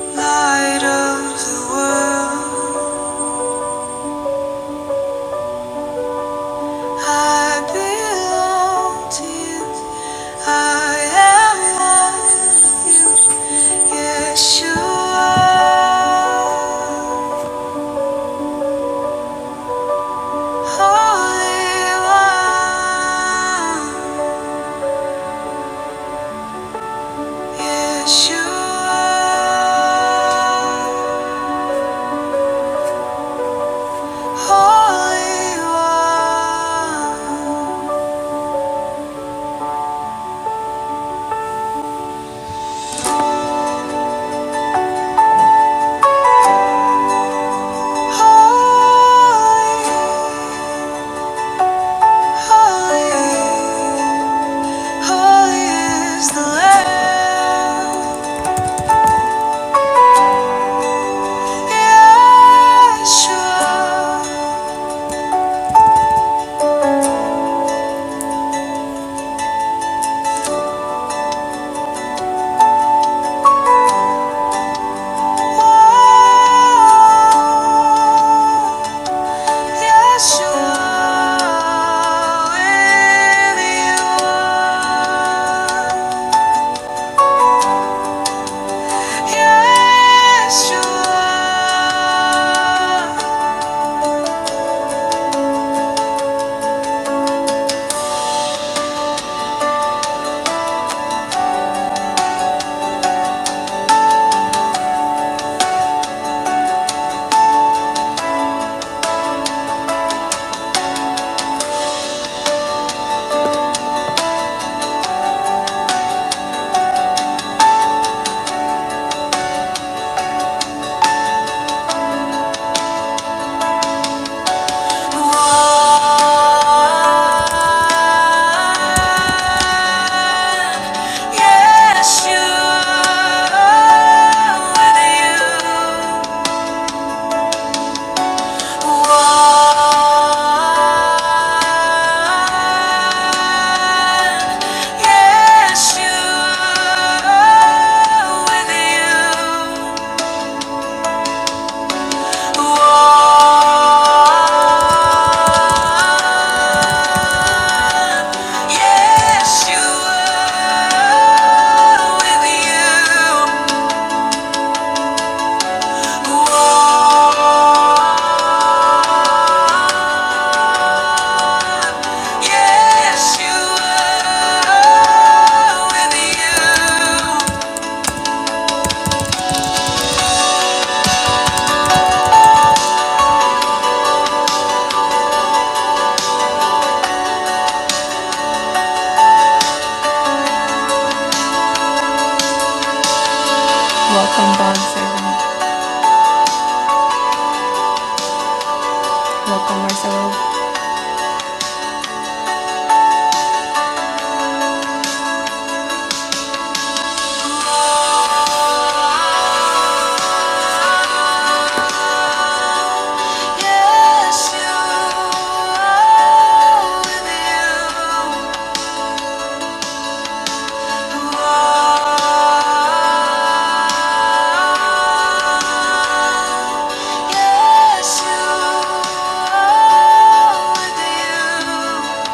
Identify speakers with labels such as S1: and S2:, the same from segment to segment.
S1: Light of the world. I belong to you. I am you. Yes, you are. Holy One. Yes, you are. Holy One. Holy, holy. Holy is the Lamb, Yeshua, Yeshua, if you are, Yeshua. Yes, you are with you. Yes, you are with you. Welcome, bond servant. Yes, you are with you. You are. Yes, you are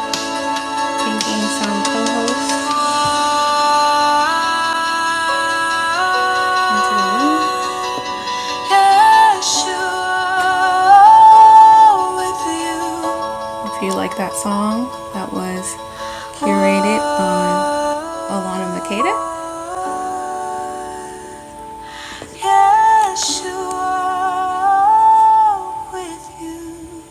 S1: with you. You are. with you. If you know, it's curated by Yeshua with you.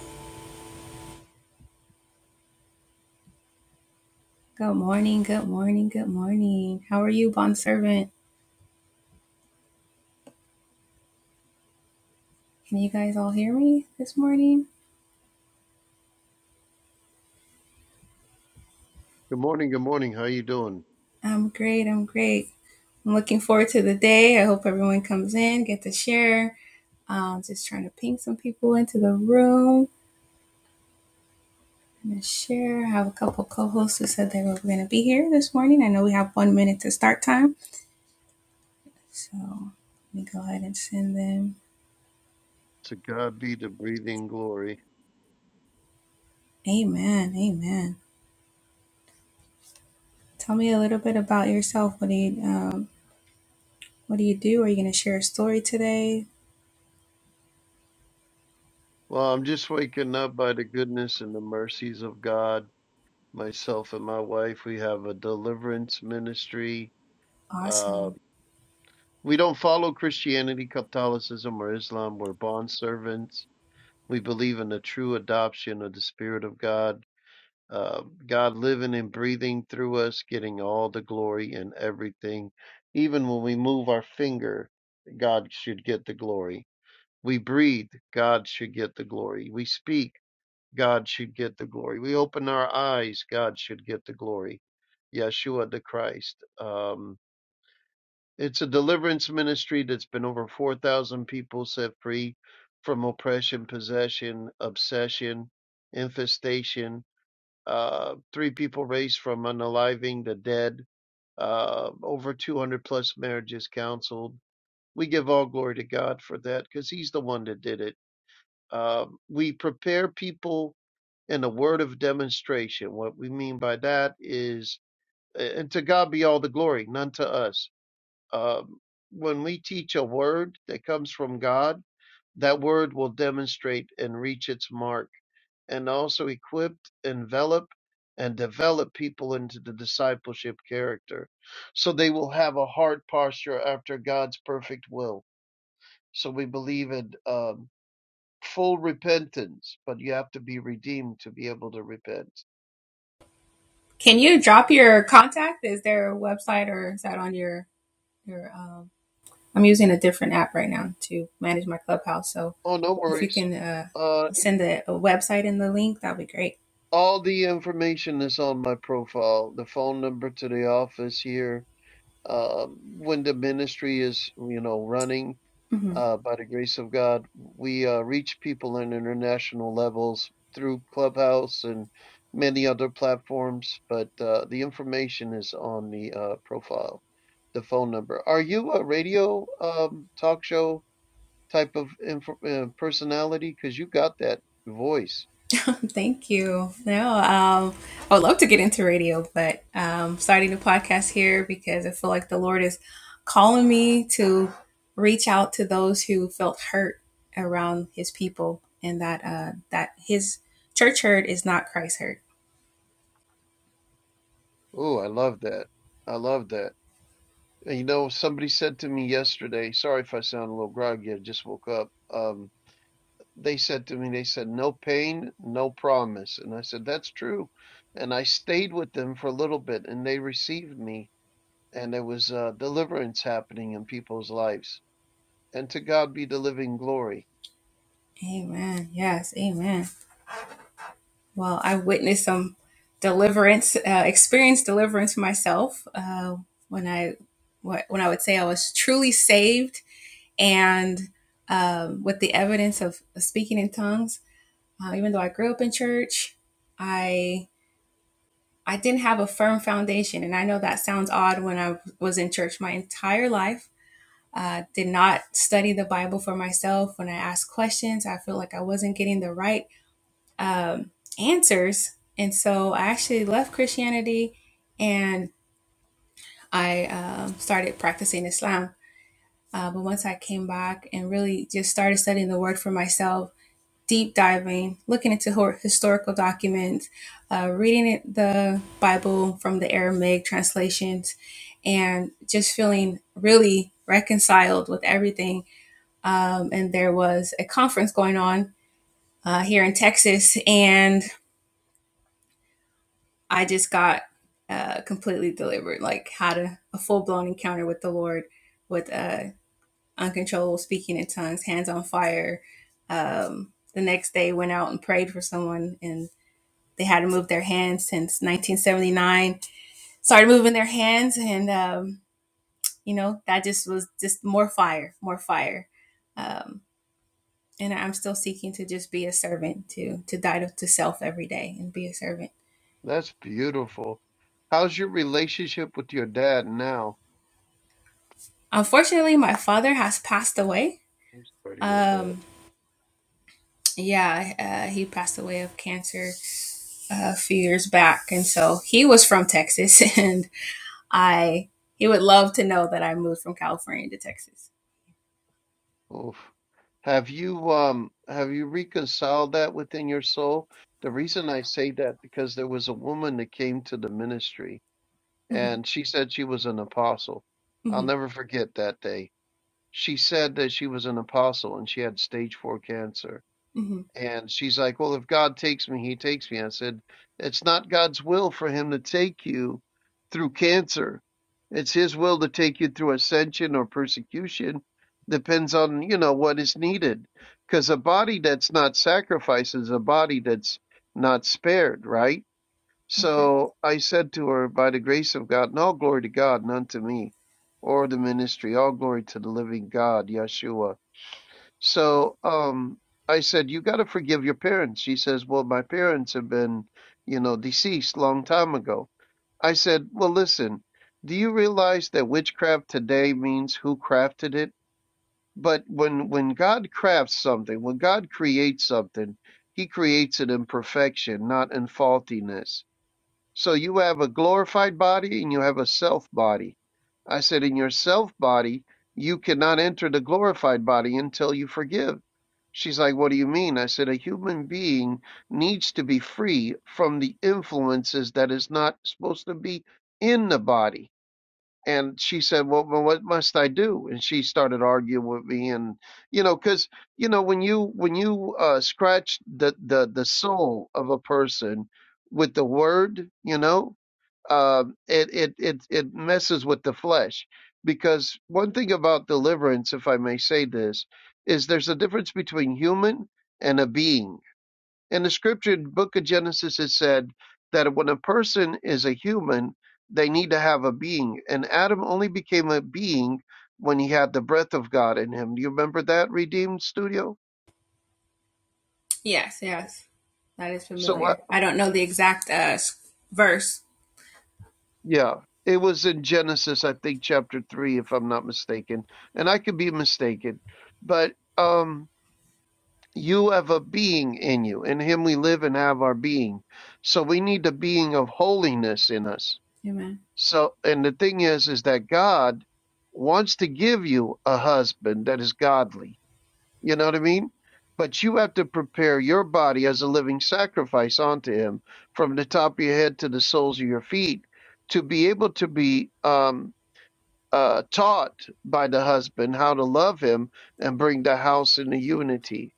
S2: Good morning, good morning. How you doing? To God be the breathing glory. Well, I'm just waking up by the goodness and the mercies of God. Myself and my wife, we have a deliverance ministry. Uh, we don't follow Christianity, Catholicism, or Islam. We're bond servants. We believe in the true adoption of the Spirit of God. Uh, God living and breathing through us, getting all the glory and everything. Even when we move our finger, God should get the glory. We breathe, God should get the glory. We speak, God should get the glory. We open our eyes, God should get the glory. Yeshua the Christ. Um, it's a deliverance ministry that's been over 4,000 people set free from oppression, possession, obsession, infestation. Uh, three people raised from unaliving the dead. Uh, over 200 plus marriages counseled. We give all glory to God for that because He's the one that did it um, we prepare people in the word of demonstration. What we mean by that is, and to God be all the glory, none to us. Um, when we teach a word that comes from God, that word will demonstrate and reach its mark, and also equip, envelop, and develop people into the discipleship character. So they will have a heart posture after God's perfect will. So we believe in. um, full repentance, but you have to be redeemed to be able to repent. Oh, no worries. Uh, all the information is on my profile. The phone number to the office here. Uh, when the ministry is, you know, running, uh, by the grace of God, we uh, reach people on international levels through Clubhouse and many other platforms. But uh, the information is on the uh, profile, the phone number. Are you a radio um, talk show? type of infor uh, personality? Because you got that voice. Oh, I love that. I love that. And, you know, somebody said to me yesterday, sorry if I sound a little groggy, I just woke up. Um, they said to me, they said, no pain, no promise. And I said, that's true. And I stayed with them for a little bit and they received me. And there was uh, deliverance happening in people's lives. And to God be the living glory. That's beautiful. How's your relationship with your dad now? I'm sorry to hear that. Oof. Have you um have you reconciled that within your soul? The reason I say that because there was a woman that came to the ministry and she said she was an apostle. I'll never forget that day. She said that she was an apostle and she had stage four cancer. And she's like, Well, if God takes me, he takes me. I said, It's not God's will for him to take you through cancer. It's his will to take you through ascension or persecution. Depends on, you know, what is needed. Because a body that's not sacrificed is a body that's not spared, right? So I said to her, By the grace of God, and all glory to God, none to me, or the ministry, all glory to the living God, Yeshua. So um, I said, "You got to forgive your parents." She says, "Well, my parents have been, you know, deceased long time ago." I said, "Well, listen, do you realize that witchcraft today means who crafted it? But when when God crafts something, when God creates something, He creates it in perfection, not in faultiness. So you have a glorified body and you have a self body. I said, in your self body, you cannot enter the glorified body until you forgive. She's like, What do you mean? I said, A human being needs to be free from the influences that is not supposed to be in the body. And she said, well, well, what must I do? And she started arguing with me. And, you know, cause, you know, when you, when you, uh, scratch the, the, the soul of a person with the word, you know, uh, it, it, it, it messes with the flesh because one thing about deliverance, if I may say this, is there's a difference between human and a being in the scripture, the book of Genesis, it said that when a person is a human, they need to have a being. And Adam only became a being when he had the breath of God in him. Do you remember that, Redeemed Studio? So what? Yeah. It was in Genesis, I think, chapter three, if I'm not mistaken. And I could be mistaken. But um you have a being in you. In him we live and have our being. So we need the being of holiness in us So, and the thing is, is that God wants to give you a husband that is godly. You know what I mean? But you have to prepare your body as a living sacrifice unto Him from the top of your head to the soles of your feet to be able to be um, uh, taught by the husband how to love Him and bring the house into unity.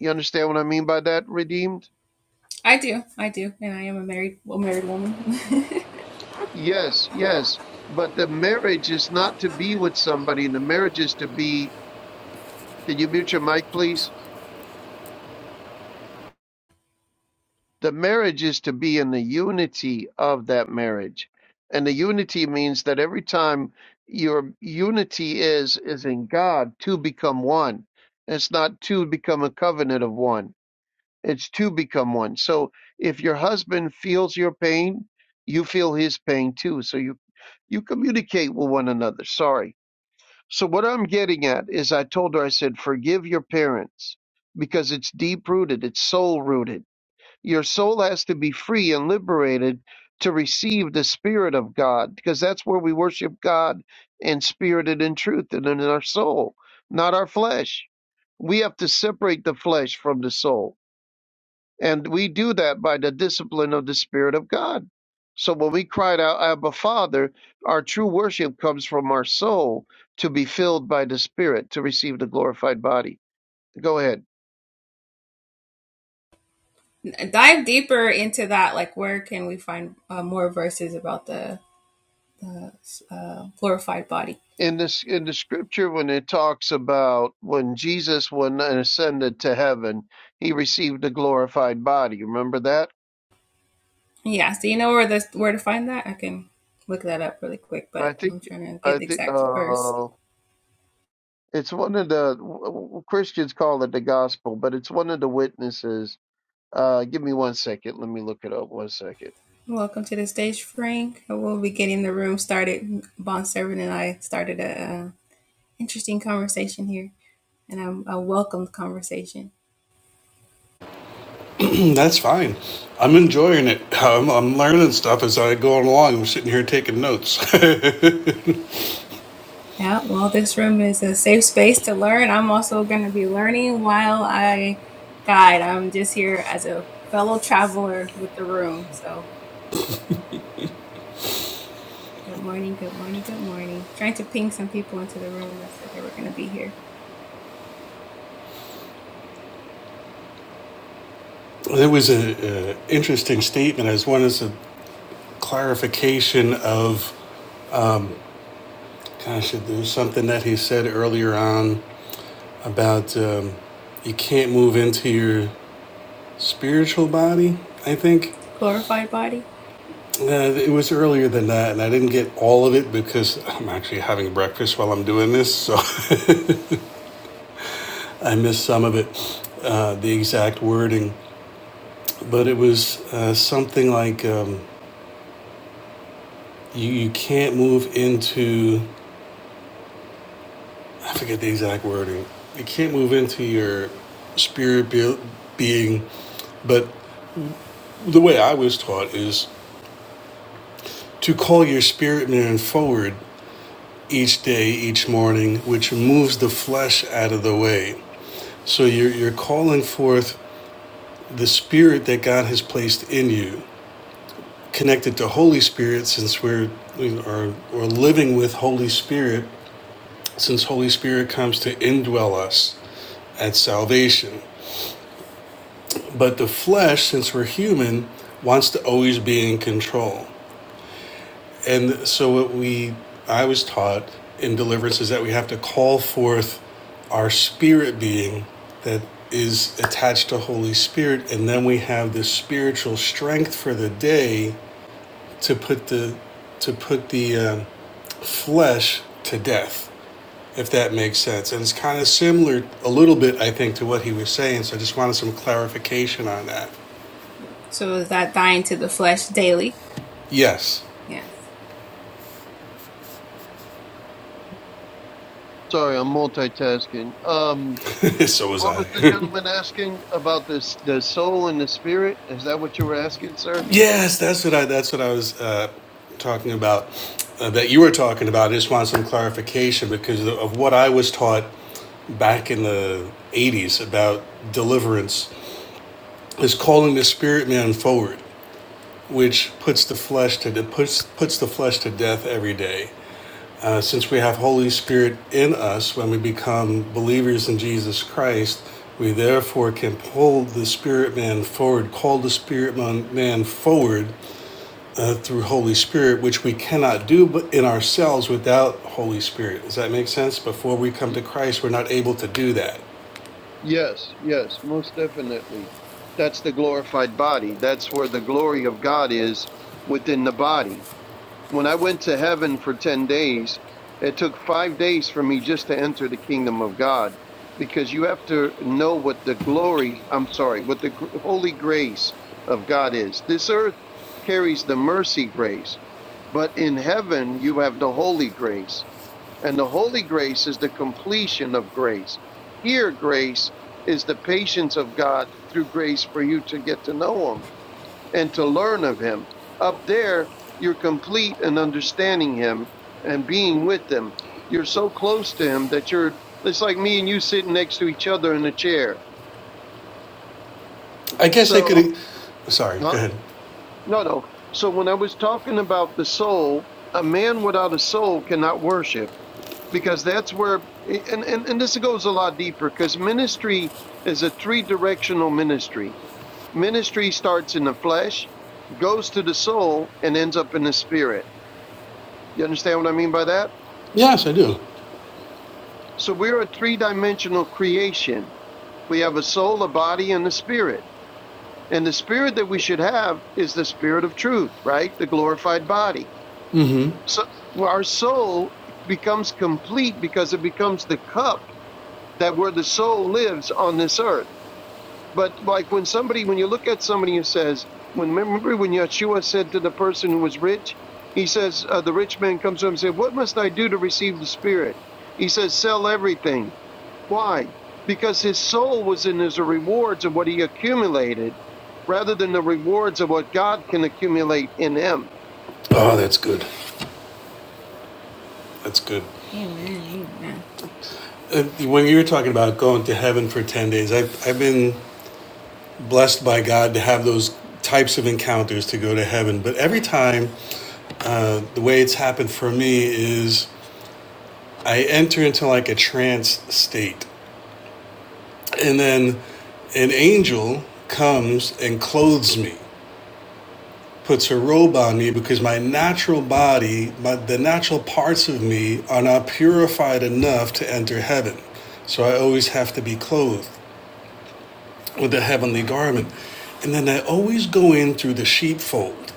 S2: You understand what I mean by that, redeemed? Yes, yes. But the marriage is not to be with somebody, the marriage is to be Can you mute your mic, please? The marriage is to be in the unity of that marriage. And the unity means that every time your unity is is in God, two become one. It's not two become a covenant of one. It's two become one. So if your husband feels your pain, you feel his pain too. So you you communicate with one another. Sorry. So what I'm getting at is I told her I said forgive your parents because it's deep rooted, it's soul rooted Your soul has to be free and liberated to receive the Spirit of God, because that's where we worship God in spirit and in truth and in our soul, not our flesh. We have to separate the flesh from the soul. And we do that by the discipline of the Spirit of God. So when we cried out, Abba Father, our true worship comes from our soul to be filled by the Spirit to receive the glorified body. Go ahead. in this in the scripture when it talks about when Jesus when ascended to heaven, he received a glorified body. Remember that? I think I think uh, it's one of the w- w- Christians call it the gospel, but it's one of the witnesses. Uh, give me one second. Let me look it up. One second.
S3: Mm, That's fine. I'm enjoying it. I'm, I'm learning stuff as I go along. I'm sitting here taking notes. there was a, a interesting statement as one as a clarification of, gosh, there's something that he said earlier on about um, you can't move into your spiritual body. I think uh, it was earlier than that, and I didn't get all of it because I'm actually having breakfast while I'm doing this, so I missed some of it. Uh, the exact wording but it was uh, something like um, you, you can't move into i forget the exact wording you can't move into your spirit be- being but the way i was taught is to call your spirit man forward each day each morning which moves the flesh out of the way so you're, you're calling forth the spirit that god has placed in you connected to holy spirit since we're we are, we're living with holy spirit since Holy Spirit comes to indwell us at salvation. But the flesh, since we're human, wants to always be in control. And so what we I was taught in deliverance is that we have to call forth our spirit being that is attached to Holy Spirit, and then we have this spiritual strength for the day to put the to put the uh, flesh to death. if that makes sense. And it's kind of similar a little bit, I think, to what he was saying. So I just wanted some clarification on that. Yes.
S2: Sorry, I'm multitasking. Um,
S3: so was
S2: what
S3: I.
S2: was the gentleman asking about this? The soul and the spirit? Is that what you were asking, sir?
S3: yes, that's what I. That's what I was uh, talking about. Uh, that you were talking about. I just wanted some clarification because of what I was taught back in the '80s about deliverance is calling the spirit man forward, which puts the flesh to It puts puts the flesh to death every day. Uh, since we have Holy Spirit in us when we become believers in Jesus Christ, we therefore can pull the spirit man forward, call the spirit man forward uh, through Holy Spirit, which we cannot do in ourselves without Holy Spirit. Does that make sense? Before we come to Christ, we're not able to do that.
S2: Yes, yes, most definitely. That's the glorified body. That's where the glory of God is within the body. When I went to heaven for 10 days, it took five days for me just to enter the kingdom of God because you have to know what the glory, I'm sorry, what the gr- holy grace of God is. This earth carries the mercy grace, but in heaven you have the holy grace and the holy grace is the completion of grace. Here, grace is the patience of God through grace for you to get to know Him and to learn of Him. Up there, you're complete in understanding Him and being with Him. You're so close to Him that you're, it's like me and you sitting next to each other in a chair.
S3: I guess I could.
S2: So,
S3: e-, Sorry, go
S2: huh?
S3: ahead.
S2: no, no. So when I was talking about the soul, a man without a soul cannot worship because that's where and, and, and this goes a lot deeper because ministry is a three directional ministry ministry starts in the flesh goes to the soul and ends up in the spirit you understand what i mean by that
S3: Yes, I do.
S2: so we're a three dimensional creation we have a soul a body and a spirit and the spirit that we should have is the spirit of truth right the glorified body
S3: Mm-hmm.
S2: so well, our soul becomes complete because it becomes the cup that where the soul lives on this earth But like when somebody, when you look at somebody who says, when remember when Yeshua said to the person who was rich, he says, uh, the rich man comes to him and said, "What must I do to receive the Spirit?" He says, "Sell everything." Why? Because his soul was in his rewards of what he accumulated, rather than the rewards of what God can accumulate in him.
S3: Oh, that's good. That's good. Uh, when you were talking about going to heaven for 10 days, I've, I've been blessed by God to have those types of encounters to go to heaven. But every time, uh, the way it's happened for me is I enter into like a trance state, and then an angel comes and clothes me, puts a robe on me because my natural body, my, the natural parts of me, are not purified enough to enter heaven. So I always have to be clothed with the heavenly garment. And then I always go in through the sheepfold.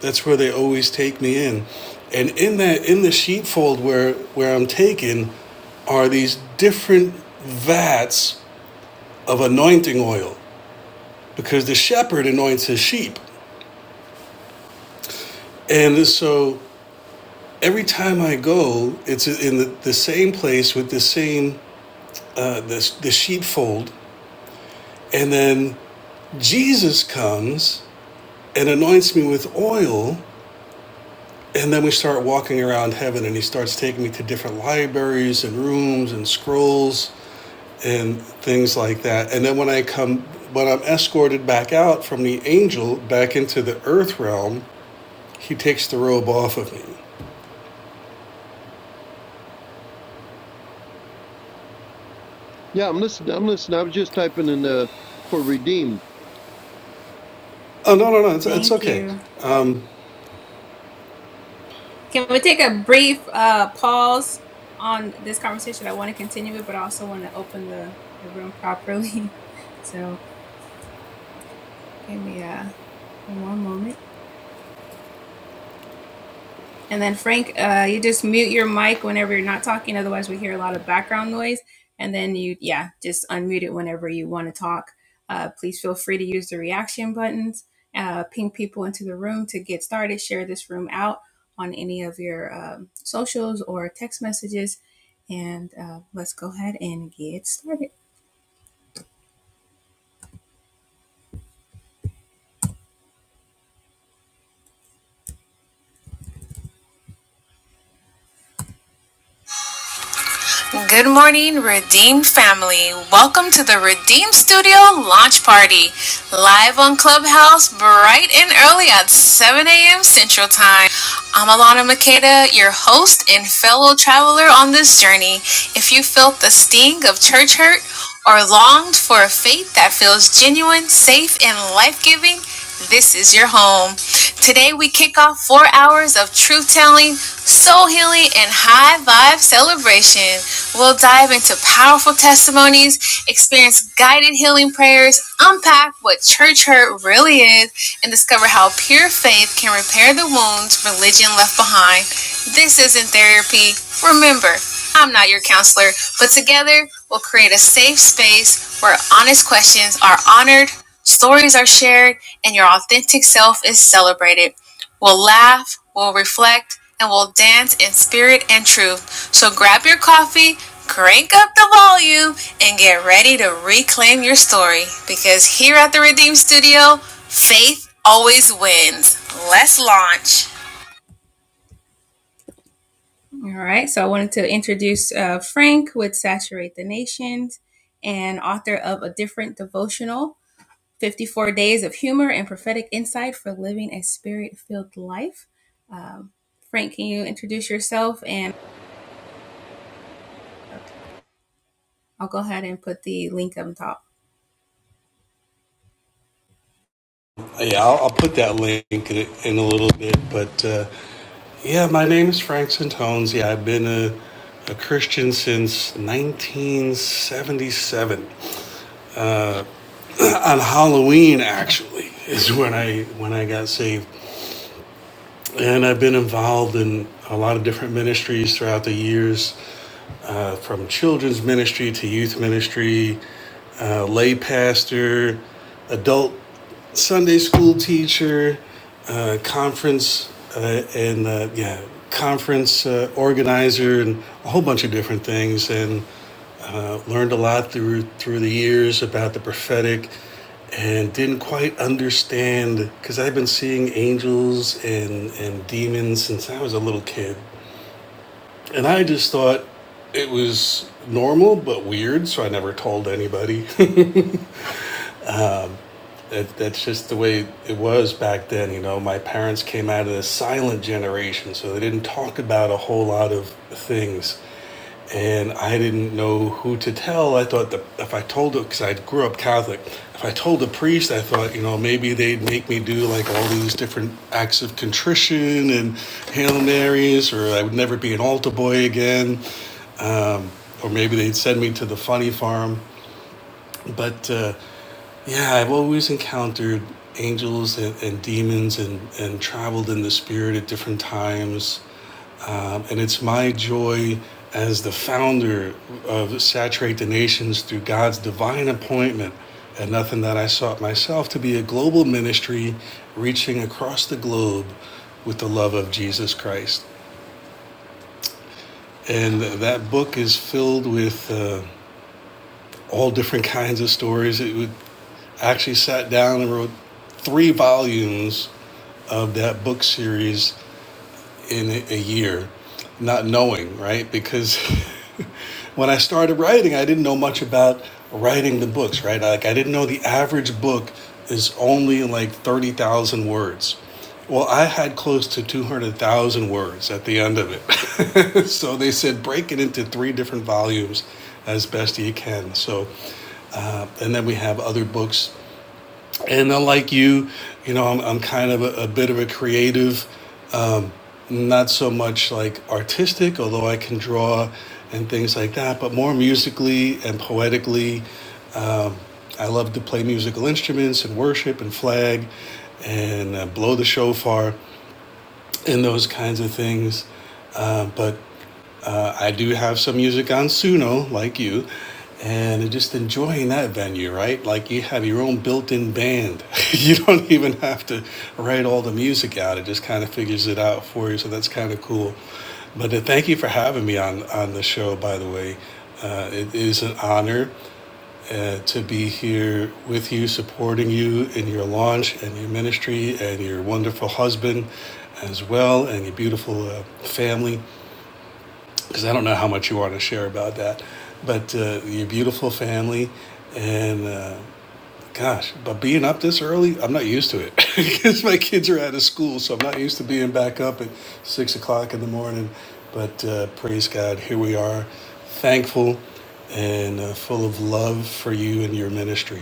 S3: That's where they always take me in. And in that in the sheepfold where where I'm taken are these different vats of anointing oil because the shepherd anoints his sheep. And so every time I go, it's in the, the same place with the same uh, the, the sheepfold. And then Jesus comes and anoints me with oil. And then we start walking around heaven, and he starts taking me to different libraries and rooms and scrolls and things like that. And then when I come, when I'm escorted back out from the angel back into the earth realm, he takes the robe off of me.
S2: Yeah, I'm listening. I'm listening. I was just typing in uh, for redeemed.
S3: Oh no, no, no, it's, it's okay. Um,
S1: Good morning, Redeemed family. Welcome to the Redeemed Studio launch party, live on Clubhouse, bright and early at 7 a.m. Central Time. I'm Alana Makeda, your host and fellow traveler on this journey. If you felt the sting of church hurt, or longed for a faith that feels genuine, safe, and life giving, this is your home. Today, we kick off four hours of truth telling, soul healing, and high vibe celebration. We'll dive into powerful testimonies, experience guided healing prayers, unpack what church hurt really is, and discover how pure faith can repair the wounds religion left behind. This isn't therapy. Remember, I'm not your counselor, but together will create a safe space where honest questions are honored, stories are shared, and your authentic self is celebrated. We'll laugh, we'll reflect, and we'll dance in spirit and truth. So grab your coffee, crank up the volume, and get ready to reclaim your story because here at the Redeem Studio, faith always wins. Let's launch.
S3: yeah, I'll, I'll put that link in, in a little bit. But uh, yeah, my name is Frank Santones. Yeah, I've been a, a Christian since 1977. On Halloween, actually, is when I when I got saved. And I've been involved in a lot of different ministries throughout the years, uh, from children's ministry to youth ministry, uh, lay pastor, adult Sunday school teacher, uh, conference, uh, and uh, yeah, conference uh, organizer, and a whole bunch of different things. And uh, learned a lot through through the years about the prophetic, and didn't quite understand because I've been seeing angels and, and demons since I was a little kid. And I just thought it was normal but weird, so I never told anybody. that, that's just the way it was back then, you know. My parents came out of the silent generation, so they didn't talk about a whole lot of things. and I didn't know who to tell. I thought that if I told it, because I grew up Catholic, if I told the priest, I thought, you know, maybe they'd make me do like all these different acts of contrition and Hail Marys, or I would never be an altar boy again, um, or maybe they'd send me to the funny farm. But uh, yeah, I've always encountered angels and, and demons and, and traveled in the spirit at different times um, and it's my joy as the founder of Saturate the Nations through God's divine appointment and nothing that I sought myself to be a global ministry reaching across the globe with the love of Jesus Christ. And that book is filled with uh, all different kinds of stories. It would actually sat down and wrote three volumes of that book series in a, a year, not knowing, right? Because when I started writing, I didn't know much about writing the books, right? Like, I didn't know the average book is only like 30,000 words. Well, I had close to 200,000 words at the end of it. so they said break it into three different volumes as best you can. So, uh, and then we have other books and uh, like you, you know, I'm, I'm kind of a, a bit of a creative, um, not so much like artistic, although I can draw and things like that, but more musically and poetically. I love to play musical instruments and worship and flag and uh, blow the shofar and those kinds of things. Uh, but uh, I do have some music on Suno, like you, and just enjoying that venue, right? Like you have your own built-in band. you don't even have to write all the music out. It just kind of figures it out for you. So that's kind of cool. But uh, thank you for having me on on the show, by the way. Uh, it is an honor uh, to be here with you, supporting you in your launch and your ministry and your wonderful husband as well and your beautiful uh, family because I don't know how much you want to share about that, but uh, your beautiful family and uh, gosh, but being up this early, I'm not used to it because my kids are out of school, so I'm not used to being back up at six o'clock in the morning. But uh, praise God, here we are, thankful and uh, full of love for you and your ministry.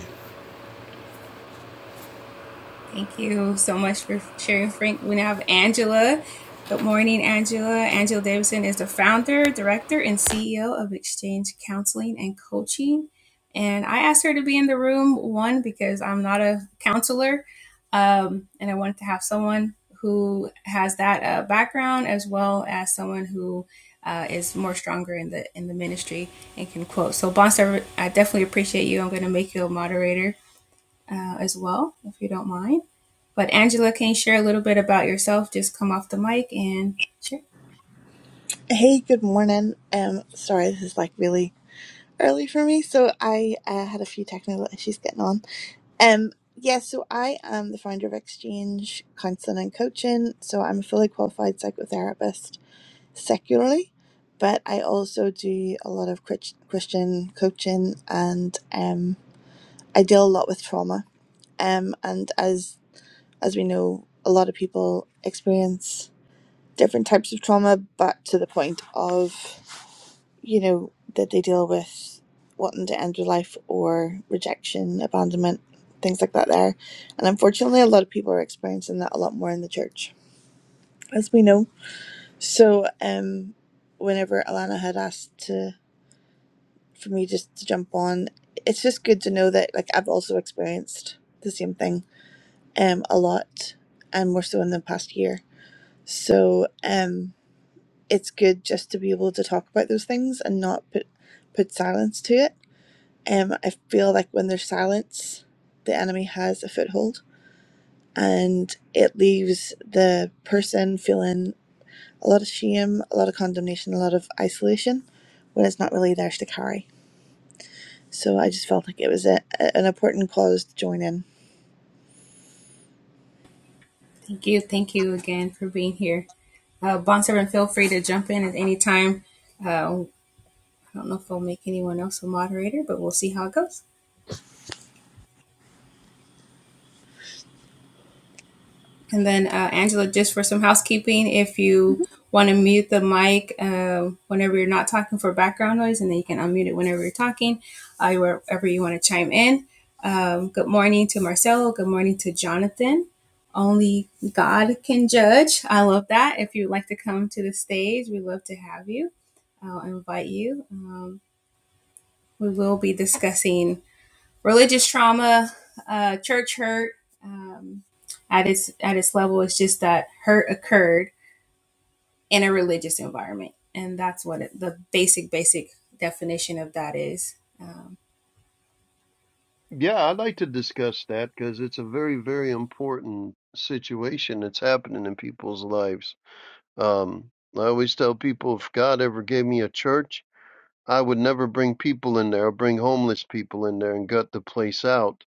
S4: Hey, good morning. Um, sorry, this is like really early for me, so I uh, had a few technical issues getting on. Um, yeah, so I am the founder of Exchange Counseling and Coaching, so I'm a fully qualified psychotherapist secularly, but I also do a lot of Chris- Christian coaching, and um, I deal a lot with trauma. Um, and as as we know, a lot of people experience different types of trauma, but to the point of you know, that they deal with wanting to end their life or rejection, abandonment, things like that there. And unfortunately a lot of people are experiencing that a lot more in the church, as we know. So um whenever Alana had asked to for me just to jump on, it's just good to know that like I've also experienced the same thing um a lot and more so in the past year. So um it's good just to be able to talk about those things and not put put silence to it Um, I feel like when there's silence, the enemy has a foothold and it leaves the person feeling a lot of shame, a lot of condemnation, a lot of isolation when it's not really theirs to carry. So I just felt like it was a, a- an important cause to join in.
S2: Yeah, I'd like to discuss that because it's a very, very important situation that's happening in people's lives. Um, I always tell people if God ever gave me a church, I would never bring people in there, I'd bring homeless people in there and gut the place out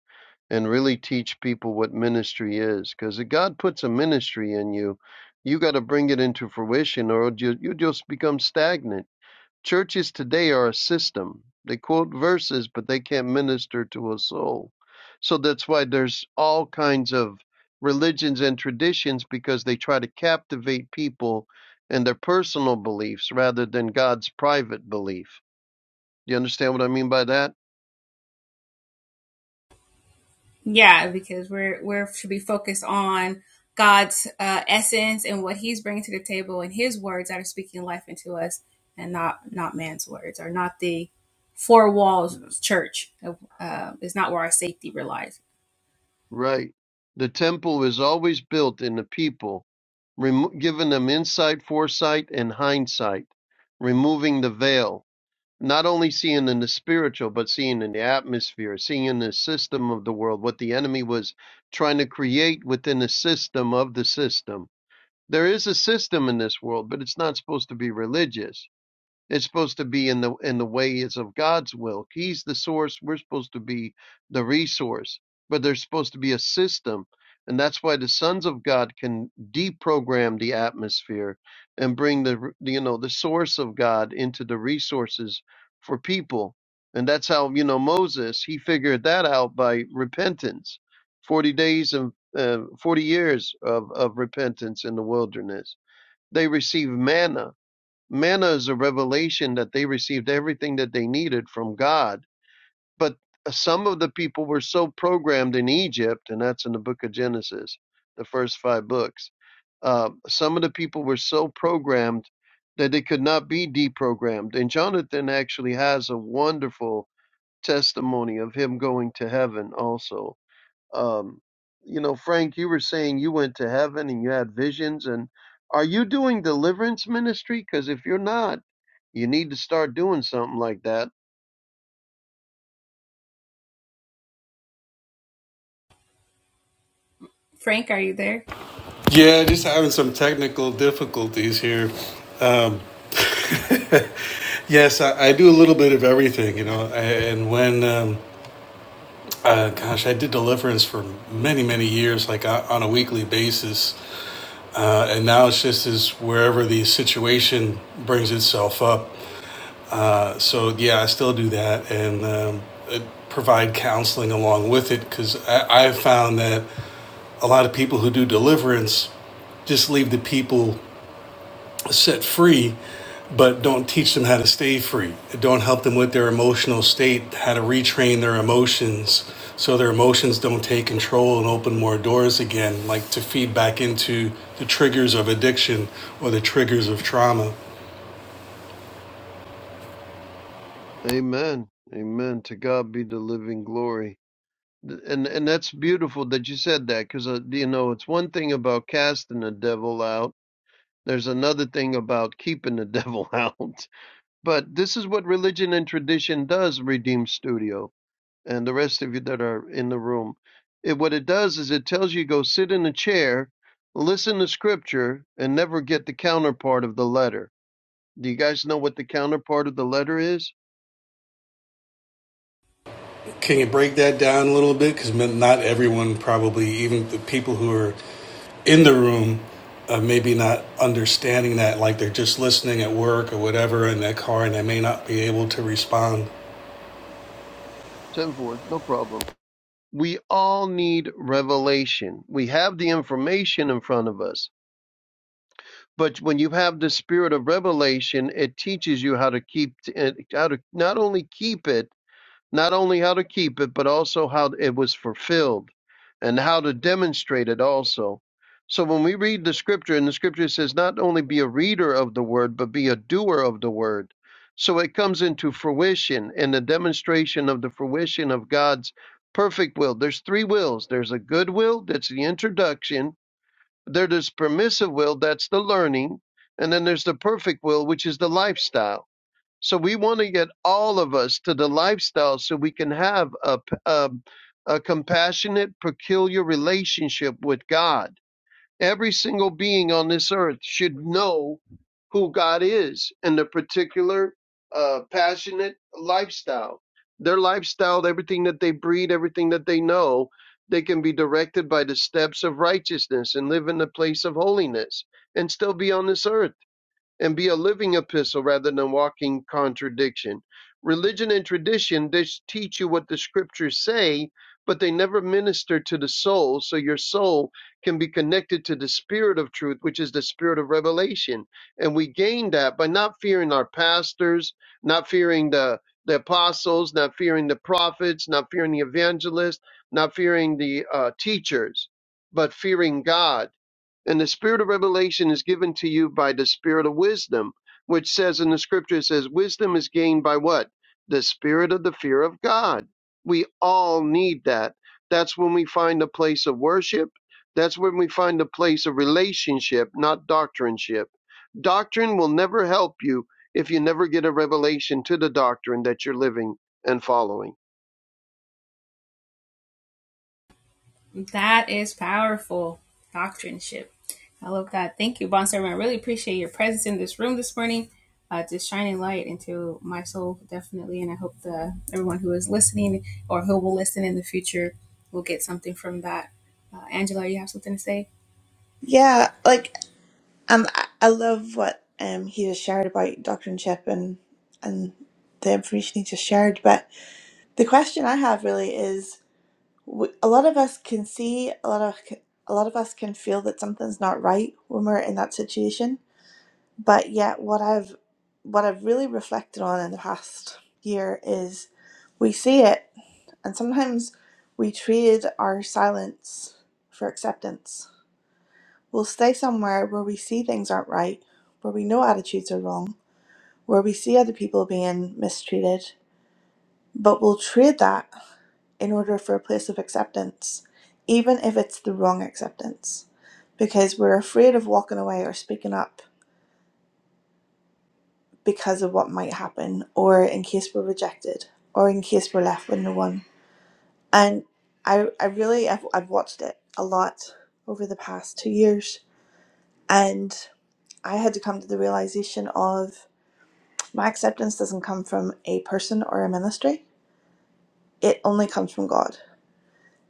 S2: and really teach people what ministry is. Because if God puts a ministry in you, you got to bring it into fruition or you, you just become stagnant Churches today are a system. They quote verses, but they can't minister to a soul. So that's why there's all kinds of religions and traditions because they try to captivate people and their personal beliefs rather than God's private belief. You understand what I mean by that? Yeah. Right. The temple is always built in the people, remo- giving them insight, foresight, and hindsight, removing the veil not only seeing in the spiritual, but seeing in the atmosphere, seeing in the system of the world, what the enemy was trying to create within the system of the system. There is a system in this world, but it's not supposed to be religious. It's supposed to be in the in the ways of God's will. He's the source. We're supposed to be the resource. But there's supposed to be a system. And that's why the sons of God can deprogram the atmosphere and bring the you know the source of God into the resources for people. And that's how you know Moses he figured that out by repentance, forty days and uh, forty years of of repentance in the wilderness. They received manna manna is a revelation that they received everything that they needed from God. But uh, some of the people were so programmed in Egypt, and that's in the book of Genesis, the first five books. Uh, some of the people were so programmed that they could not be deprogrammed. And Jonathan actually has a wonderful testimony of him going to heaven also. Um, you know, Frank, you were saying you went to heaven and you had visions. And are you doing deliverance ministry? Because if you're not, you need to start doing something like that.
S3: Yeah, just having some technical difficulties here. Um, yes, I, I do a little bit of everything, you know, I, and when. Um, Uh, gosh, I did deliverance for many, many years, like o- on a weekly basis. Uh, and now it's just is wherever the situation brings itself up. Uh, so, yeah, I still do that and um, uh, provide counseling along with it because I- I've found that a lot of people who do deliverance just leave the people set free but don't teach them how to stay free. Don't help them with their emotional state, how to retrain their emotions so their emotions don't take control and open more doors again, like to feed back into the triggers of addiction or the triggers of trauma.
S2: Amen. Amen. To God be the living glory. And and that's beautiful that you said that because uh, you know it's one thing about casting the devil out. There's another thing about keeping the devil out. But this is what religion and tradition does, Redeem Studio, and the rest of you that are in the room. It, what it does is it tells you go sit in a chair, listen to scripture, and never get the counterpart of the letter Do you guys know what the counterpart of the letter is?
S3: Can you break that down a little bit? Because not everyone, probably even the people who are in the room, uh, maybe not understanding that, like they're just listening at work or whatever in their car, and they may not be able to respond.
S2: Send forth, no problem. We all need revelation. We have the information in front of us, but when you have the spirit of revelation, it teaches you how to keep, how to not only keep it, not only how to keep it, but also how it was fulfilled and how to demonstrate it also. So when we read the scripture, and the scripture says, not only be a reader of the word, but be a doer of the word. So it comes into fruition in the demonstration of the fruition of God's perfect will. There's three wills there's a good will, that's the introduction, there is permissive will, that's the learning, and then there's the perfect will, which is the lifestyle. So we want to get all of us to the lifestyle so we can have a a a compassionate, peculiar relationship with God. Every single being on this earth should know who God is and the particular uh, passionate lifestyle. Their lifestyle, everything that they breed, everything that they know, they can be directed by the steps of righteousness and live in the place of holiness and still be on this earth and be a living epistle rather than walking contradiction. Religion and tradition just teach you what the scriptures say, but they never minister to the soul, so your soul can be connected to the spirit of truth, which is the spirit of revelation. And we gain that by not fearing our pastors, not fearing the the apostles, not fearing the prophets, not fearing the evangelists, not fearing the uh, teachers, but fearing God and the spirit of revelation is given to you by the spirit of wisdom, which says in the scripture, it says, wisdom is gained by what? The spirit of the fear of God. We all need that. That's when we find a place of worship. That's when we find a place of relationship, not doctrineship. Doctrine will never help you if you never get a revelation to the doctrine that you're living and following.
S4: Yeah, like um, I I love what um he just shared about doctrine ship and and the information he just shared. But the question I have really is we, a lot of us can see a lot of a lot of us can feel that something's not right when we're in that situation but yet what i've what i've really reflected on in the past year is we see it and sometimes we trade our silence for acceptance we'll stay somewhere where we see things aren't right where we know attitudes are wrong where we see other people being mistreated but we'll trade that in order for a place of acceptance, even if it's the wrong acceptance, because we're afraid of walking away or speaking up because of what might happen, or in case we're rejected, or in case we're left with no one. And I, I really, I've, I've watched it a lot over the past two years, and I had to come to the realization of my acceptance doesn't come from a person or a ministry. It only comes from God.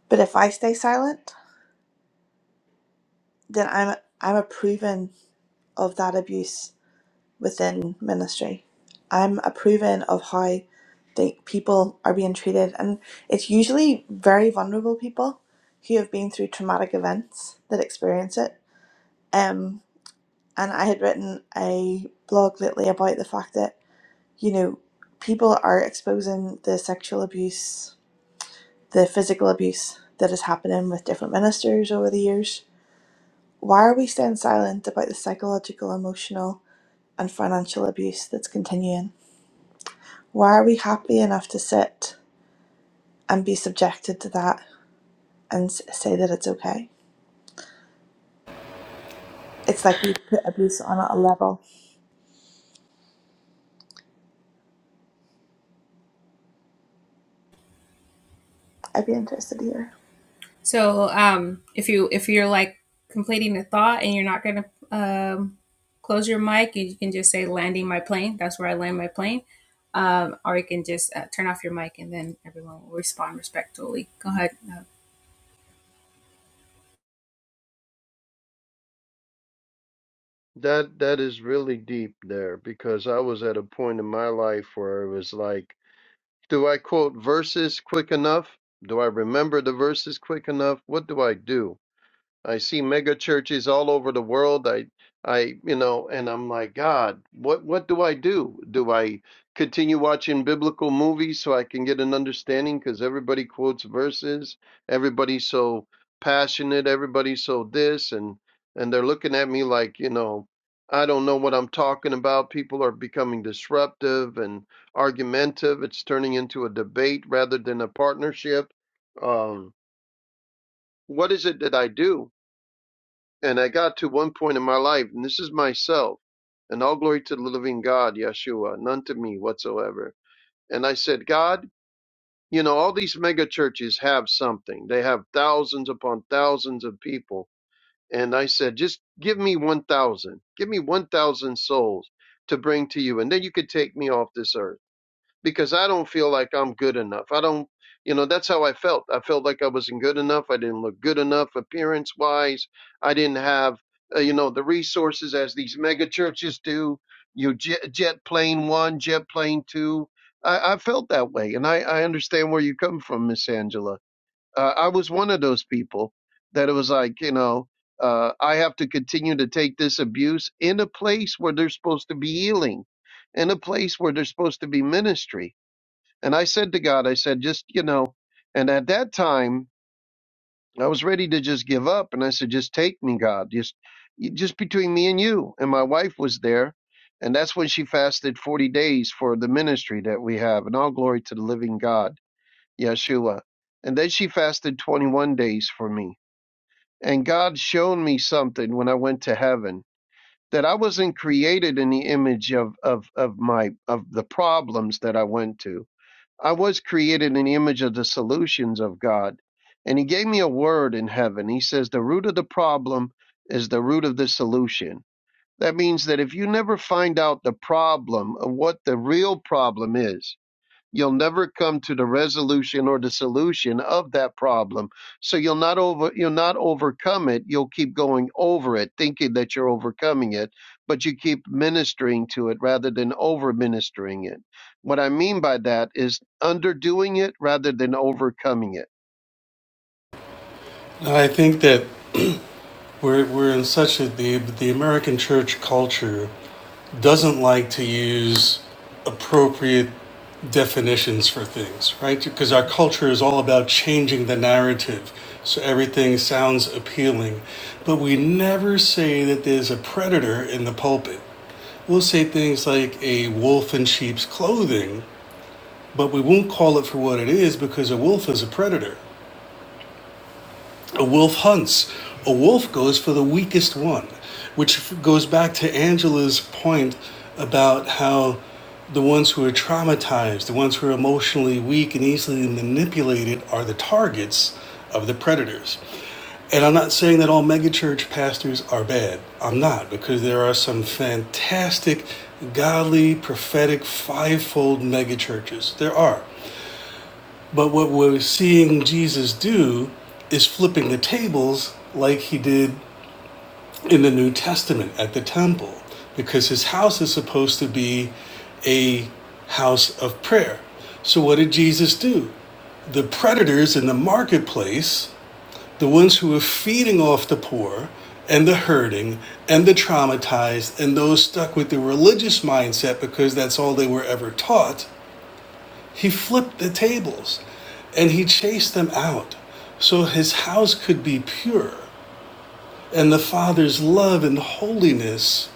S4: But if I stay silent, then I'm I'm a proven of that abuse within ministry. I'm approving of how the people are being treated, and it's usually very vulnerable people who have been through traumatic events that experience it. Um, and I had written a blog lately about the fact that you know people are exposing the sexual abuse, the physical abuse that is happening with different ministers over the years. Why are we staying silent about the psychological, emotional? and financial abuse that's continuing. Why are we happy enough to sit and be subjected to that and s- say that it's okay? It's like we put abuse on at a level. I'd be interested to hear.
S2: That that is really deep there because I was at a point in my life where it was like Do I quote verses quick enough? Do I remember the verses quick enough? What do I do? I see mega churches all over the world. I, I, you know, and I'm like, God, what, what do I do? Do I continue watching biblical movies so I can get an understanding? Because everybody quotes verses, everybody's so passionate, everybody's so this, and and they're looking at me like, you know, I don't know what I'm talking about. People are becoming disruptive and argumentative. It's turning into a debate rather than a partnership. Um, what is it that I do? And I got to one point in my life, and this is myself, and all glory to the living God, Yeshua, none to me whatsoever. And I said, God, you know, all these mega churches have something. They have thousands upon thousands of people. And I said, just give me 1,000. Give me 1,000 souls to bring to you, and then you could take me off this earth because I don't feel like I'm good enough. I don't, you know, that's how I felt. I felt like I wasn't good enough. I didn't look good enough appearance wise. I didn't have, uh, you know, the resources as these mega churches do. You jet, jet plane one, jet plane two. I, I felt that way. And I, I understand where you come from, Miss Angela. Uh, I was one of those people that it was like, you know, uh, I have to continue to take this abuse in a place where there's supposed to be healing, in a place where there's supposed to be ministry and I said to God, I said, just, you know, and at that time I was ready to just give up. And I said, just take me, God, just, you- just between me and you. And my wife was there. And that's when she fasted 40 days for the ministry that we have. And all glory to the living God, Yeshua. And then she fasted 21 days for me. And God showed me something when I went to heaven that I wasn't created in the image of, of, of my, of the problems that I went to I was created in the image of the solutions of God. And he gave me a word in heaven. He says, The root of the problem is the root of the solution. That means that if you never find out the problem of what the real problem is, you'll never come to the resolution or the solution of that problem so you'll not over you'll not overcome it you'll keep going over it thinking that you're overcoming it but you keep ministering to it rather than over ministering it what i mean by that is underdoing it rather than overcoming it
S3: I think that We're, we're in such a the the American church culture doesn't like to use appropriate definitions for things, right? Because our culture is all about changing the narrative, so everything sounds appealing, but we never say that there's a predator in the pulpit. We'll say things like a wolf in sheep's clothing, but we won't call it for what it is because a wolf is a predator. A wolf hunts. A wolf goes for the weakest one, which goes back to Angela's point about how the ones who are traumatized, the ones who are emotionally weak and easily manipulated, are the targets of the predators. And I'm not saying that all megachurch pastors are bad. I'm not, because there are some fantastic, godly, prophetic, fivefold megachurches. There are. But what we're seeing Jesus do is flipping the tables like he did in the New Testament at the temple, because his house is supposed to be a house of prayer. So, what did Jesus do? The predators in the marketplace, the ones who were feeding off the poor and the hurting and the traumatized and those stuck with the religious mindset because that's all they were ever taught, he flipped the tables and he chased them out so his house could be pure and the Father's love and holiness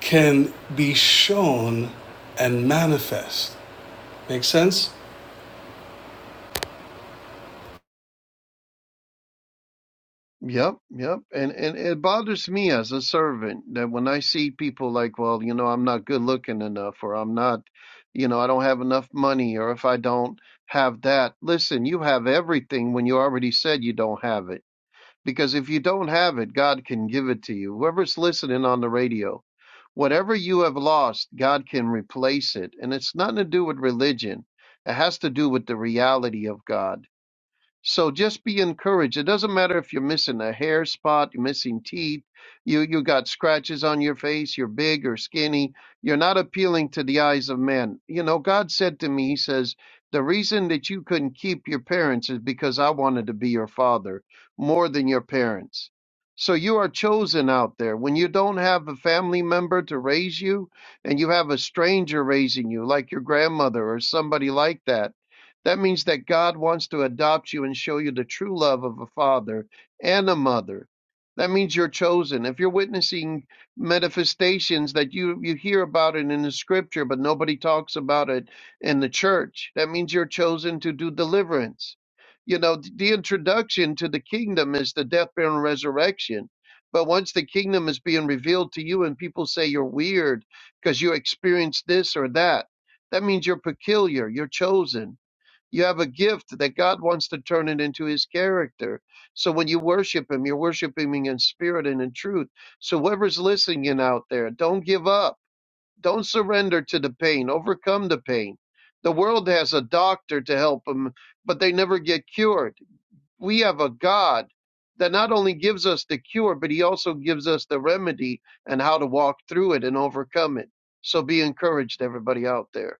S3: can be shown and manifest. Make sense?
S2: Yep, yep. And and it bothers me as a servant that when I see people like, well, you know, I'm not good looking enough or I'm not, you know, I don't have enough money or if I don't have that. Listen, you have everything when you already said you don't have it. Because if you don't have it, God can give it to you. Whoever's listening on the radio, whatever you have lost, God can replace it. And it's nothing to do with religion. It has to do with the reality of God so just be encouraged. It doesn't matter if you're missing a hair spot, you're missing teeth, you you got scratches on your face, you're big or skinny. You're not appealing to the eyes of men. You know, God said to me, He says, the reason that you couldn't keep your parents is because I wanted to be your father more than your parents. So you are chosen out there. When you don't have a family member to raise you and you have a stranger raising you, like your grandmother or somebody like that that means that God wants to adopt you and show you the true love of a father and a mother. That means you're chosen. If you're witnessing manifestations that you, you hear about it in the scripture, but nobody talks about it in the church, that means you're chosen to do deliverance. You know, the introduction to the kingdom is the death, burial, and resurrection. But once the kingdom is being revealed to you and people say you're weird because you experienced this or that, that means you're peculiar, you're chosen you have a gift that God wants to turn it into his character. So when you worship him, you're worshiping him in spirit and in truth. So whoever's listening out there, don't give up. Don't surrender to the pain. Overcome the pain. The world has a doctor to help them, but they never get cured. We have a God that not only gives us the cure, but he also gives us the remedy and how to walk through it and overcome it. So be encouraged, everybody out there.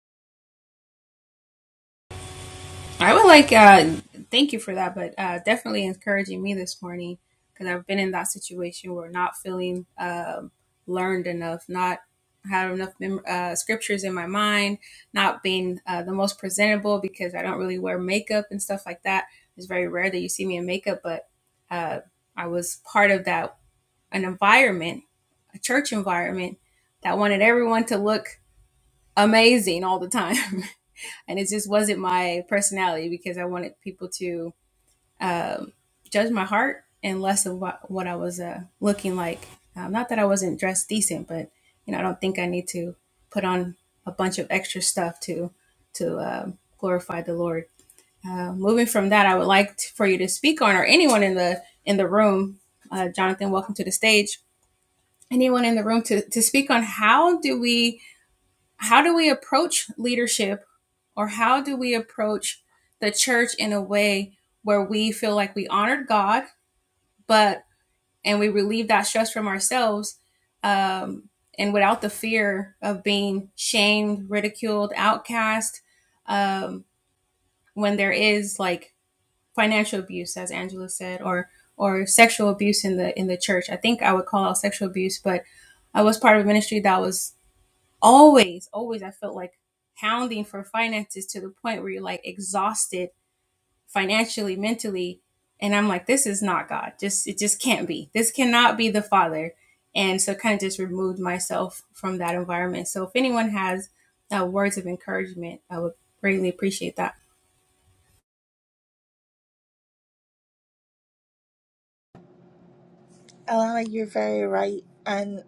S4: Alana, you're very right. And,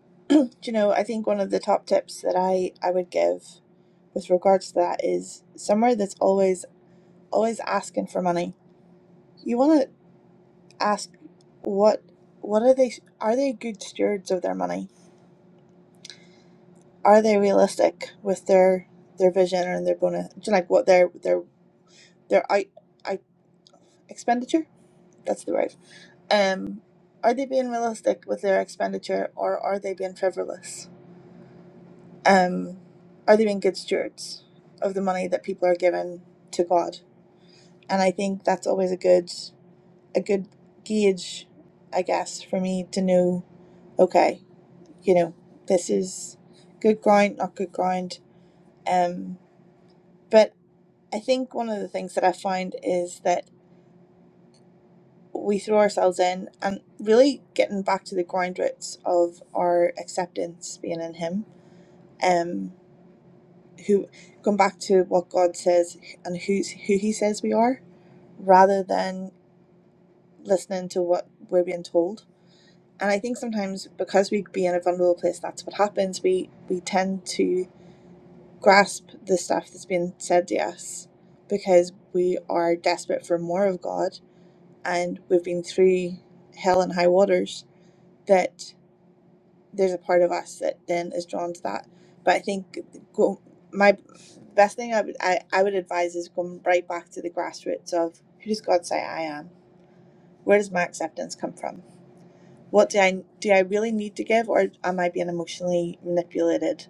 S4: you know, I think one of the top tips that I, I would give with regards to that is somewhere that's always always asking for money. You want to ask what what are they are they good stewards of their money? are they realistic with their their vision and their bonus like what their their their i i expenditure that's the word um are they being realistic with their expenditure or are they being frivolous um are they being good stewards of the money that people are given to god and i think that's always a good a good gauge i guess for me to know okay you know this is good ground not good ground um but. I think one of the things that I find is that we throw ourselves in and really getting back to the ground roots of our acceptance being in Him. Um, who going back to what God says and who's who He says we are, rather than listening to what we're being told. And I think sometimes because we be in a vulnerable place, that's what happens. We we tend to grasp the stuff that's being said to us because we are desperate for more of God and we've been through hell and high waters that there's a part of us that then is drawn to that but i think go, my best thing I would, I, I would advise is going right back to the grassroots of who does god say i am where does my acceptance come from what do i do i really need to give or am i being emotionally manipulated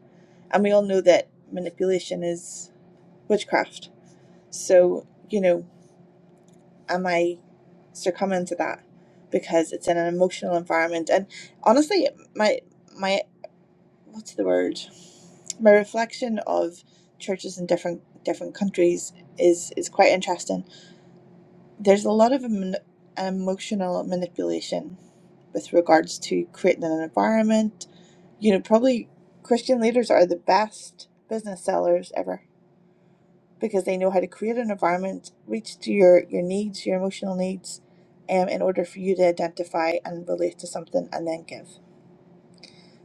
S4: and we all know that manipulation is witchcraft so you know am I succumbing to that because it's in an emotional environment? And honestly, my my what's the word? My reflection of churches in different different countries is is quite interesting. There's a lot of em- emotional manipulation with regards to creating an environment. You know, probably Christian leaders are the best business sellers ever because they know how to create an environment, reach to your, your needs, your emotional needs, um, in order for you to identify and relate to something and then give.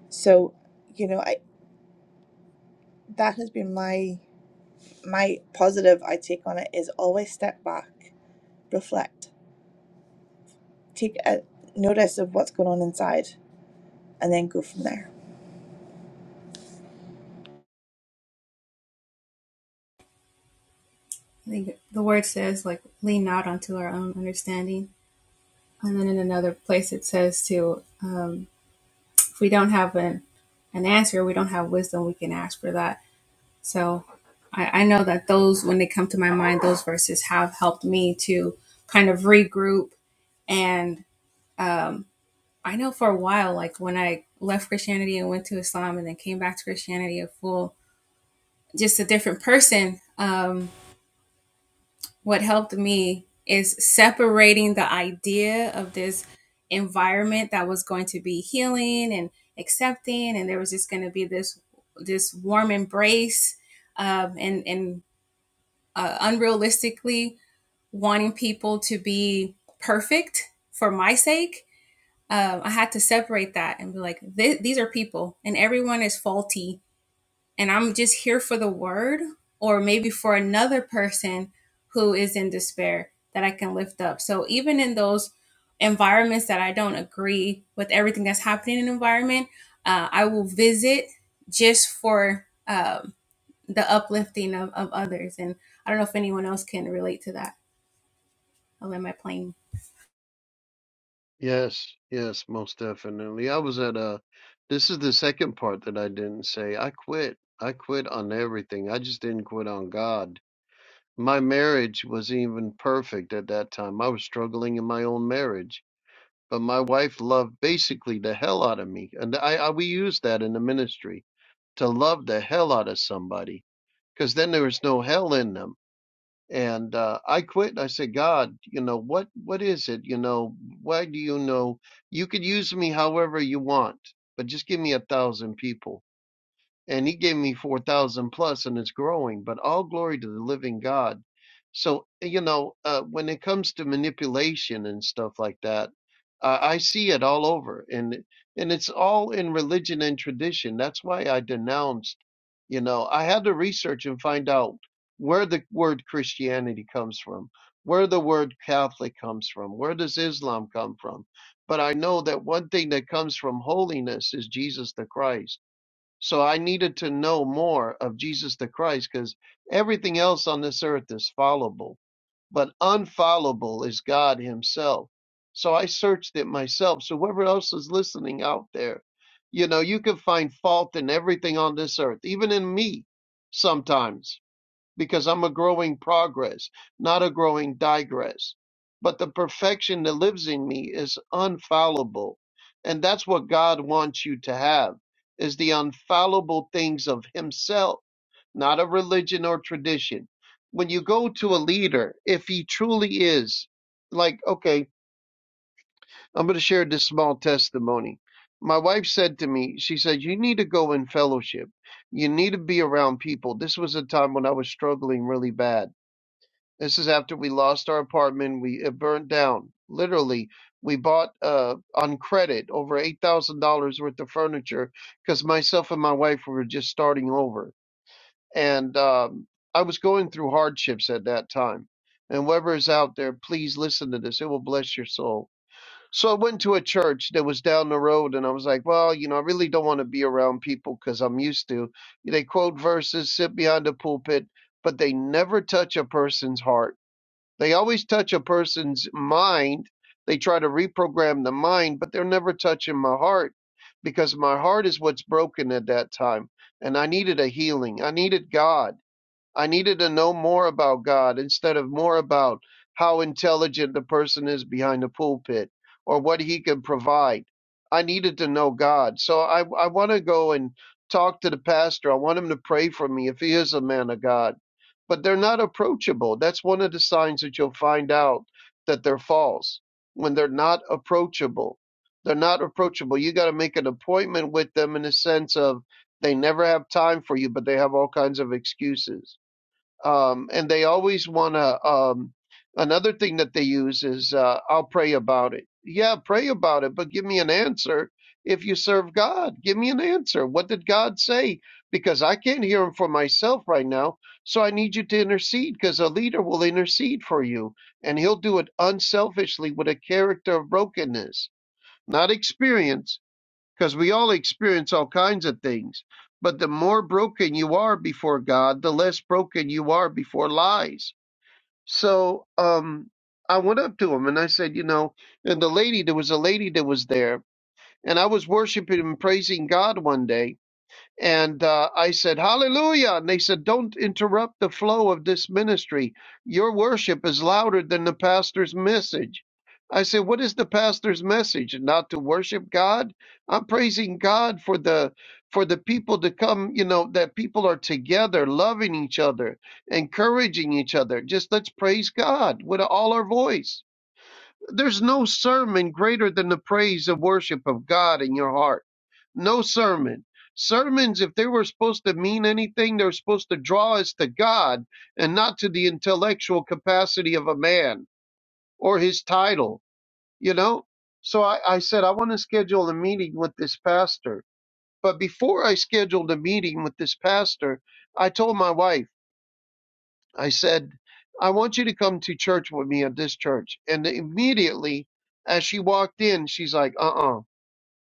S4: So, you know, I that has been my my positive I take on it is always step back, reflect, take a notice of what's going on inside and then go from there.
S2: Yes, yes, most definitely. I was at a, this is the second part that I didn't say. I quit. I quit on everything. I just didn't quit on God. My marriage wasn't even perfect at that time. I was struggling in my own marriage, but my wife loved basically the hell out of me. And I, I we use that in the ministry to love the hell out of somebody because then there is no hell in them and uh, I quit. And I said, God, you know what? What is it? You know, why do you know? You could use me however you want, but just give me a thousand people and he gave me 4,000 plus and it's growing, but all glory to the living God. So, you know, uh, when it comes to manipulation and stuff like that, uh, I see it all over and, and it's all in religion and tradition. That's why I denounced, you know, I had to research and find out where the word Christianity comes from, where the word Catholic comes from, where does Islam come from? But I know that one thing that comes from holiness is Jesus the Christ so I needed to know more of Jesus the Christ because everything else on this earth is followable, but unfollowable is God Himself. So I searched it myself. So whoever else is listening out there, you know, you can find fault in everything on this earth, even in me sometimes because I'm a growing progress, not a growing digress. But the perfection that lives in me is unfallible. And that's what God wants you to have is the unfallible things of himself, not a religion or tradition. When you go to a leader, if he truly is like, okay, I'm going to share this small testimony. My wife said to me, she said, you need to go in fellowship. You need to be around people. This was a time when I was struggling really bad this is after we lost our apartment. We it burned down. Literally, we bought uh, on credit over eight thousand dollars worth of furniture because myself and my wife were just starting over, and um, I was going through hardships at that time. And whoever is out there, please listen to this. It will bless your soul. So I went to a church that was down the road, and I was like, well, you know, I really don't want to be around people because I'm used to. They quote verses, sit behind the pulpit, but they never touch a person's heart they always touch a person's mind. They try to reprogram the mind, but they're never touching my heart because my heart is what's broken at that time. And I needed a healing. I needed God. I needed to know more about God instead of more about how intelligent the person is behind the pulpit or what he can provide. I needed to know God. So I, I want to go and talk to the pastor. I want him to pray for me if he is a man of God. But they're not approachable. That's one of the signs that you'll find out that they're false when they're not approachable. They're not approachable. You got to make an appointment with them in the sense of they never have time for you, but they have all kinds of excuses um, and they always want to. Um, another thing that they use is, uh, "I'll pray about it." Yeah, pray about it, but give me an answer. If you serve God, give me an answer. What did God say? Because I can't hear Him for myself right now, so I need you to intercede. Because a leader will intercede for you, and he'll do it unselfishly with a character of brokenness, not experience because we all experience all kinds of things. But the more broken you are before God, the less broken you are before lies. So um, I went up to him and I said, you know, and the lady, there was a lady that was there, and I was worshiping and praising God one day and uh, I said, Hallelujah. And they said, Don't interrupt the flow of this ministry. Your worship is louder than the pastor's message. I said, What is the pastor's message? Not to worship God? I'm praising God for the for the people to come, you know, that people are together, loving each other, encouraging each other. Just let's praise God with all our voice. There's no sermon greater than the praise and worship of God in your heart. No sermon. Sermons, if they were supposed to mean anything, they're supposed to draw us to God and not to the intellectual capacity of a man or his title, you know? So I, I said, I want to schedule a meeting with this pastor. But before I scheduled a meeting with this pastor, I told my wife, I said, I want you to come to church with me at this church. And immediately, as she walked in, she's like, uh uh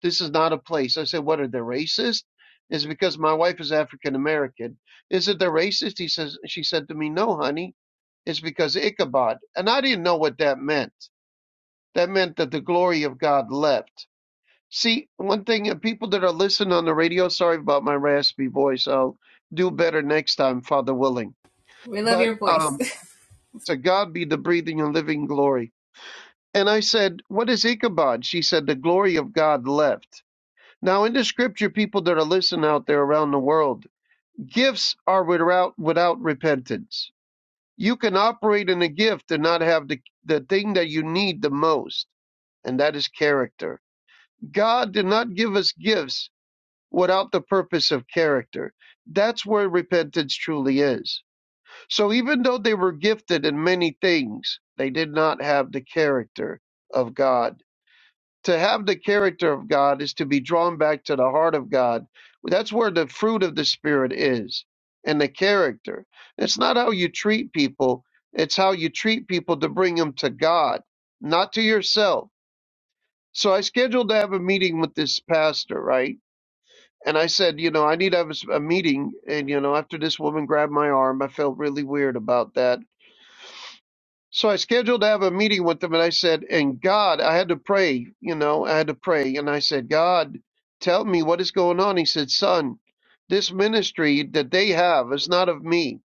S2: this is not a place. I said, What are they racist? It's because my wife is African American. Is it the racist? He says, She said to me, No, honey, it's because Ichabod. And I didn't know what that meant. That meant that the glory of God left. See, one thing, and people that are listening on the radio, sorry about my raspy voice. I'll do better next time, Father willing. But um, to God be the breathing and living glory. And I said, What is Ichabod? She said, The glory of God left. Now, in the scripture, people that are listening out there around the world, gifts are without, without repentance. You can operate in a gift and not have the, the thing that you need the most, and that is character. God did not give us gifts without the purpose of character. That's where repentance truly is. So even though they were gifted in many things, they did not have the character of God. To have the character of God is to be drawn back to the heart of God. That's where the fruit of the Spirit is and the character. It's not how you treat people, it's how you treat people to bring them to God, not to yourself. So I scheduled to have a meeting with this pastor, right? And I said, you know, I need to have a s- a meeting. And, you know, after this woman grabbed my arm, I felt really weird about that So I scheduled to have a meeting with them, and I said, and God, I had to pray, you know, I had to pray. And I said, God, tell me what is going on. He said, Son, this ministry that they have is not of me.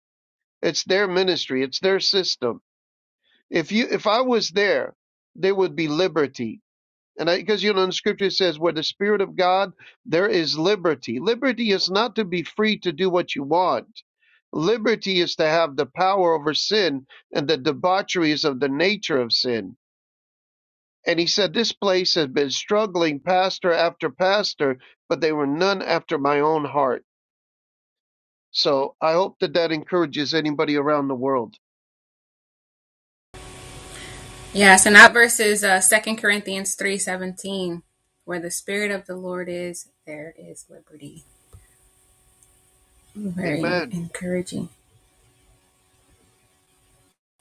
S2: It's their ministry, it's their system. If you if I was there, there would be liberty. And I, because you know, in scripture it says, where the Spirit of God, there is liberty. Liberty is not to be free to do what you want. Liberty is to have the power over sin and the debaucheries of the nature of sin. And he said, This place has been struggling pastor after pastor, but they were none after my own heart. So I hope that that encourages anybody around the world. Amen.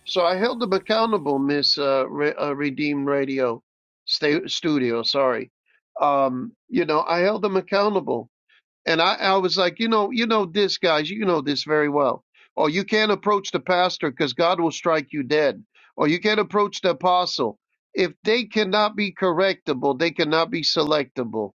S2: So I held them accountable, Miss uh, Re- uh, Redeemed Radio sta- Studio. Sorry, um, you know I held them accountable, and I, I was like, you know, you know this, guys, you know this very well. Or you can't approach the pastor because God will strike you dead. Or you can't approach the apostle. If they cannot be correctable, they cannot be selectable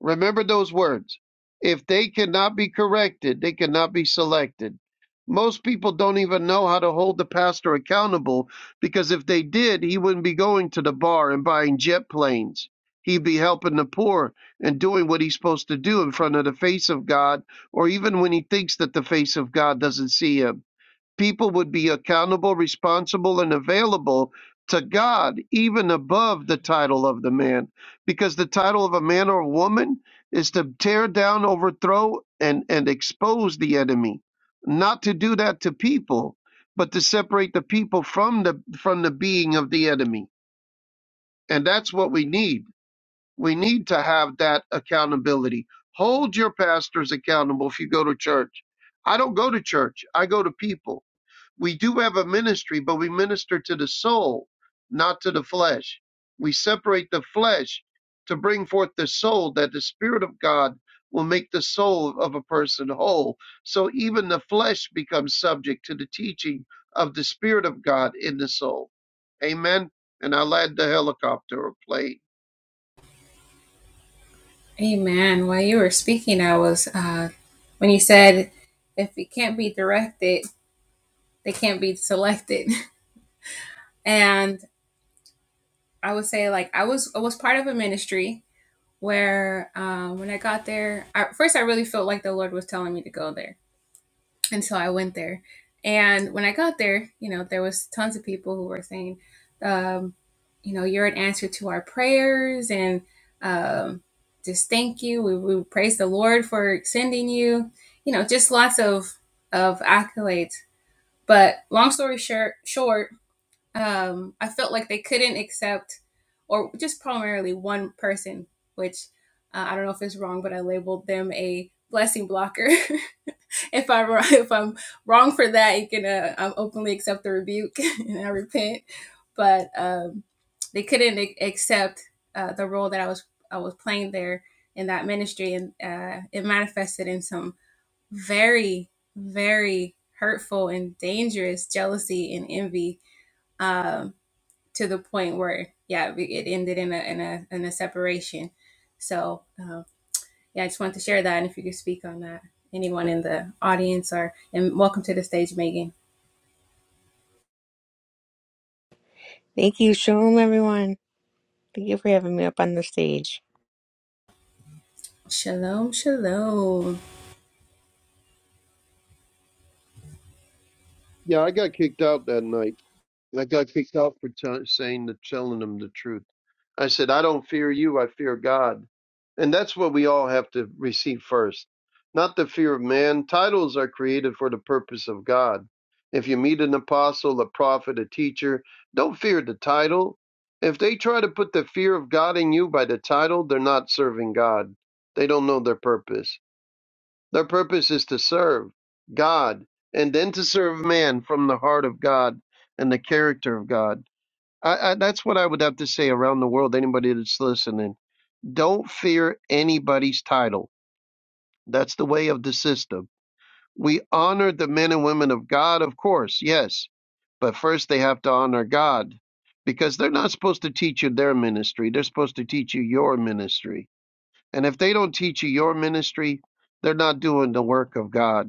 S2: Remember those words. If they cannot be corrected, they cannot be selected. Most people don't even know how to hold the pastor accountable because if they did, he wouldn't be going to the bar and buying jet planes. He'd be helping the poor and doing what he's supposed to do in front of the face of God, or even when he thinks that the face of God doesn't see him. People would be accountable, responsible, and available to God, even above the title of the man, because the title of a man or a woman is to tear down, overthrow, and, and expose the enemy. Not to do that to people, but to separate the people from the from the being of the enemy. And that's what we need. We need to have that accountability. Hold your pastors accountable if you go to church. I don't go to church. I go to people we do have a ministry, but we minister to the soul, not to the flesh. We separate the flesh to bring forth the soul, that the Spirit of God will make the soul of a person whole. So even the flesh becomes subject to the teaching of the Spirit of God in the soul. Amen. And I land the helicopter or plane.
S5: Thank you. Shalom, everyone. Thank you for having me up on the stage.
S2: Yeah, I got kicked out that night. I got kicked out for tell saying the telling them the truth. I said, I don't fear you, I fear God. And that's what we all have to receive first. Not the fear of man. Titles are created for the purpose of God. If you meet an apostle, a prophet, a teacher, don't fear the title. If they try to put the fear of God in you by the title, they're not serving God. They don't know their purpose. Their purpose is to serve God and then to serve man from the heart of God and the character of God. I, I, that's what I would have to say around the world, anybody that's listening. Don't fear anybody's title. That's the way of the system. We honor the men and women of God, of course, yes, but first they have to honor God because they're not supposed to teach you their ministry. They're supposed to teach you your ministry. And if they don't teach you your ministry, they're not doing the work of God.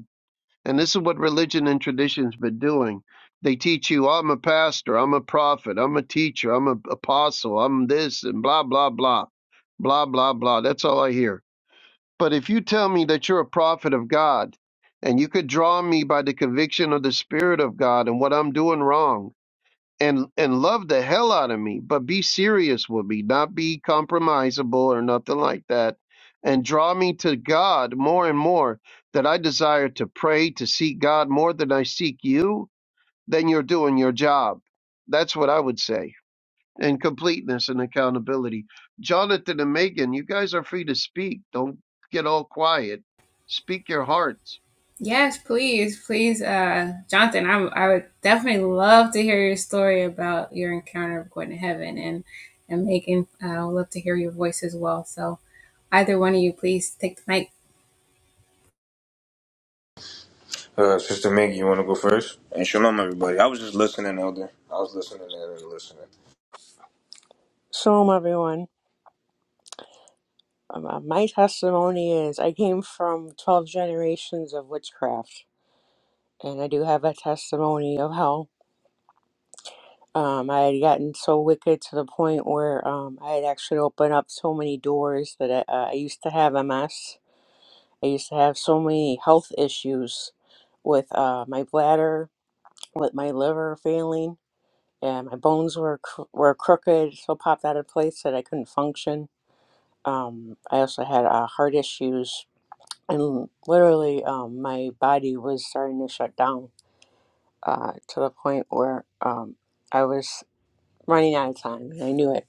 S2: And this is what religion and tradition's been doing. They teach you, I'm a pastor, I'm a prophet, I'm a teacher, I'm an apostle, I'm this, and blah, blah, blah, blah, blah, blah. That's all I hear. But if you tell me that you're a prophet of God and you could draw me by the conviction of the Spirit of God and what I'm doing wrong, and and love the hell out of me, but be serious with me, not be compromisable or nothing like that, and draw me to God more and more. That I desire to pray to seek God more than I seek you. Then you're doing your job. That's what I would say. And completeness and accountability. Jonathan and Megan, you guys are free to speak. Don't get all quiet. Speak your hearts.
S6: Uh, Sister Maggie, you want to go first? And shalom, everybody. I was just listening, Elder. I was listening and listening.
S5: Shalom, everyone. Um, uh, my testimony is I came from 12 generations of witchcraft, and I do have a testimony of how um, I had gotten so wicked to the point where um, I had actually opened up so many doors that I, uh, I used to have MS. I used to have so many health issues with uh, my bladder, with my liver failing and my bones were cr- were crooked, so popped out of place that I couldn't function. Um, I also had uh, heart issues, and literally, um, my body was starting to shut down uh, to the point where um, I was running out of time, and I knew it.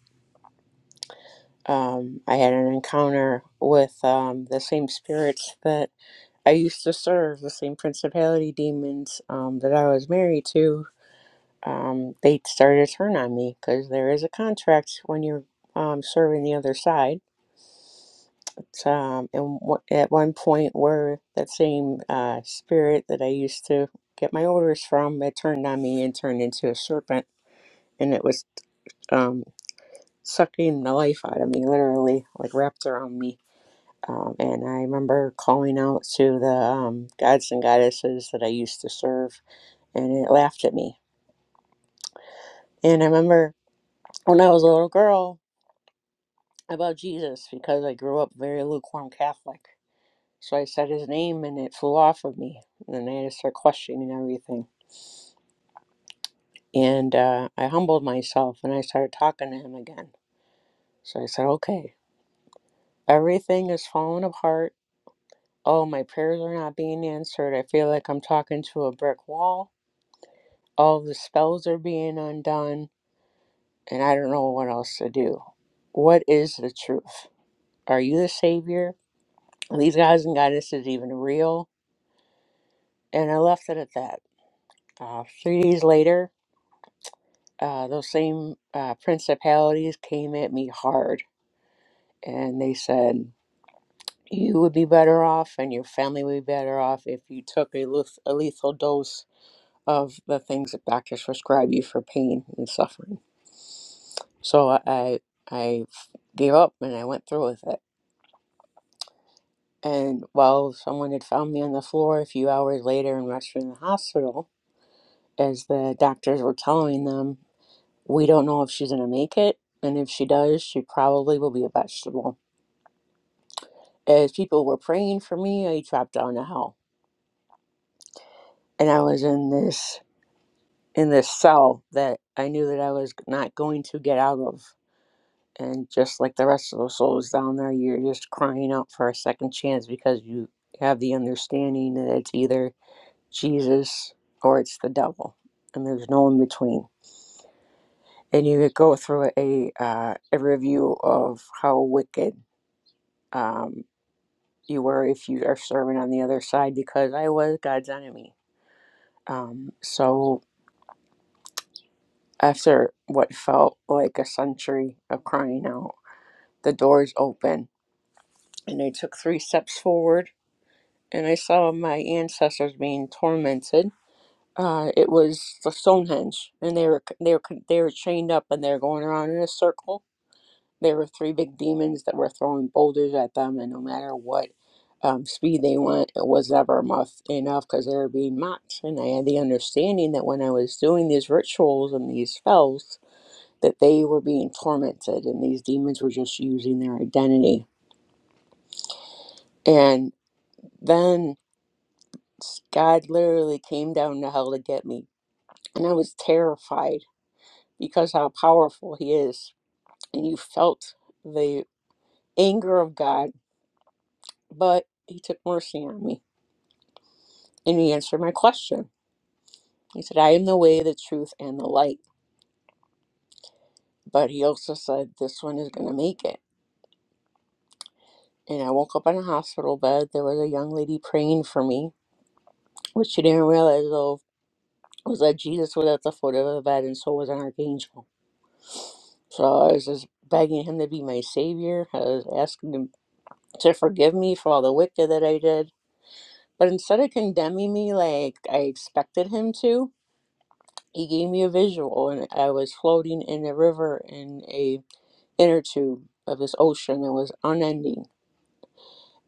S5: Um, I had an encounter with um, the same spirits that I used to serve, the same principality demons um, that I was married to, um, they started to turn on me because there is a contract when you're um, serving the other side. But, um, and w- at one point, where that same uh, spirit that I used to get my orders from, it turned on me and turned into a serpent, and it was um, sucking the life out of me, literally, like wrapped around me. Um, and I remember calling out to the um, gods and goddesses that I used to serve, and it laughed at me. And I remember when I was a little girl, about Jesus because I grew up very lukewarm Catholic. So I said his name and it flew off of me. And then I had to start questioning everything. And uh, I humbled myself and I started talking to him again. So I said, okay, everything is falling apart. Oh, my prayers are not being answered. I feel like I'm talking to a brick wall. All the spells are being undone. And I don't know what else to do. What is the truth? Are you the Savior? Are these guys and goddesses even real? And I left it at that. Uh, three days later, uh, those same uh, principalities came at me hard and they said, You would be better off and your family would be better off if you took a, leth- a lethal dose of the things that doctors prescribe you for pain and suffering. So I, I I gave up and I went through with it. And while someone had found me on the floor a few hours later and rushed me in the hospital, as the doctors were telling them We don't know if she's going to make it, and if she does, she probably will be a vegetable. As people were praying for me, I dropped down to hell, and I was in this in this cell that I knew that I was not going to get out of. And just like the rest of the souls down there, you're just crying out for a second chance because you have the understanding that it's either Jesus or it's the devil, and there's no in between. And you could go through a uh, a review of how wicked. um, you were if you are serving on the other side because I was God's enemy. Um, so after what felt like a century of crying out, the doors opened and I took three steps forward and I saw my ancestors being tormented. Uh, it was the Stonehenge, and they were they were they were chained up and they were going around in a circle There were three big demons that were throwing boulders at them, and no matter what um, speed they went, it was never enough enough because they were being mocked. And I had the understanding that when I was doing these rituals and these spells, that they were being tormented, and these demons were just using their identity. And then God literally came down to hell to get me, and I was terrified because how powerful He is, and you felt the anger of God, but He took mercy on me And he answered my question. He said, I am the way, the truth, and the light. But he also said, This one is going to make it. And I woke up in a hospital bed. There was a young lady praying for me. which she didn't realize, though, was that Jesus was at the foot of the bed, and so was an archangel. So I was just begging him to be my savior. I was asking him to forgive me for all the wicked that I did. But instead of condemning me like I expected him to, he gave me a visual, and I was floating in a river in a inner tube of his ocean that was unending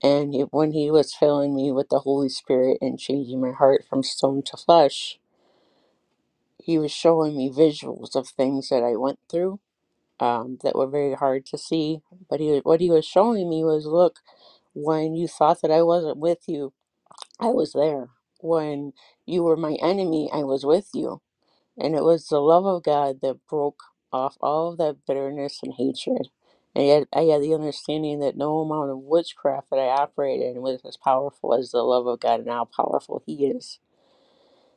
S5: and it, when he was filling me with the holy spirit and changing my heart from stone to flesh he was showing me visuals of things that i went through um, that were very hard to see but he, what he was showing me was look when you thought that i wasn't with you i was there when you were my enemy i was with you And it was the love of God that broke off all of that bitterness and hatred. And yet I had the understanding that no amount of witchcraft that I operated in was as powerful as the love of God and how powerful He is.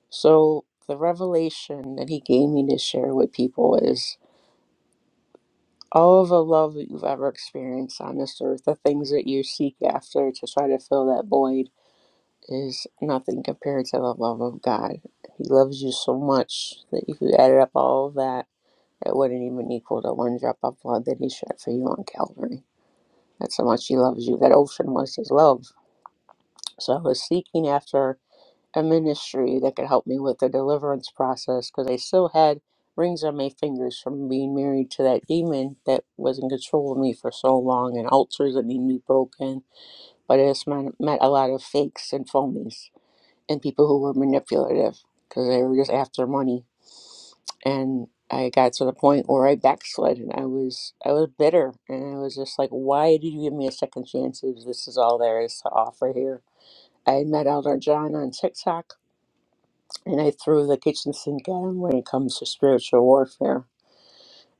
S5: So the revelation that He gave me to share with people is all of the love that you've ever experienced on this earth, the things that you seek after to try to fill that void, is nothing compared to the love of God. He loves you so much that if you added up all of that, It wouldn't even equal the one drop of blood that he shed for you on Calvary. That's how much he loves you. That ocean was his love. So I was seeking after a ministry that could help me with the deliverance process because I still had rings on my fingers from being married to that demon that was in control of me for so long and altars that need to be broken. But I just met, met a lot of fakes and phonies and people who were manipulative because they were just after money and I got to the point where I backslid and I was I was bitter and I was just like, why did you give me a second chance if this is all there is to offer here? I met Elder John on TikTok and I threw the kitchen sink at him when it comes to spiritual warfare.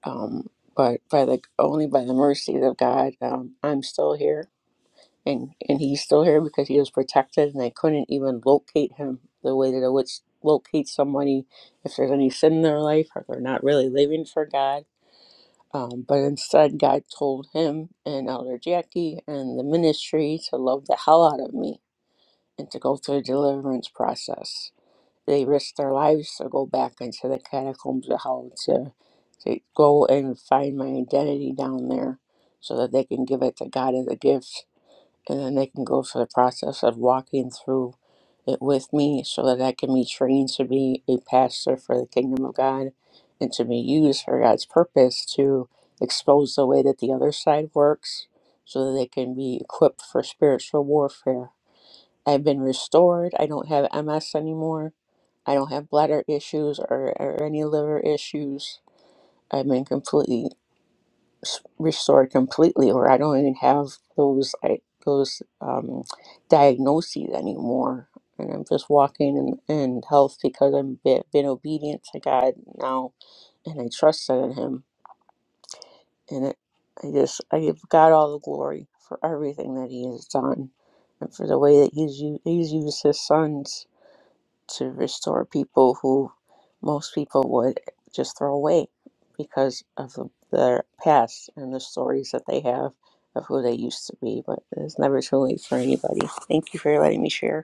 S5: Um, but by the only by the mercies of God, um, I'm still here and, and he's still here because he was protected and I couldn't even locate him the way that I would s- locate somebody if there's any sin in their life or they're not really living for God Um, but instead, God told him and Elder Jackie and the ministry to love the hell out of me and to go through a deliverance process. They risked their lives to go back into the catacombs of hell to, to go and find my identity down there so that they can give it to God as a gift and then they can go through the process of walking through it with me so that I can be trained to be a pastor for the kingdom of God and to be used for God's purpose to expose the way that the other side works so that they can be equipped for spiritual warfare. I've been restored. I don't have MS anymore. I don't have bladder issues or, or any liver issues. I've been completely s- restored completely or i don't even have those like those um, diagnoses anymore and i'm just walking in, in health because i've been, been obedient to god now and i trusted in him and it, i just i give god all the glory for everything that he has done and for the way that he's used, he's used his sons to restore people who most people would just throw away because of the, their past and the stories that they have of who they used to be. But it's never too late for anybody. Thank you for letting me share.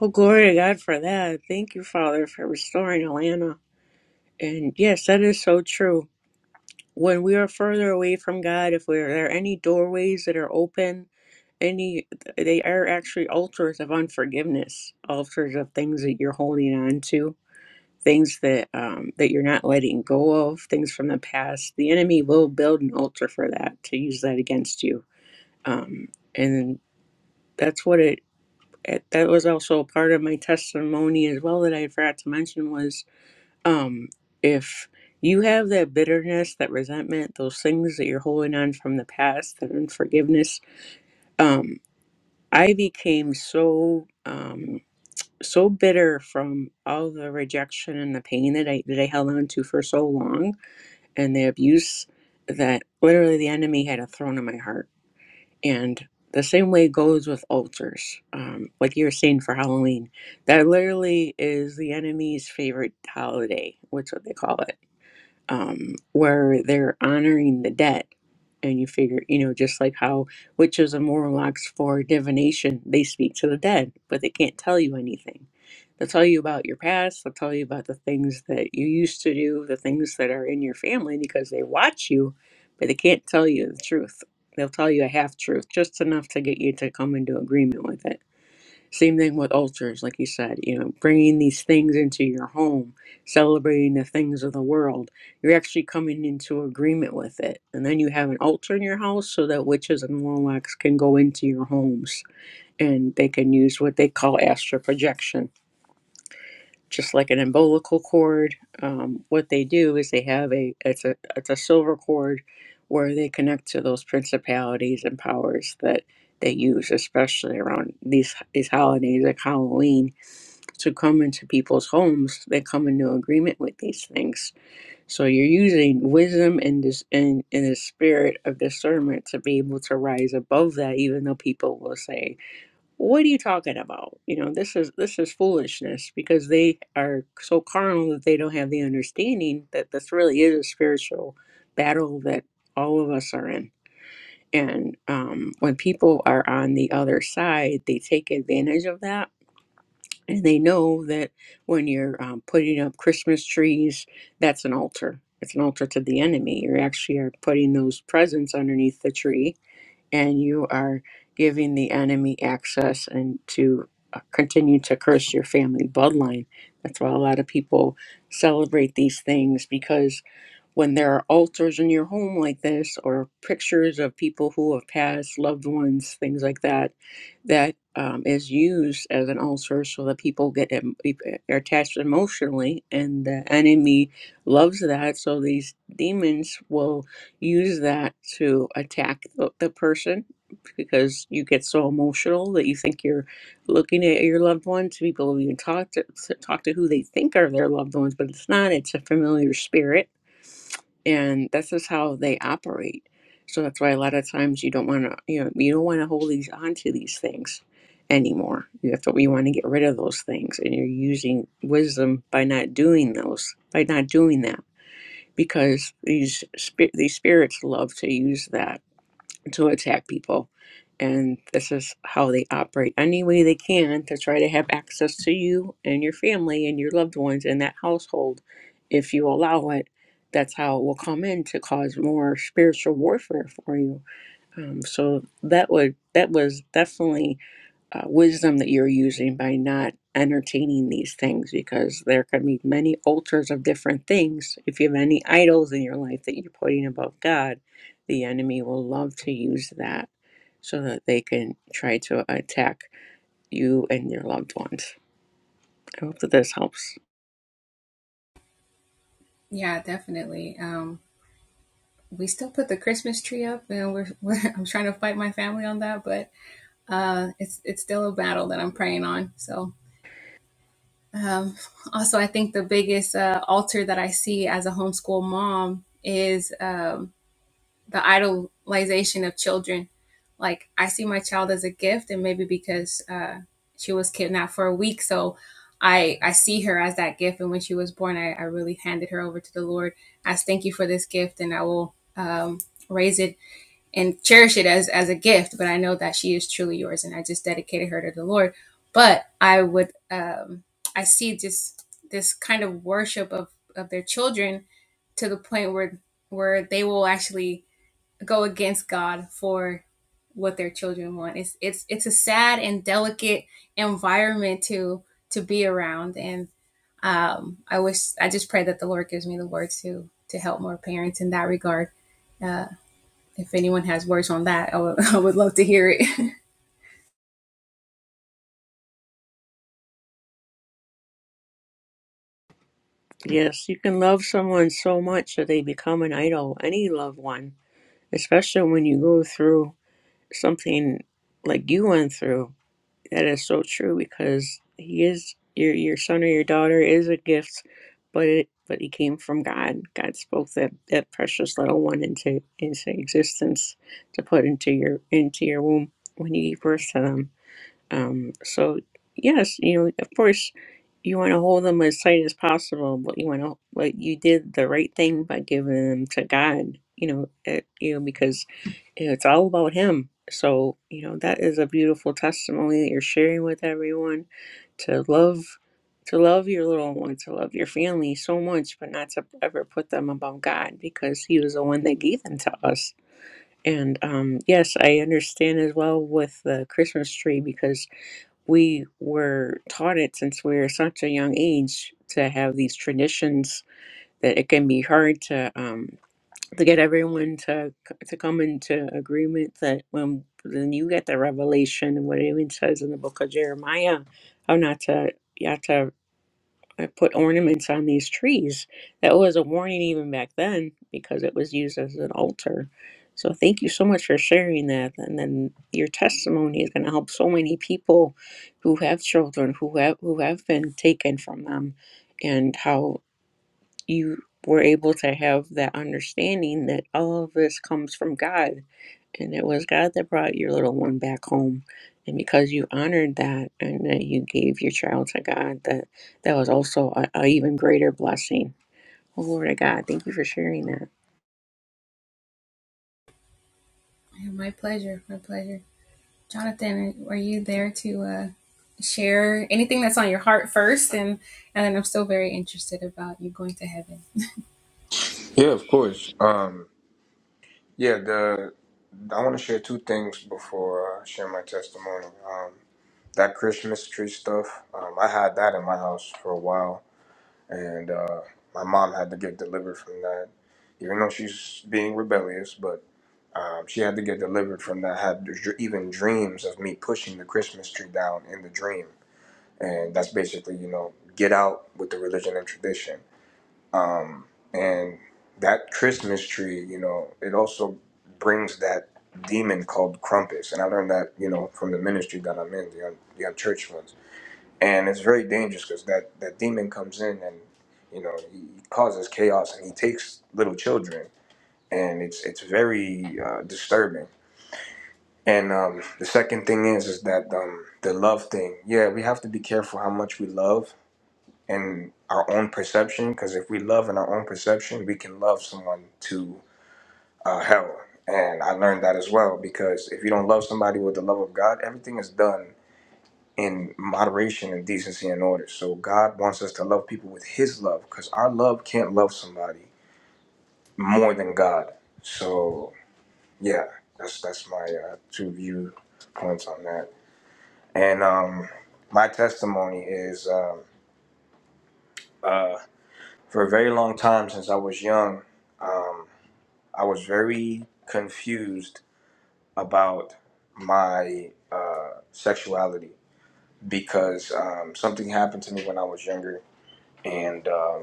S5: Oh, glory to God for that. Thank you, Father, for restoring Alana. And yes, that is so true. When we are further away from God, if there are there any doorways that are open, any they are actually altars of unforgiveness, altars of things that you're holding on to things that um, that you're not letting go of, things from the past. The enemy will build an altar for that to use that against you, um, and that's what it. it- That was also a part of my testimony as well that I forgot to mention was um, if you have that bitterness, that resentment, those things that you're holding on from the past, that unforgiveness. Um, I became so um, so bitter from all the rejection and the pain that I that I held on to for so long and the abuse that literally the enemy had a thrown in my heart. And the same way goes with altars, um, like you were saying for Halloween. That literally is the enemy's favorite holiday. What's what they call it? um, where they're honoring the dead. And you figure, you know, just like how witches and warlocks for divination, they speak to the dead, but they can't tell you anything. They'll tell you about your past, they'll tell you about the things that you used to do, the things that are in your family because they watch you, but they can't tell you the truth. They'll tell you a half truth, just enough to get you to come into agreement with it same thing with altars, like you said, you know, bringing these things into your home, celebrating the things of the world. You're actually coming into agreement with it. And then you have an altar in your house so that witches and warlocks can go into your homes and they can use what they call astral projection. Just like an umbilical cord, um, what they do is they have a it's a it's a silver cord where they connect to those principalities and powers that they use, especially around these these holidays like Halloween to come into people's homes they come into agreement with these things so you're using wisdom and this and, in a spirit of discernment to be able to rise above that even though people will say what are you talking about you know this is this is foolishness because they are so carnal that they don't have the understanding that this really is a spiritual battle that all of us are in and um, when people are on the other side they take advantage of that and they know that when you're um, putting up Christmas trees, that's an altar. It's an altar to the enemy. You actually are putting those presents underneath the tree and you are giving the enemy access and to uh, continue to curse your family bloodline. That's why a lot of people celebrate these things because when there are altars in your home like this or pictures of people who have passed, loved ones, things like that, that um, is used as an altar so that people get em- are attached emotionally and the enemy loves that. So these demons will use that to attack the, the person because you get so emotional that you think you're looking at your loved ones. People have even talk to talk to who they think are their loved ones, but it's not. It's a familiar spirit, and that's just how they operate. So that's why a lot of times you don't want to, you know, you don't want to hold these onto these things anymore. You have to, you want to get rid of those things, and you're using wisdom by not doing those, by not doing that because these spi- these spirits love to use that to attack people and this is how they operate any way they can to try to have access to you and your family and your loved ones in that household if you allow it that's how it will come in to cause more spiritual warfare for you um, so that would that was definitely uh, wisdom that you're using by not entertaining these things because there can be many altars of different things. If you have any idols in your life that you're putting above God, the enemy will love to use that so that they can try to attack you and your loved ones. I hope that this helps. Yes, you can love someone so much that they become an idol, any loved one, especially when you go through something like you went through That is so true because he is your your son or your daughter is a gift, but it but he came from God. God spoke that that precious little one into into existence to put into your into your womb when you gave birth to them. Um, so yes, you know, of course, you want to hold them as tight as possible, but you want to, but you did the right thing by giving them to God. You know, it, you know, because it's all about Him. So you know that is a beautiful testimony that you're sharing with everyone to love, to love your little one, to love your family so much, but not to ever put them above God because He was the one that gave them to us. And um, yes, I understand as well with the Christmas tree because we were taught it since we were such a young age to have these traditions that it can be hard to um, to get everyone to to come into agreement that when then you get the revelation and what it even says in the book of Jeremiah how not to yeah to I put ornaments on these trees. That was a warning even back then because it was used as an altar. So thank you so much for sharing that. And then your testimony is going to help so many people who have children who have who have been taken from them, and how you were able to have that understanding that all of this comes from God and it was God that brought your little one back home. And because you honored that and that you gave your child to God, that that was also a, a even greater blessing. Oh, Lord of God, thank you for sharing that.
S6: Yeah, of course. Um, yeah, the I want to share two things before I share my testimony. Um, that Christmas tree stuff, um, I had that in my house for a while, and uh, my mom had to get delivered from that, even though she's being rebellious, but. Um, she had to get delivered from that. Had dr- even dreams of me pushing the Christmas tree down in the dream and that's basically you know get out with the religion and tradition um, and that christmas tree you know it also brings that demon called Krampus, and i learned that you know from the ministry that i'm in the, un- the unchurched ones and it's very dangerous because that that demon comes in and you know he he causes chaos and he takes little children and it's it's very uh, disturbing and um, the second thing is is that um, the love thing. Yeah, we have to be careful how much we love in our own perception because if we love in our own perception we can love someone to uh, hell and i learned that as well because if you don't love somebody with the love of god everything is done in moderation and decency and order so god wants us to love people with his love because our love can't love somebody more than god so yeah that's that's my uh, two view points on that and um my testimony is um uh, For a very long time, since I was young, um, I was very confused about my uh, sexuality because um, something happened to me when I was younger and um,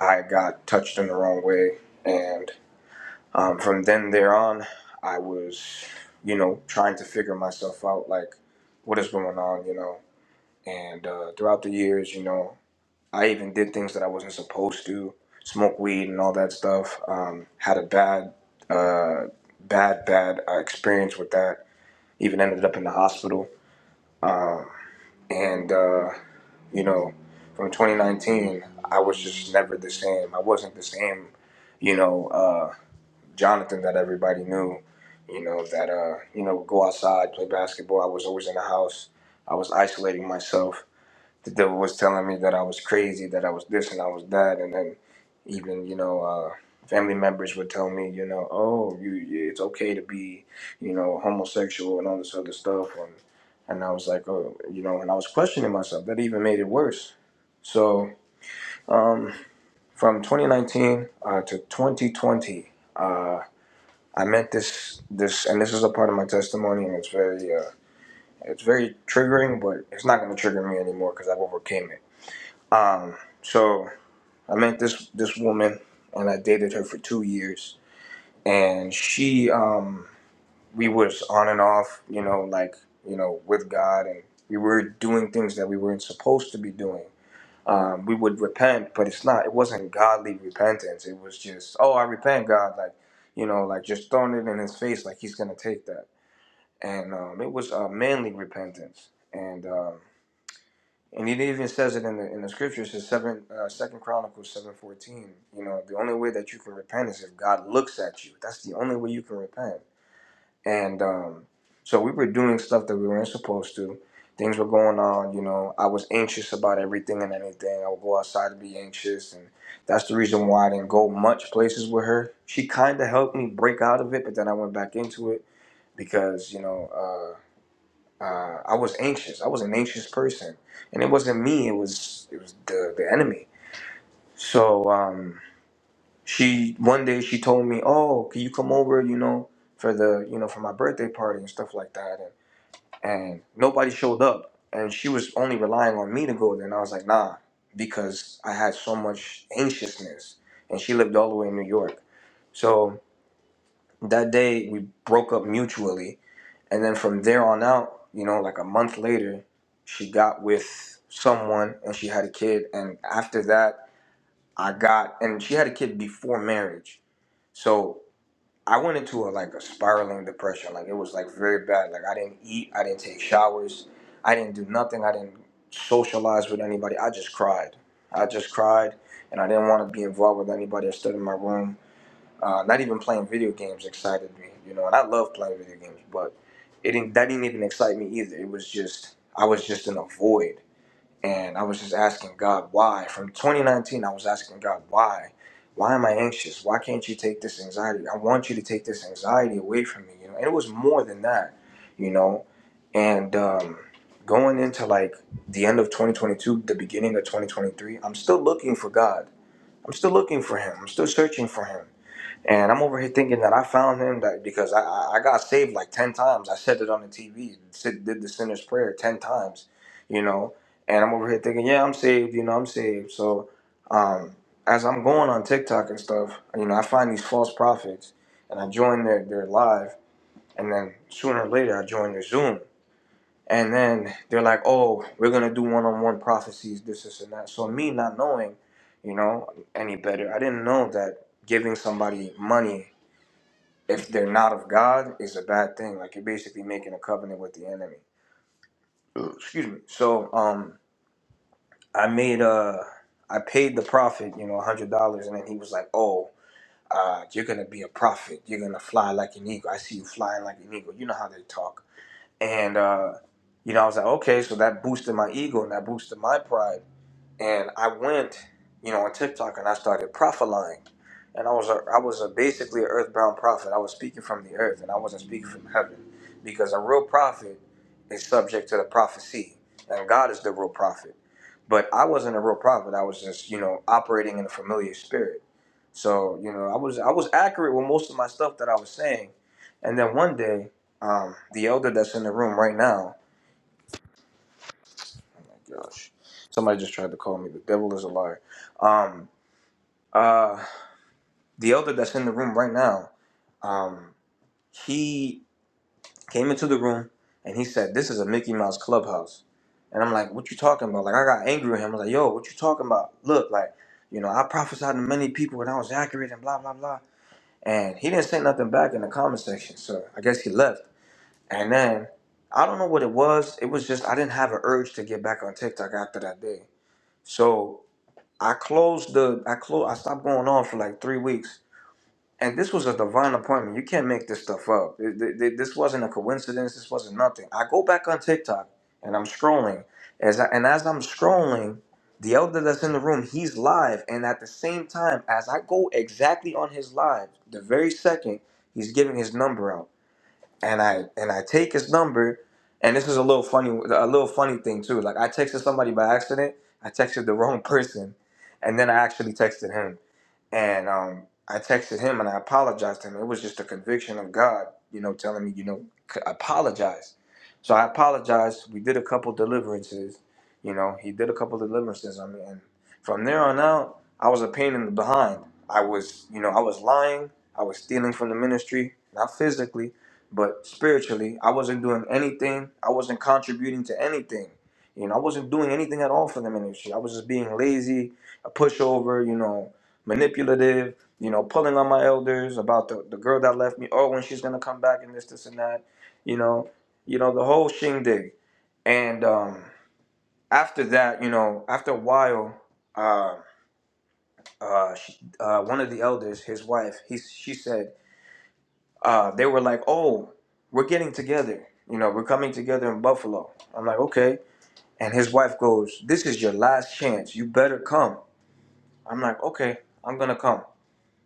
S6: I got touched in the wrong way. And um, from then there on, I was, you know, trying to figure myself out like, what is going on, you know? And uh, throughout the years, you know, I even did things that I wasn't supposed to, smoke weed and all that stuff. Um, had a bad, uh, bad, bad uh, experience with that. Even ended up in the hospital. Um, and uh, you know, from 2019, I was just never the same. I wasn't the same, you know, uh, Jonathan that everybody knew. You know that uh, you know, would go outside, play basketball. I was always in the house. I was isolating myself the devil was telling me that I was crazy, that I was this and I was that, and then even you know uh, family members would tell me, you know, oh, you, it's okay to be, you know, homosexual and all this other stuff, and and I was like, oh, you know, and I was questioning myself. That even made it worse. So um, from 2019 uh, to 2020, uh, I met this this, and this is a part of my testimony, and it's very uh, it's very triggering, but it's not going to trigger me anymore because I've overcame it um, so I met this this woman, and I dated her for two years, and she, um, we was on and off, you know, like you know, with God, and we were doing things that we weren't supposed to be doing. Um, we would repent, but it's not. It wasn't godly repentance. It was just, oh, I repent, God, like you know, like just throwing it in his face, like he's gonna take that. And um, it was uh, manly repentance, and. Um, and it even says it in the in the scriptures in seven uh, second chronicles 714 you know the only way that you can repent is if god looks at you that's the only way you can repent and um so we were doing stuff that we weren't supposed to things were going on you know i was anxious about everything and anything i would go outside to be anxious and that's the reason why i didn't go much places with her she kind of helped me break out of it but then i went back into it because you know Uh, uh, I was anxious. I was an anxious person, and it wasn't me. It was it was the the enemy. So um, she one day she told me, "Oh, can you come over? You know, for the you know for my birthday party and stuff like that." And, and nobody showed up, and she was only relying on me to go there. And I was like, "Nah," because I had so much anxiousness, and she lived all the way in New York. So that day we broke up mutually And then from there on out, you know, like a month later, she got with someone and she had a kid. And after that, I got, and she had a kid before marriage. So I went into a, like a spiraling depression. Like it was like very bad. Like I didn't eat, I didn't take showers, I didn't do nothing, I didn't socialize with anybody. I just cried. I just cried and I didn't want to be involved with anybody. I stood in my room uh, not even playing video games excited me, you know. And I love playing video games, but it didn't that didn't even excite me either. It was just I was just in a void, and I was just asking God why. From 2019, I was asking God why. Why am I anxious? Why can't you take this anxiety? I want you to take this anxiety away from me, you know. And it was more than that, you know. And um, going into like the end of 2022, the beginning of 2023, I'm still looking for God. I'm still looking for Him. I'm still searching for Him and I'm over here thinking that I found him that because I, I I got saved like 10 times. I said it on the TV, said- did the sinner's prayer 10 times, you know. And I'm over here thinking, yeah, I'm saved, you know, I'm saved. So um, as I'm going on TikTok and stuff, you know, I find these false prophets and I join their, their live. And then sooner or later, I join their Zoom. And then they're like, oh, we're going to do one on one prophecies, this, this, and that. So me not knowing, you know, any better, I didn't know that giving somebody money if they're not of God is a bad thing. Like you're basically making a covenant with the enemy. Uh, Excuse me. So um, I made uh, I paid the prophet, you know, a hundred dollars, and then he was like, "Oh, uh, you're gonna be a prophet. You're gonna fly like an eagle. I see you flying like an eagle. You know how they talk." And uh, you know, I was like, "Okay," so that boosted my ego and that boosted my pride and I went, you know, on TikTok and I started prophesying, and I was a, I was a basically an earthbound prophet. I was speaking from the earth, and I wasn't speaking from heaven, because a real prophet is subject to the prophecy, and God is the real prophet. But I wasn't a real prophet. I was just, you know, operating in a familiar spirit. So, you know, I was I was accurate with most of my stuff that I was saying, and then one day, um, the elder that's in the room right now. Oh my gosh. Somebody just tried to call me. The devil is a liar. Um, uh, the elder that's in the room right now, um, he came into the room and he said, "This is a Mickey Mouse clubhouse." And I'm like, "What you talking about?" Like I got angry with him. I was like, "Yo, what you talking about? Look, like, you know, I prophesied to many people and I was accurate and blah blah blah." And he didn't say nothing back in the comment section, so I guess he left. And then I don't know what it was. It was just I didn't have an urge to get back on TikTok after that day. So I closed the I closed I stopped going on for like three weeks, and this was a divine appointment. You can't make this stuff up. Th- th- th- This wasn't a coincidence. This wasn't nothing. I go back on TikTok and I'm scrolling, as I, and as I'm scrolling, the elder that's in the room, he's live, and at the same time, as I go exactly on his live, the very second he's giving his number out and I and I take his number, and this is a little funny, a little funny thing too. Like I texted somebody by accident. I texted the wrong person, and then I actually texted him. And um, I texted him and I apologized to him. It was just a conviction of God, you know, telling me, you know, c- apologize. So I apologized. We did a couple deliverances, you know, he did a couple deliverances on me. And from there on out, I was a pain in the behind. I was, you know, I was lying. I was stealing from the ministry, not physically, but spiritually. I wasn't doing anything. I wasn't contributing to anything. You know, I wasn't doing anything at all for the ministry. I was just being lazy, a pushover, you know, manipulative, you know, pulling on my elders about the, the girl that left me, oh, when she's gonna come back and this, this and that, you know, you know, the whole shindig. And um after that, you know, after a while, uh uh, she, uh one of the elders, his wife, he she said, uh, they were like, Oh, we're getting together, you know, we're coming together in Buffalo. I'm like, okay. And his wife goes, This is your last chance. You better come. I'm like, okay, I'm gonna come.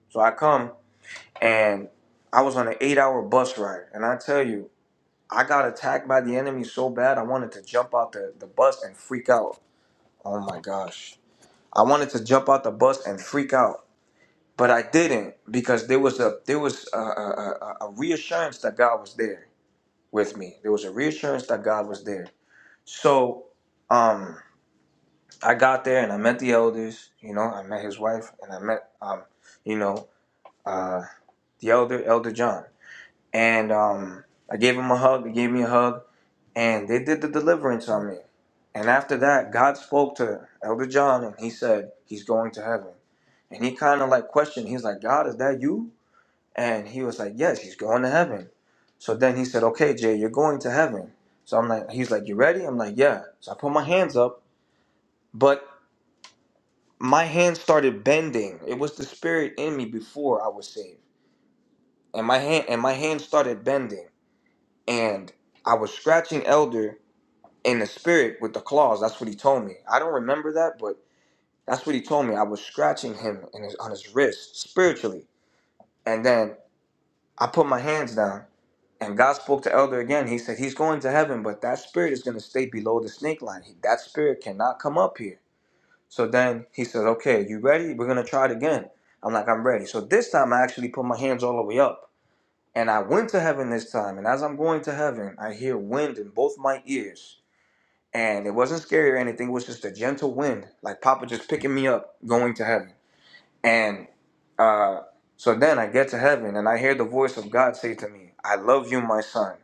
S6: So I come and I was on an eight hour bus ride. And I tell you, I got attacked by the enemy so bad, I wanted to jump out the, the bus and freak out. Oh my gosh. I wanted to jump out the bus and freak out. But I didn't because there was a there was a, a, a a reassurance that God was there with me. There was a reassurance that God was there. So um, I got there and I met the elders. You know, I met his wife and I met um, you know uh, the elder Elder John and um, I gave him a hug. He gave me a hug, and they did the deliverance on me. And after that, God spoke to Elder John, and he said he's going to heaven. And he kind of like questioned. He's like, "God, is that you?" And he was like, "Yes, he's going to heaven." So then he said, "Okay, Jay, you're going to heaven." So I'm like, he's like, "You ready?" I'm like, "Yeah." So I put my hands up, but my hands started bending. It was the spirit in me before I was saved, and my hand and my hands started bending and I was scratching Elder in the spirit with the claws. That's what he told me. I don't remember that, but that's what he told me. I was scratching him in his, on his wrist spiritually, and then I put my hands down, and God spoke to Elder again. He said he's going to heaven, but that spirit is going to stay below the snake line. He- that spirit cannot come up here. So then he says, "Okay, you ready? We're gonna try it again." I'm like, "I'm ready." So this time I actually put my hands all the way up, and I went to heaven this time. And as I'm going to heaven, I hear wind in both my ears and it wasn't scary or anything. It was just a gentle wind, like Papa just picking me up, going to heaven. And uh, so then I get to heaven, and I hear the voice of God say to me, "I love you, my son."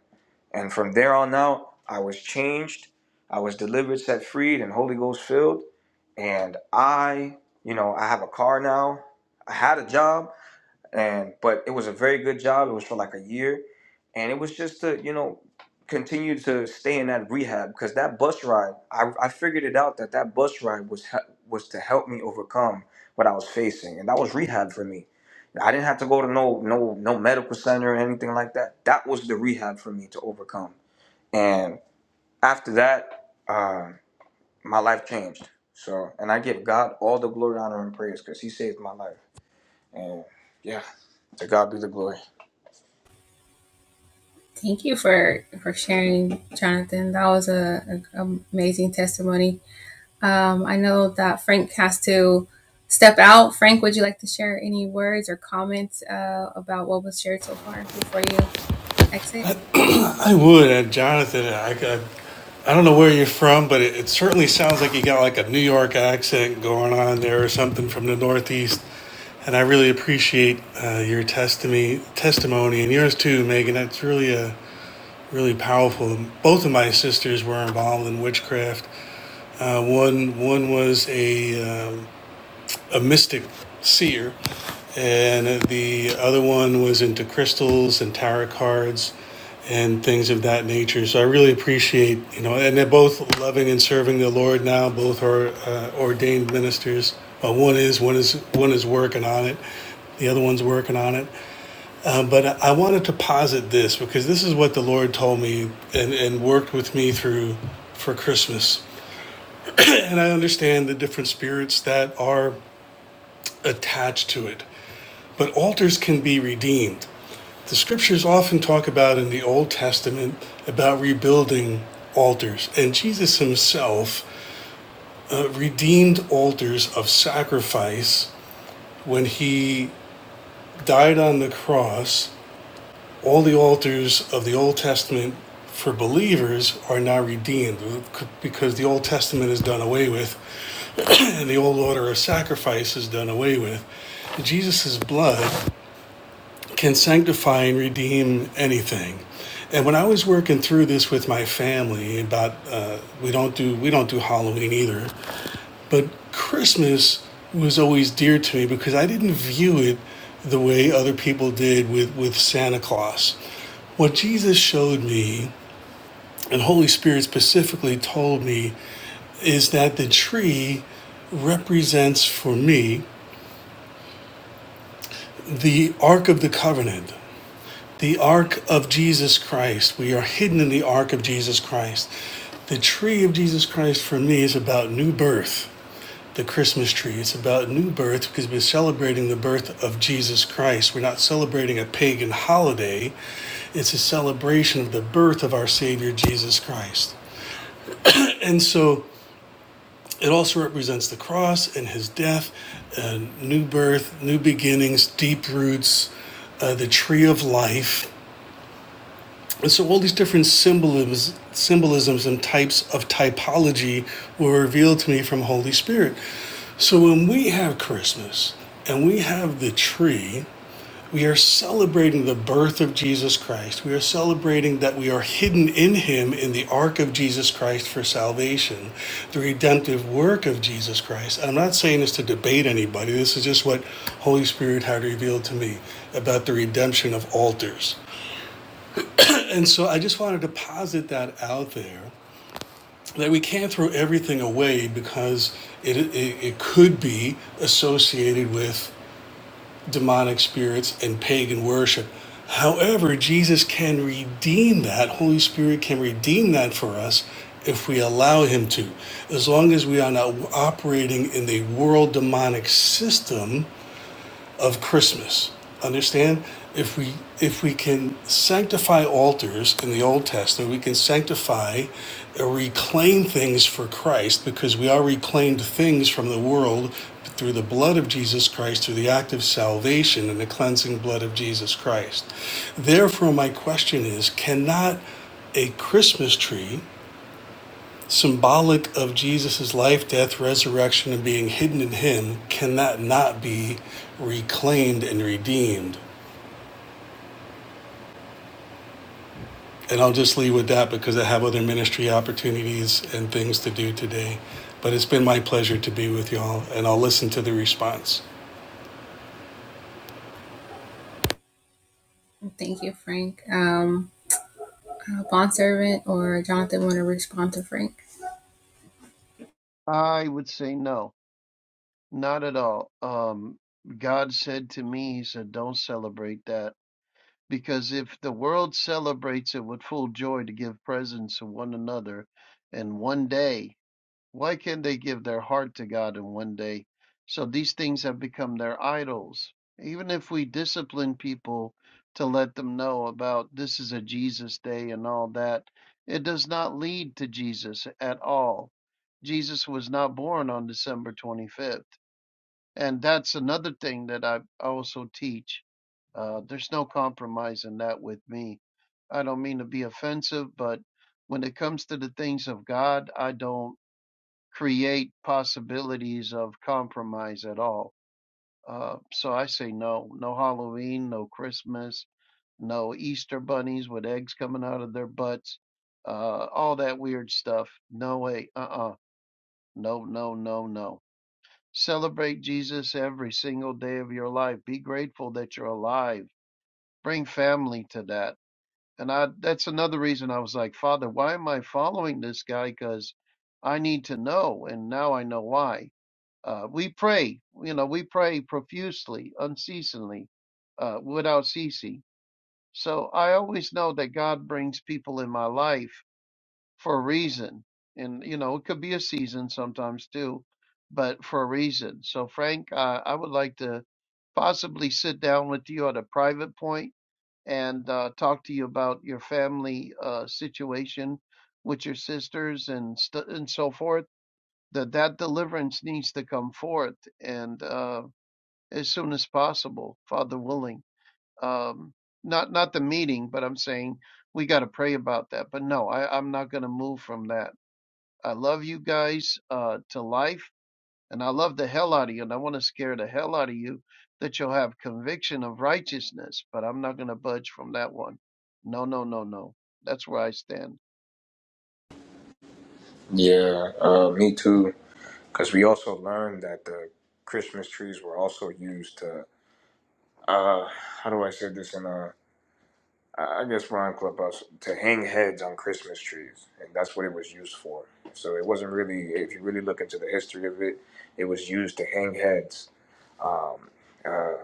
S6: And from there on out, I was changed. I was delivered, set free, and Holy Ghost filled. And I, you know, I have a car now. I had a job and but it was a very good job. It was for like a year, and it was just to you know continue to stay in that rehab because that bus ride, I, I figured it out that that bus ride was he- was to help me overcome what I was facing, and that was rehab for me. I didn't have to go to no no no medical center or anything like that. That was the rehab for me to overcome, and after that, uh, my life changed. So, and I give God all the glory, honor, and praise because He saved my life. And yeah, to God be the glory.
S3: I would, uh, Jonathan. I, I, I don't know where you're from, but it, it certainly sounds like you got like a New York accent going on there or something from the Northeast. And I really appreciate uh, your testimony, testimony, and yours too, Megan. That's really a really powerful. Both of my sisters were involved in witchcraft. Uh, one one was a um, a mystic seer, and the other one was into crystals and tarot cards and things of that nature. So I really appreciate you know, and they're both loving and serving the Lord now. Both are uh, ordained ministers. Uh, one is one is one is working on it. The other one's working on it. But I wanted to posit this because this is what the Lord told me and, and worked with me through for Christmas. And I understand the different spirits that are attached to it. But altars can be redeemed. The scriptures often talk about in the Old Testament about rebuilding altars. And Jesus himself uh, redeemed altars of sacrifice when he died on the cross all the altars of the Old Testament for believers are now redeemed because the Old Testament is done away with and the old order of sacrifice is done away with. Jesus' blood can sanctify and redeem anything. And when I was working through this with my family about uh, we don't do we don't do Halloween either, but Christmas was always dear to me because I didn't view it the way other people did with, with Santa Claus. What Jesus showed me and Holy Spirit specifically told me is that the tree represents for me the Ark of the Covenant, the Ark of Jesus Christ. We are hidden in the Ark of Jesus Christ. The tree of Jesus Christ for me is about new birth, the Christmas tree. It's about new birth because we're celebrating the birth of Jesus Christ. We're not celebrating a pagan holiday, it's a celebration of the birth of our Savior Jesus Christ. And so It also represents the cross and his death, uh, new birth, new beginnings, deep roots, uh, the tree of life. And so all these different symbolisms, symbolisms and types of typology were revealed to me from Holy Spirit. So when we have Christmas and we have the tree, we are celebrating the birth of Jesus Christ. We are celebrating that we are hidden in Him in the ark of Jesus Christ for salvation, the redemptive work of Jesus Christ. I'm not saying this to debate anybody. This is just what Holy Spirit had revealed to me about the redemption of altars. And so I just wanted to posit that out there that we can't throw everything away because it, it, it could be associated with demonic spirits and pagan worship. However, Jesus can redeem that. Holy Spirit can redeem that for us if we allow Him to. As long as we are not operating in the world demonic system, of Christmas. Understand? If we if we can sanctify altars in the Old Testament, we can sanctify or reclaim things for Christ because we are reclaimed things from the world through the blood of Jesus Christ, through the act of salvation and the cleansing blood of Jesus Christ. Therefore, my question is cannot a Christmas tree symbolic of Jesus' life, death, resurrection, and being hidden in him, can that not be reclaimed and redeemed? And I'll just leave with that because I have other ministry opportunities and things to do today. But it's been my pleasure to be with y'all, and I'll listen to the response.
S2: I would say no. Not at all. Um, God said to me, He said, don't celebrate that. Because if the world celebrates it with full joy to give presents to one another in one day, why can't they give their heart to God in one day? So these things have become their idols. Even if we discipline people to let them know about this is a Jesus day and all that, it does not lead to Jesus at all. Jesus was not born on December 25th. And that's another thing that I also teach. Uh, there's no compromise in that with me. I don't mean to be offensive, but when it comes to the things of God, I don't create possibilities of compromise at all. Uh, so I say no, no Halloween, no Christmas, no Easter bunnies with eggs coming out of their butts, uh, all that weird stuff. No way, uh uh, no, no, no, no. Celebrate Jesus every single day of your life. Be grateful that you're alive. Bring family to that. And I that's another reason I was like, Father, why am I following this guy? Because I need to know, and now I know why. Uh, we pray, you know, we pray profusely, unceasingly, uh, without ceasing. So I always know that God brings people in my life for a reason. And, you know, it could be a season sometimes too, but for a reason. So, Frank, uh, I would like to possibly sit down with you at a private point and uh, talk to you about your family uh, situation with your sisters and st- and so forth. That that deliverance needs to come forth and uh, as soon as possible, Father willing. Um, not not the meeting, but I'm saying we got to pray about that. But no, I, I'm not going to move from that I love you guys uh, to life, and I love the hell out of you, and I want to scare the hell out of you that you'll have conviction of righteousness. But I'm not going to budge from that one. No, no, no, no. That's where I stand.
S6: Yeah, uh, me too. Because we also learned that the Christmas trees were also used to, uh, how do I say this in a, I I guess rhyme Clubhouse, to hang heads on Christmas trees. And that's what it was used for. So it wasn't really, if you really look into the history of it, it was used to hang heads. Um, uh,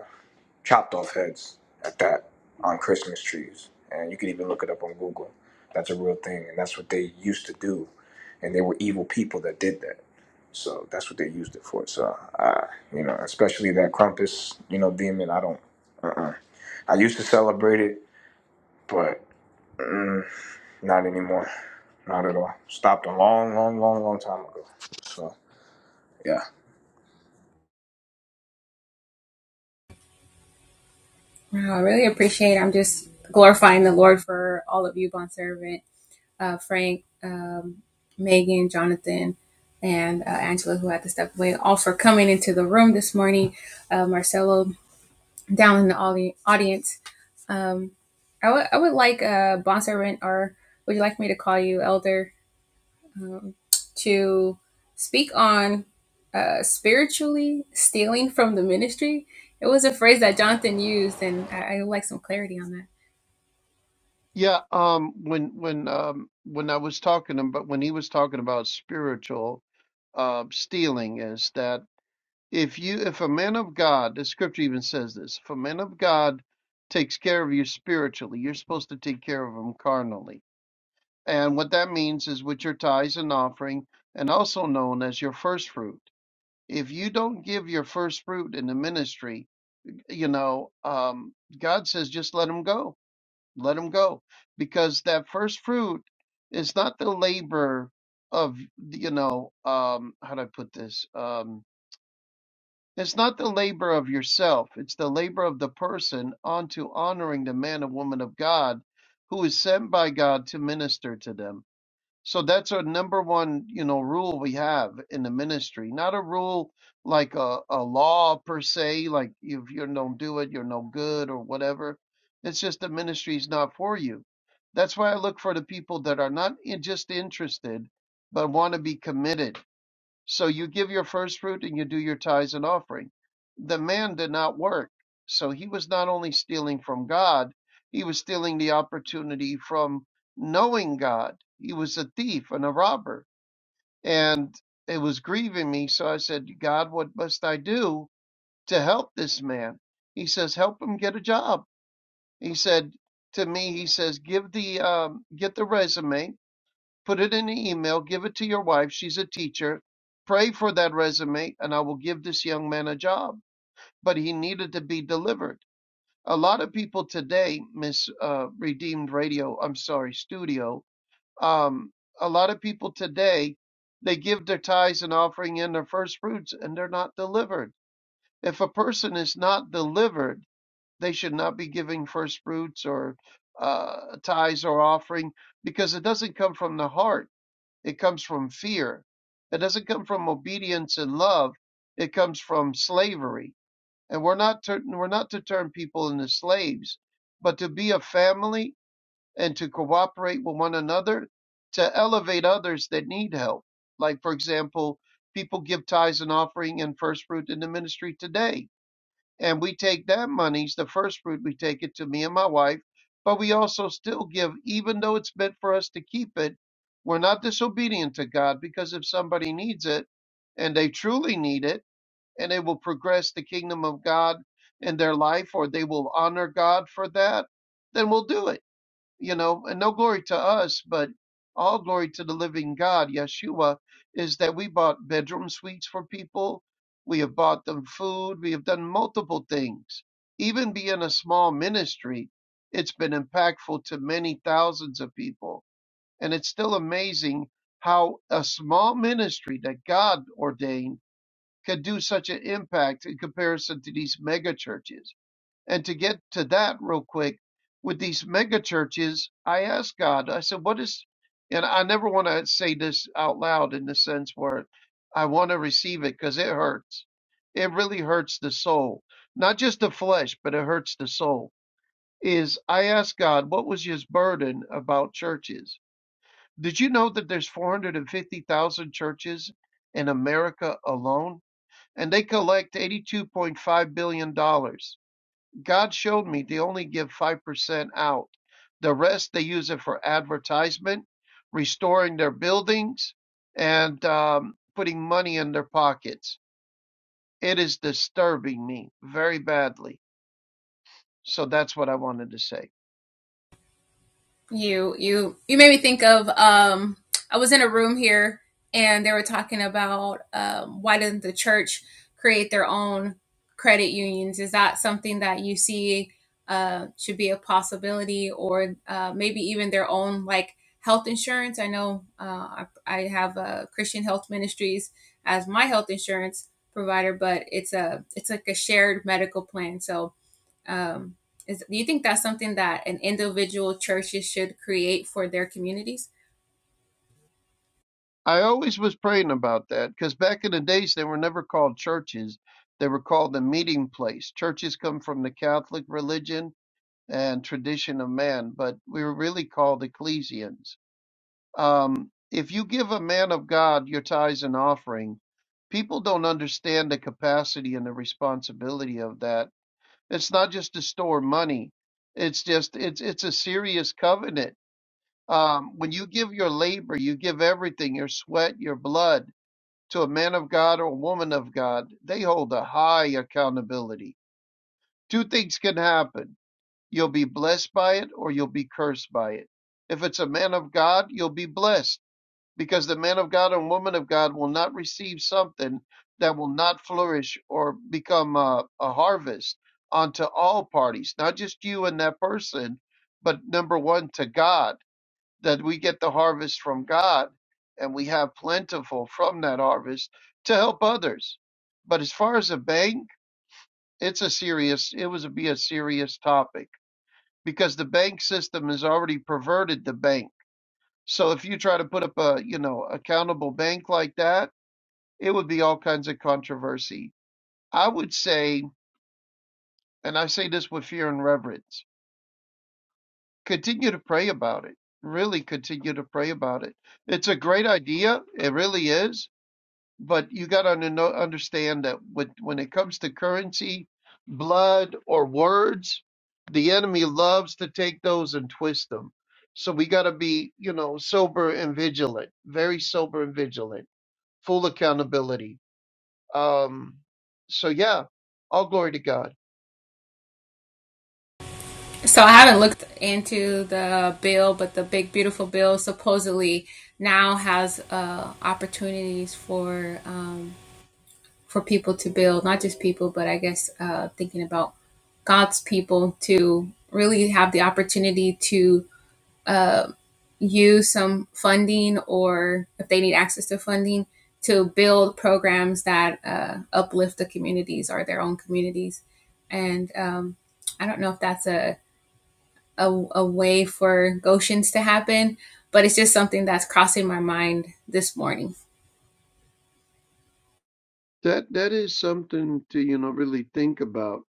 S6: chopped off heads at that on Christmas trees. And you can even look it up on Google. That's a real thing. And that's what they used to do. And they were evil people that did that. So that's what they used it for. So, I, you know, especially that Krampus, you know, demon, I don't, uh-uh. I used to celebrate it, but mm, not anymore. Not at all. Stopped a long, long, long, long time ago. So, yeah.
S2: Yeah. Um. When when um when I was talking about when he was talking about spiritual uh, stealing is that if you if a man of God, the scripture even says this, if a man of God takes care of you spiritually, you're supposed to take care of him carnally And what that means is with your tithes and offering, and also known as your first fruit. If you don't give your first fruit in the ministry, you know, um, God says just let them go, let them go, because that first fruit is not the labor of, you know, um, how do I put this? Um, it's not the labor of yourself; it's the labor of the person onto honoring the man and woman of God who is sent by God to minister to them so that's our number one, you know, rule we have in the ministry. Not a rule like a, a law per se, like if you don't do it, you're no good or whatever. It's just the ministry is not for you. That's why I look for the people that are not in- just interested, but want to be committed so you give your first fruit and you do your tithes and offering. The man did not work. So he was not only stealing from God, he was stealing the opportunity from knowing God. He was a thief and a robber. And it was grieving me. So I said, God, what must I do to help this man? He says, help him get a job. He said to me, he says, give the, um, get the resume put it in an email, give it to your wife. She's a teacher. Pray for that resume, and I will give this young man a job. But he needed to be delivered. A lot of people today, Miss uh, Redeemed Radio, I'm sorry, Studio, um, a lot of people today, they give their tithes and offering and their first fruits, and they're not delivered. If a person is not delivered, they should not be giving first fruits or uh, tithes or offering because it doesn't come from the heart it comes from fear. It doesn't come from obedience and love. It comes from slavery. And we're not to, we're not to turn people into slaves, but to be a family and to cooperate with one another to elevate others that need help. Like for example, people give tithes and offering and first fruit in the ministry today and we take that monies, the first fruit, we take it to me and my wife, but we also still give, even though it's meant for us to keep it. We're not disobedient to God because if somebody needs it and they truly need it and they will progress the kingdom of God in their life or they will honor God for that, then we'll do it you know, and no glory to us, but all glory to the living God, Yeshua, is that we bought bedroom suites for people. We have bought them food. We have done multiple things. Even being a small ministry, it's been impactful to many thousands of people. And it's still amazing how a small ministry that God ordained could do such an impact in comparison to these mega churches. And to get to that real quick, with these mega churches, I asked God, I said, what is, and I never want to say this out loud in the sense where I want to receive it because it hurts. It really hurts the soul, not just the flesh, but it hurts the soul. Is I asked God, what was his burden about churches? Did you know that there's 450,000 churches in America alone? And they collect $82.5 billion dollars. God showed me they only give 5% out. The rest, they use it for advertisement, restoring their buildings, and um, putting money in their pockets. It is disturbing me very badly. So that's what I wanted to say. I always was praying about that because back in the days, they were never called churches. They were called the meeting place. Churches come from the Catholic religion and tradition of man, but we were really called ecclesians um, if you give a man of God your tithes and offering, people don't understand the capacity and the responsibility of that. It's not just to store money; it's just it's it's a serious covenant. Um, when you give your labor, you give everything, your sweat, your blood, to a man of God or a woman of God. They hold a high accountability. Two things can happen: you'll be blessed by it, or you'll be cursed by it. If it's a man of God, you'll be blessed because the man of God and woman of God will not receive something that will not flourish or become a, a harvest unto all parties, not just you and that person, but number one, to God, that we get the harvest from God and we have plentiful from that harvest to help others. But as far as a bank, it's a serious, it was be a serious topic because the bank system has already perverted the bank so if you try to put up a, you know, accountable bank like that, it would be all kinds of controversy. I would say, and I say this with fear and reverence, continue to pray about it. Really continue to pray about it. It's a great idea. It really is. But you got to know, understand that with, when it comes to currency, blood, or words, the enemy loves to take those and twist them. So we got to be, you know, sober and vigilant, very sober and vigilant. full accountability. Um, so yeah, all glory to God. That that is something to you know really think about.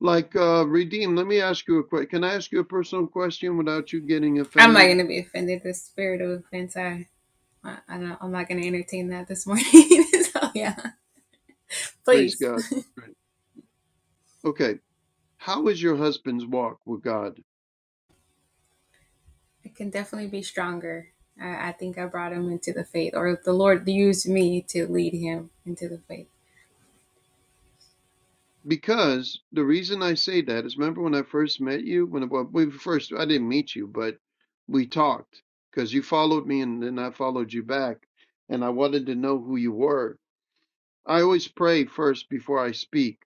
S2: Like uh Redeem, let me ask you a question. Can I ask you a personal question without you getting offended? Praise God. Right. Okay. How is your husband's walk with God? Because the reason I say that is remember when I first met you, when well, we first I didn't meet you, but we talked because you followed me and then I followed you back and I wanted to know who you were. I always pray first before I speak.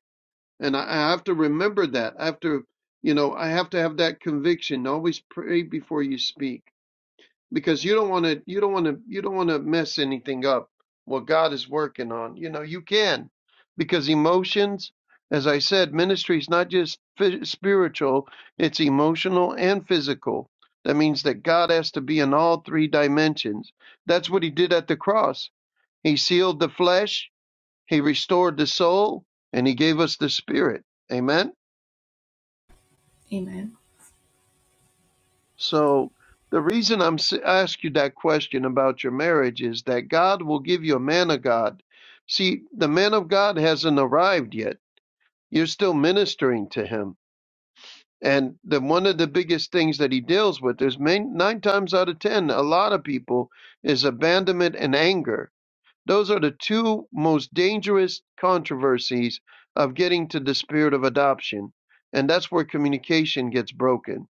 S2: And I, I have to remember that. I have to, you know, I have to have that conviction. Always pray before you speak because you don't want to, you don't want to, you don't want to mess anything up what God is working on. You know, you can because emotions, as I said, ministry is not just phy- spiritual, it's emotional and physical. That means that God has to be in all three dimensions. That's what he did at the cross. He sealed the flesh, he restored the soul and he gave us the spirit. Amen. So the reason I'm s- I ask you that question about your marriage is that God will give you a man of God. See, the man of God hasn't arrived yet. You're still ministering to him. And the one of the biggest things that he deals with is main, nine times out of ten, a lot of people is abandonment and anger Those are the two most dangerous controversies of getting to the spirit of adoption. And that's where communication gets broken.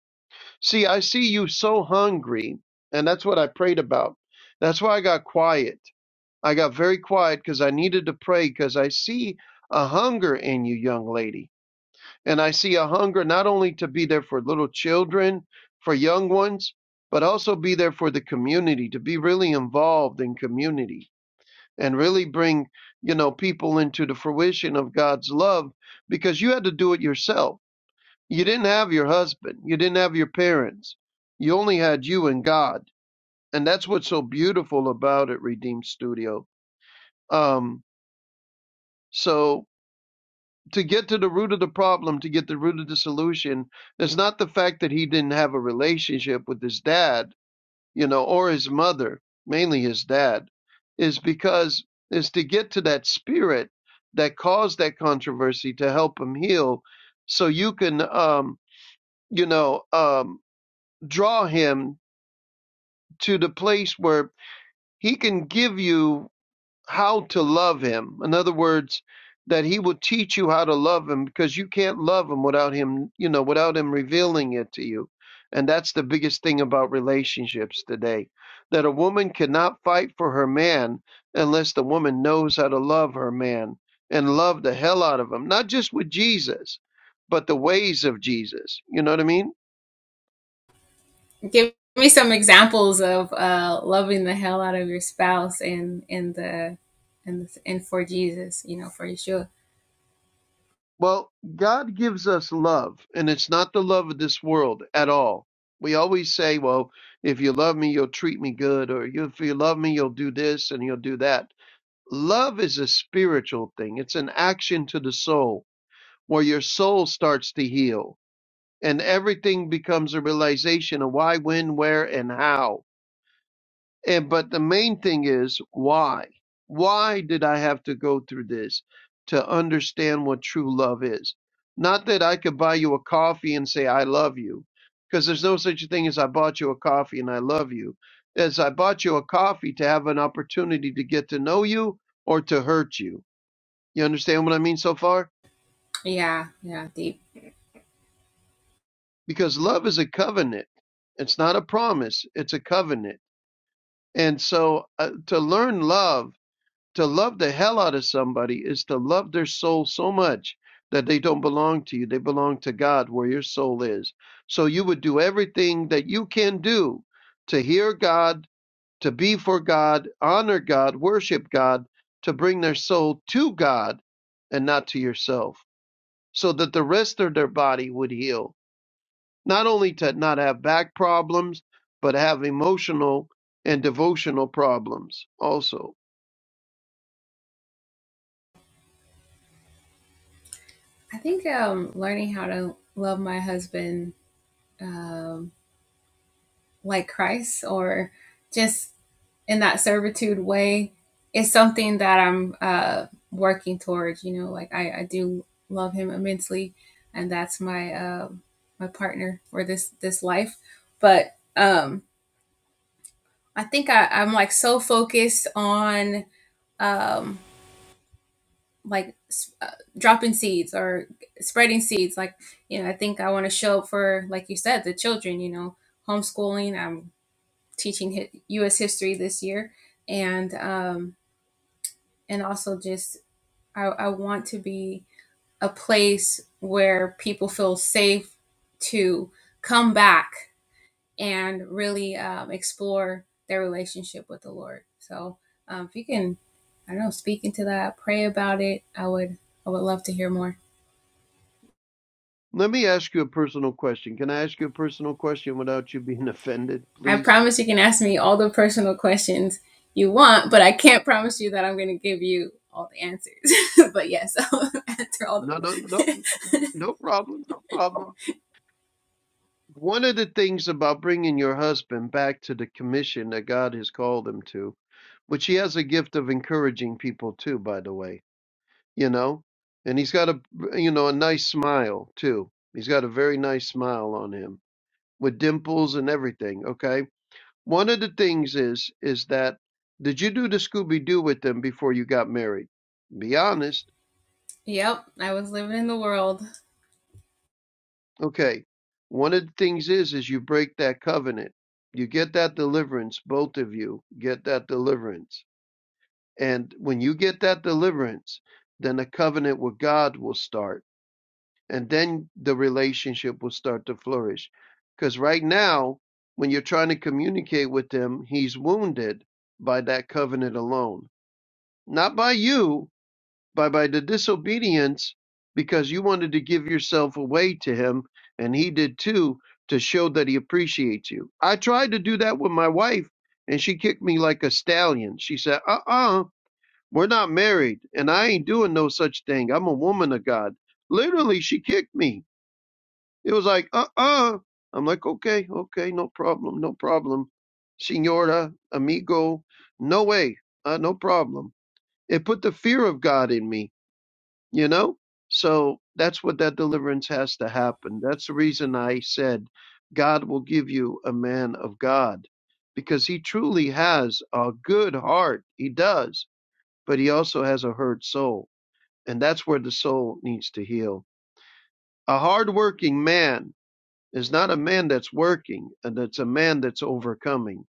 S2: See, I see you so hungry, and that's what I prayed about. That's why I got quiet. I got very quiet because I needed to pray because I see a hunger in you, young lady. And I see a hunger not only to be there for little children, for young ones, but also be there for the community, to be really involved in community and really bring you know people into the fruition of God's love because you had to do it yourself. You didn't have your husband, you didn't have your parents. You only had you and God. And that's what's so beautiful about it, Redeemed Studio. Um so to get to the root of the problem, to get the root of the solution, it's not the fact that he didn't have a relationship with his dad you know, or his mother, mainly his dad, is because is to get to that spirit that caused that controversy to help him heal, so you can, um, you know, um, draw him to the place where he can give you how to love him. In other words, that he will teach you how to love him because you can't love him without him, you know, without him revealing it to you. And that's the biggest thing about relationships today that a woman cannot fight for her man unless the woman knows how to love her man and love the hell out of him, not just with Jesus, but the ways of Jesus. You know what I mean? Well, God gives us love, and it's not the love of this world at all. We always say, well, if you love me, you'll treat me good, or "You- if you love me, you'll do this and you'll do that. Love is a spiritual thing, it's an action to the soul where your soul starts to heal, and everything becomes a realization of why, when, where, and how. And but the main thing is why? Why did I have to go through this to understand what true love is? Not that I could buy you a coffee and say I love you, because there's no such thing as I bought you a coffee and I love you. As I bought you a coffee to have an opportunity to get to know you or to hurt you. You understand what I mean so far? Because love is a covenant. It's not a promise, it's a covenant. And so uh, to learn love To love the hell out of somebody is to love their soul so much that they don't belong to you. They belong to God where your soul is. So you would do everything that you can do to hear God, to be for God, honor God, worship God, to bring their soul to God and not to yourself so that the rest of their body would heal. Not only to not have back problems, but have emotional and devotional problems also. Let me ask you a personal question. Can I ask you a personal question without you being offended, please? No, no, no, no problem, no problem. One of the things about bringing your husband back to the commission that God has called him to, which he has a gift of encouraging people too, by the way, you know, and he's got a, you know, a nice smile too. He's got a very nice smile on him with dimples and everything, okay? One of the things is is that did you do the Scooby Doo with them before you got married? Be honest. Okay. One of the things is is you break that covenant. You get that deliverance, both of you get that deliverance. And when you get that deliverance, then a covenant with God will start. And then the relationship will start to flourish. Because right now, when you're trying to communicate with him, he's wounded by that covenant alone. Not by you, by by the disobedience because you wanted to give yourself away to him and he did too to show that he appreciates you i tried to do that with my wife and she kicked me like a stallion she said uh-uh we're not married and i ain't doing no such thing i'm a woman of god literally she kicked me it was like uh-uh i'm like okay okay no problem no problem senora amigo no way uh, no problem it put the fear of god in me you know so that's what that deliverance has to happen that's the reason i said god will give you a man of god because he truly has a good heart he does but he also has a hurt soul and that's where the soul needs to heal a hardworking man is not a man that's working and it's a man that's overcoming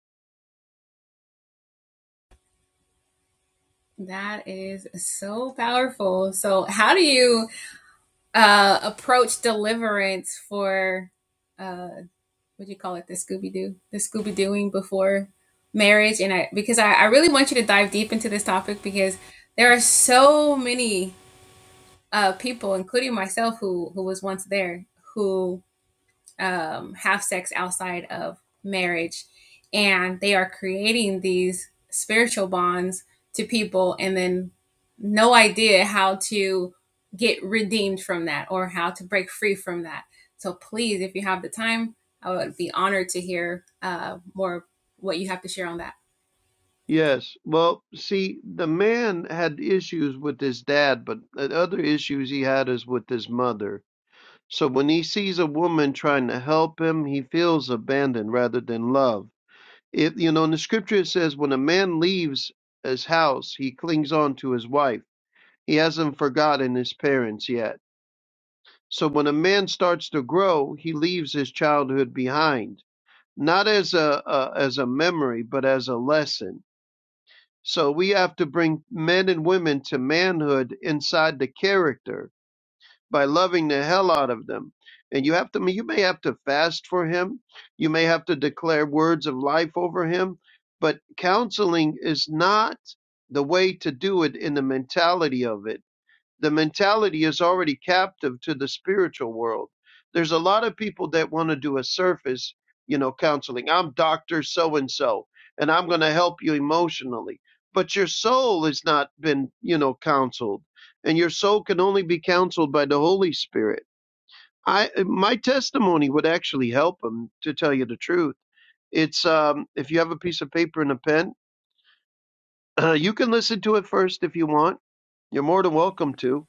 S2: yes well see the man had issues with his dad but the other issues he had is with his mother So when he sees a woman trying to help him, he feels abandoned rather than loved. If you know in the scripture it says when a man leaves his house, he clings on to his wife. He hasn't forgotten his parents yet. So when a man starts to grow, he leaves his childhood behind, not as a, a as a memory, but as a lesson. So we have to bring men and women to manhood inside the character by loving the hell out of them. And you have to you may have to fast for him. You may have to declare words of life over him, but counseling is not the way to do it in the mentality of it the mentality is already captive to the spiritual world. There's a lot of people that want to do a surface, you know, counseling. I'm Dr. So and so, and I'm going to help you emotionally. But your soul has not been, you know, counseled, and your soul can only be counseled by the Holy Spirit. I my testimony would actually help them to tell you the truth. It's um, if you have a piece of paper and a pen, you can listen to it first if you want. You're more than welcome to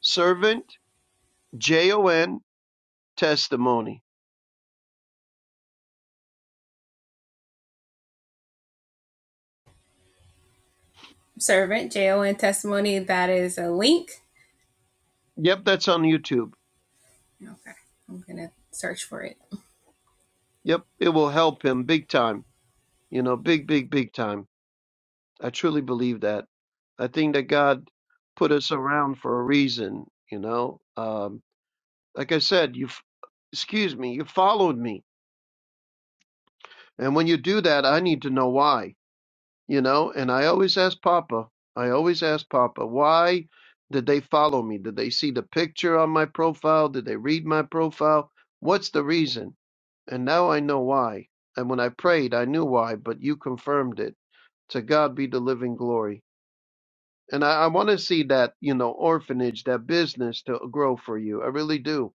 S2: servant J O N testimony. Yep, that's on YouTube. Yep, it will help him big time. You know, big, big, big time. I truly believe that. I think that God put us around for a reason. You know, um, like I said, you f- excuse me, you followed me, and when you do that, I need to know why. you know and i always ask papa i always ask papa why did they follow me did they see the picture on my profile did they read my profile what's the reason and now i know why and when i prayed i knew why but you confirmed it to god be the living glory and i, I want to see that you know orphanage that business to grow for you i really do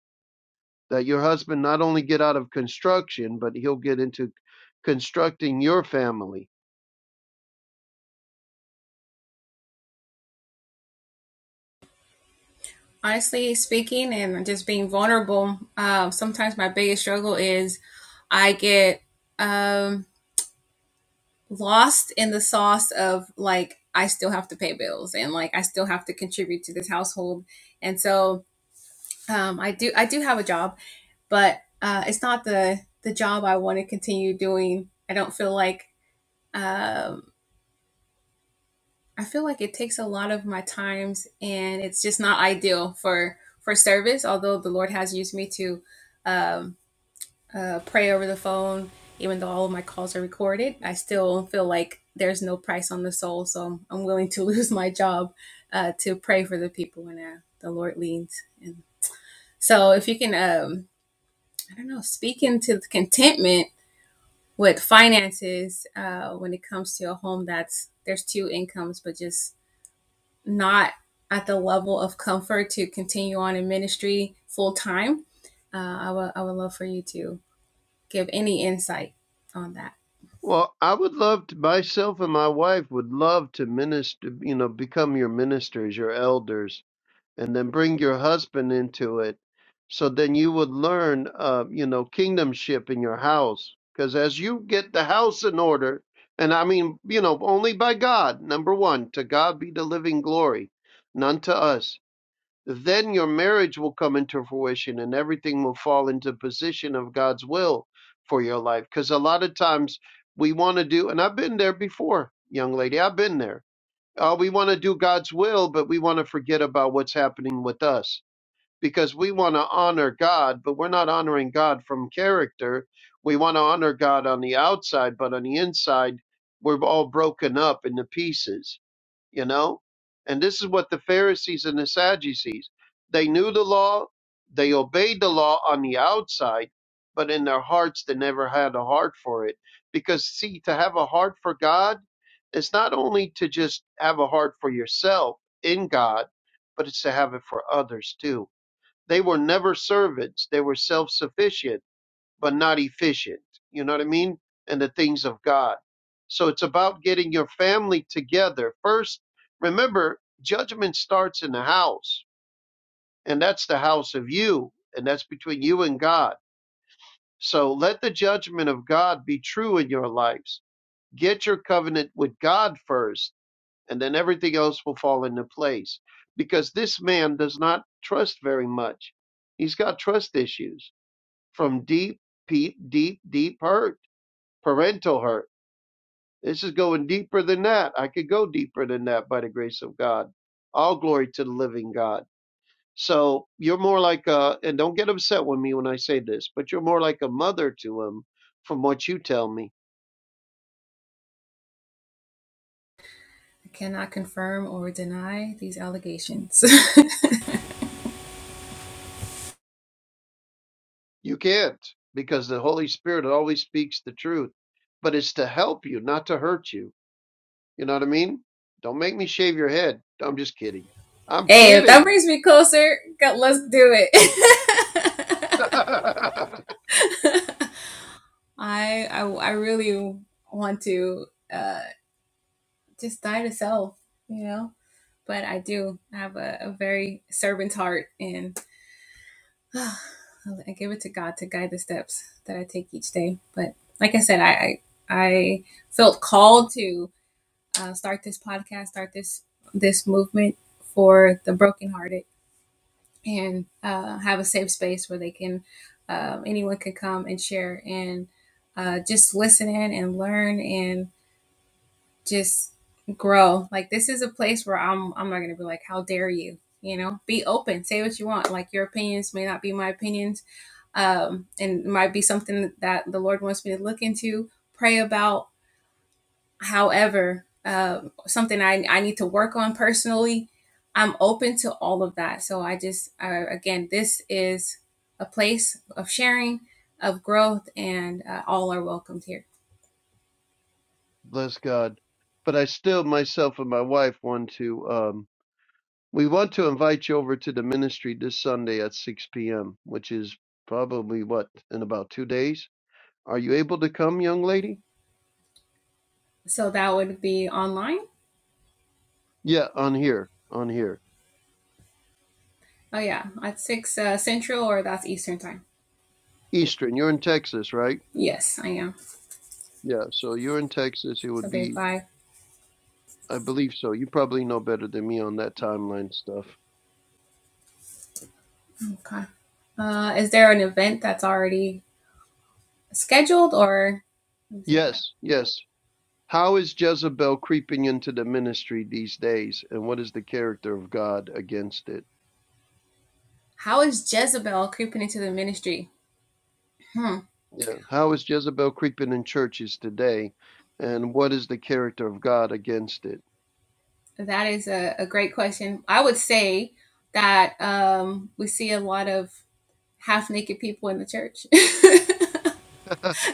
S2: that your husband not only get out of construction but he'll get into constructing your family Well, I would love to, myself and my wife would love to minister, you know, become your ministers, your elders, and then bring your husband into it. So then you would learn, uh, you know, kingdomship in your house. Because as you get the house in order, and I mean, you know, only by God, number one, to God be the living glory, none to us then your marriage will come into fruition and everything will fall into position of God's will for your life. Because a lot of times we want to do, and I've been there before, young lady, I've been there. Uh, we want to do God's will, but we want to forget about what's happening with us because we want to honor God, but we're not honoring God from character. We want to honor God on the outside, but on the inside, we're all broken up into pieces you know and this is what the pharisees and the sadducees they knew the law they obeyed the law on the outside but in their hearts they never had a heart for it because see to have a heart for god is not only to just have a heart for yourself in god but it's to have it for others too they were never servants they were self-sufficient but not efficient. You know what I mean? And the things of God. So it's about getting your family together. First, remember, judgment starts in the house, and that's the house of you, and that's between you and God. So let the judgment of God be true in your lives. Get your covenant with God first, and then everything else will fall into place. Because this man does not trust very much. He's got trust issues from deep, deep, deep, deep hurt parental hurt. This is going deeper than that. I could go deeper than that by the grace of God. All glory to the living God. So you're more like a, and don't get upset with me when I say this, but you're more like a mother to him from what you tell me. You can't because the Holy Spirit always speaks the truth, but it's to help you, not to hurt you. You know what I mean? Don't make me shave your head. I'm just kidding. I'm kidding. bless God. But I still, myself and my wife, want to. Um, we want to invite you over to the ministry this Sunday at 6 p.m., which is probably what in about two days. Are you able to come, young lady? Yeah, on here, on here, Eastern. You're in Texas, right? Yeah, so you're in Texas. It would be, I believe so. You probably know better than me on that timeline stuff. Yes, yes. How is Jezebel creeping into the ministry these days, and what is the character of God against it? Yeah. How is Jezebel creeping in churches today, and what is the character of God against it?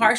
S2: Yeah.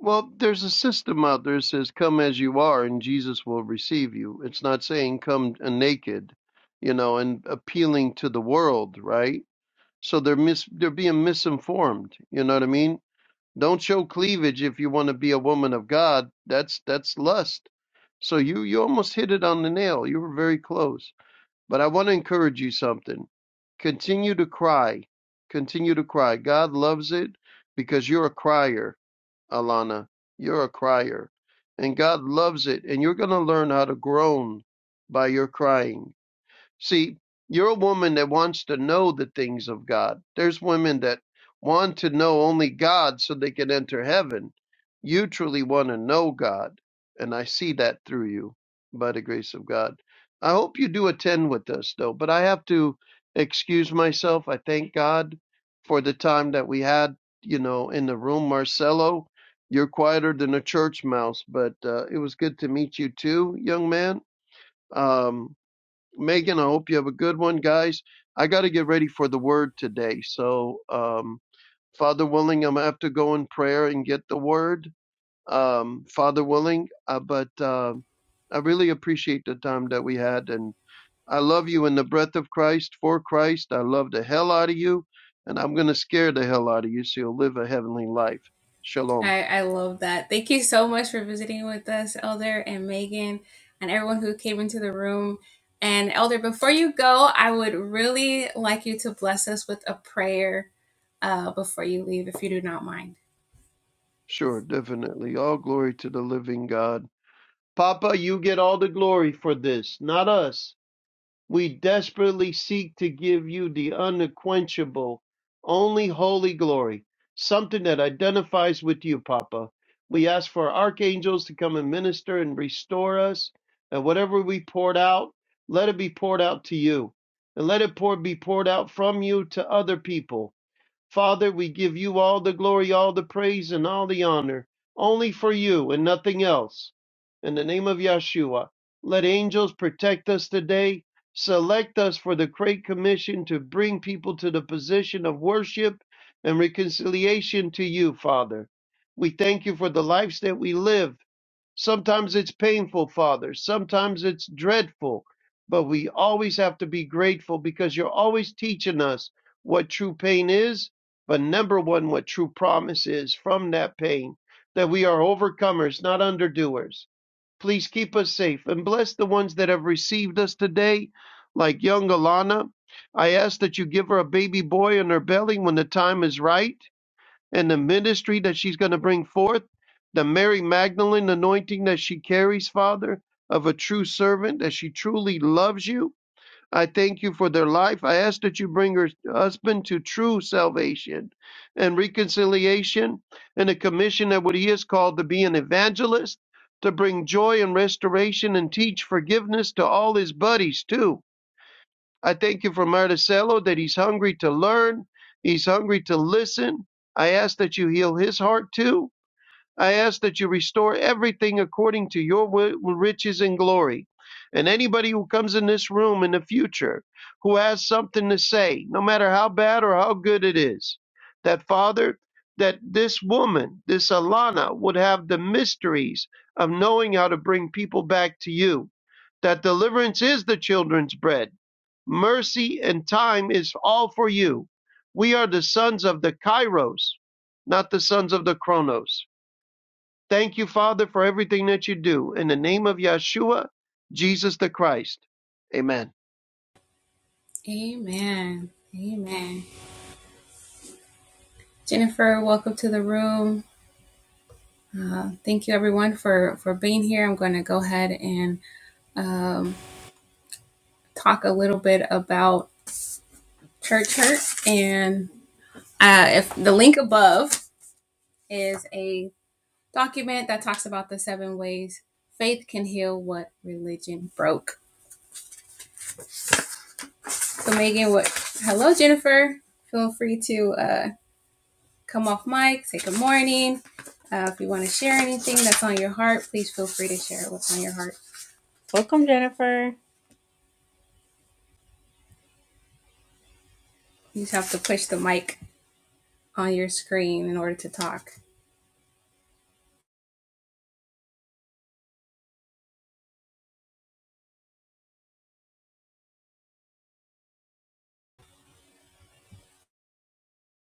S2: Well, there's a system out there that says, "Come as you are, and Jesus will receive you." It's not saying come uh, naked, you know, and appealing to the world, right? So they're mis they're being misinformed. You know what I mean? Don't show cleavage if you want to be a woman of God. That's that's lust. So you you almost hit it on the nail. You were very close. But I want to encourage you something. Continue to cry. Continue to cry. God loves it because you're a crier, Alana. You're a crier. And God loves it. And you're going to learn how to groan by your crying See, you're a woman that wants to know the things of God. There's women that want to know only God so they can enter heaven. You truly want to know God, and I see that through you by the grace of God. I hope you do attend with us, though, but I have to excuse myself. I thank God for the time that we had, you know, in the room. Marcelo, you're quieter than a church mouse, but uh, it was good to meet you too, young man. Um, Megan, I hope you have a good one, guys. I got to get ready for the word today. So, um, Father willing, I'm going to have to go in prayer and get the word. Um, Father willing, uh, but uh, I really appreciate the time that we had. And I love you in the breath of Christ, for Christ. I love the hell out of you. And I'm going to scare the hell out of you so you'll live a heavenly life. Shalom. Sure, definitely. All glory to the living God. Papa, you get all the glory for this, not us. We desperately seek to give you the unquenchable, only holy glory, something that identifies with you, Papa. We ask for archangels to come and minister and restore us, and whatever we poured out, let it be poured out to you, and let it pour, be poured out from you to other people Father, we give you all the glory, all the praise, and all the honor, only for you and nothing else. In the name of Yeshua, let angels protect us today. Select us for the Great Commission to bring people to the position of worship and reconciliation to you, Father. We thank you for the lives that we live Sometimes it's painful, Father. Sometimes it's dreadful. But we always have to be grateful because you're always teaching us what true pain is. But number one, what true promise is from that pain that we are overcomers, not underdoers. Please keep us safe and bless the ones that have received us today, like young Alana. I ask that you give her a baby boy in her belly when the time is right and the ministry that she's going to bring forth, the Mary Magdalene anointing that she carries, Father, of a true servant, that she truly loves you. I thank you for their life. I ask that you bring her husband to true salvation and reconciliation and a commission that what he is called to be an evangelist, to bring joy and restoration and teach forgiveness to all his buddies, too I thank you for Marticello that he's hungry to learn, he's hungry to listen. I ask that you heal his heart too. I ask that you restore everything according to your riches and glory. And anybody who comes in this room in the future who has something to say, no matter how bad or how good it is, that Father, that this woman, this Alana, would have the mysteries of knowing how to bring people back to you. That deliverance is the children's bread. Mercy and time is all for you. We are the sons of the Kairos, not the sons of the Chronos Thank you, Father, for everything that you do. In the name of Yeshua, Jesus the Christ. Amen.
S5: Welcome, Jennifer.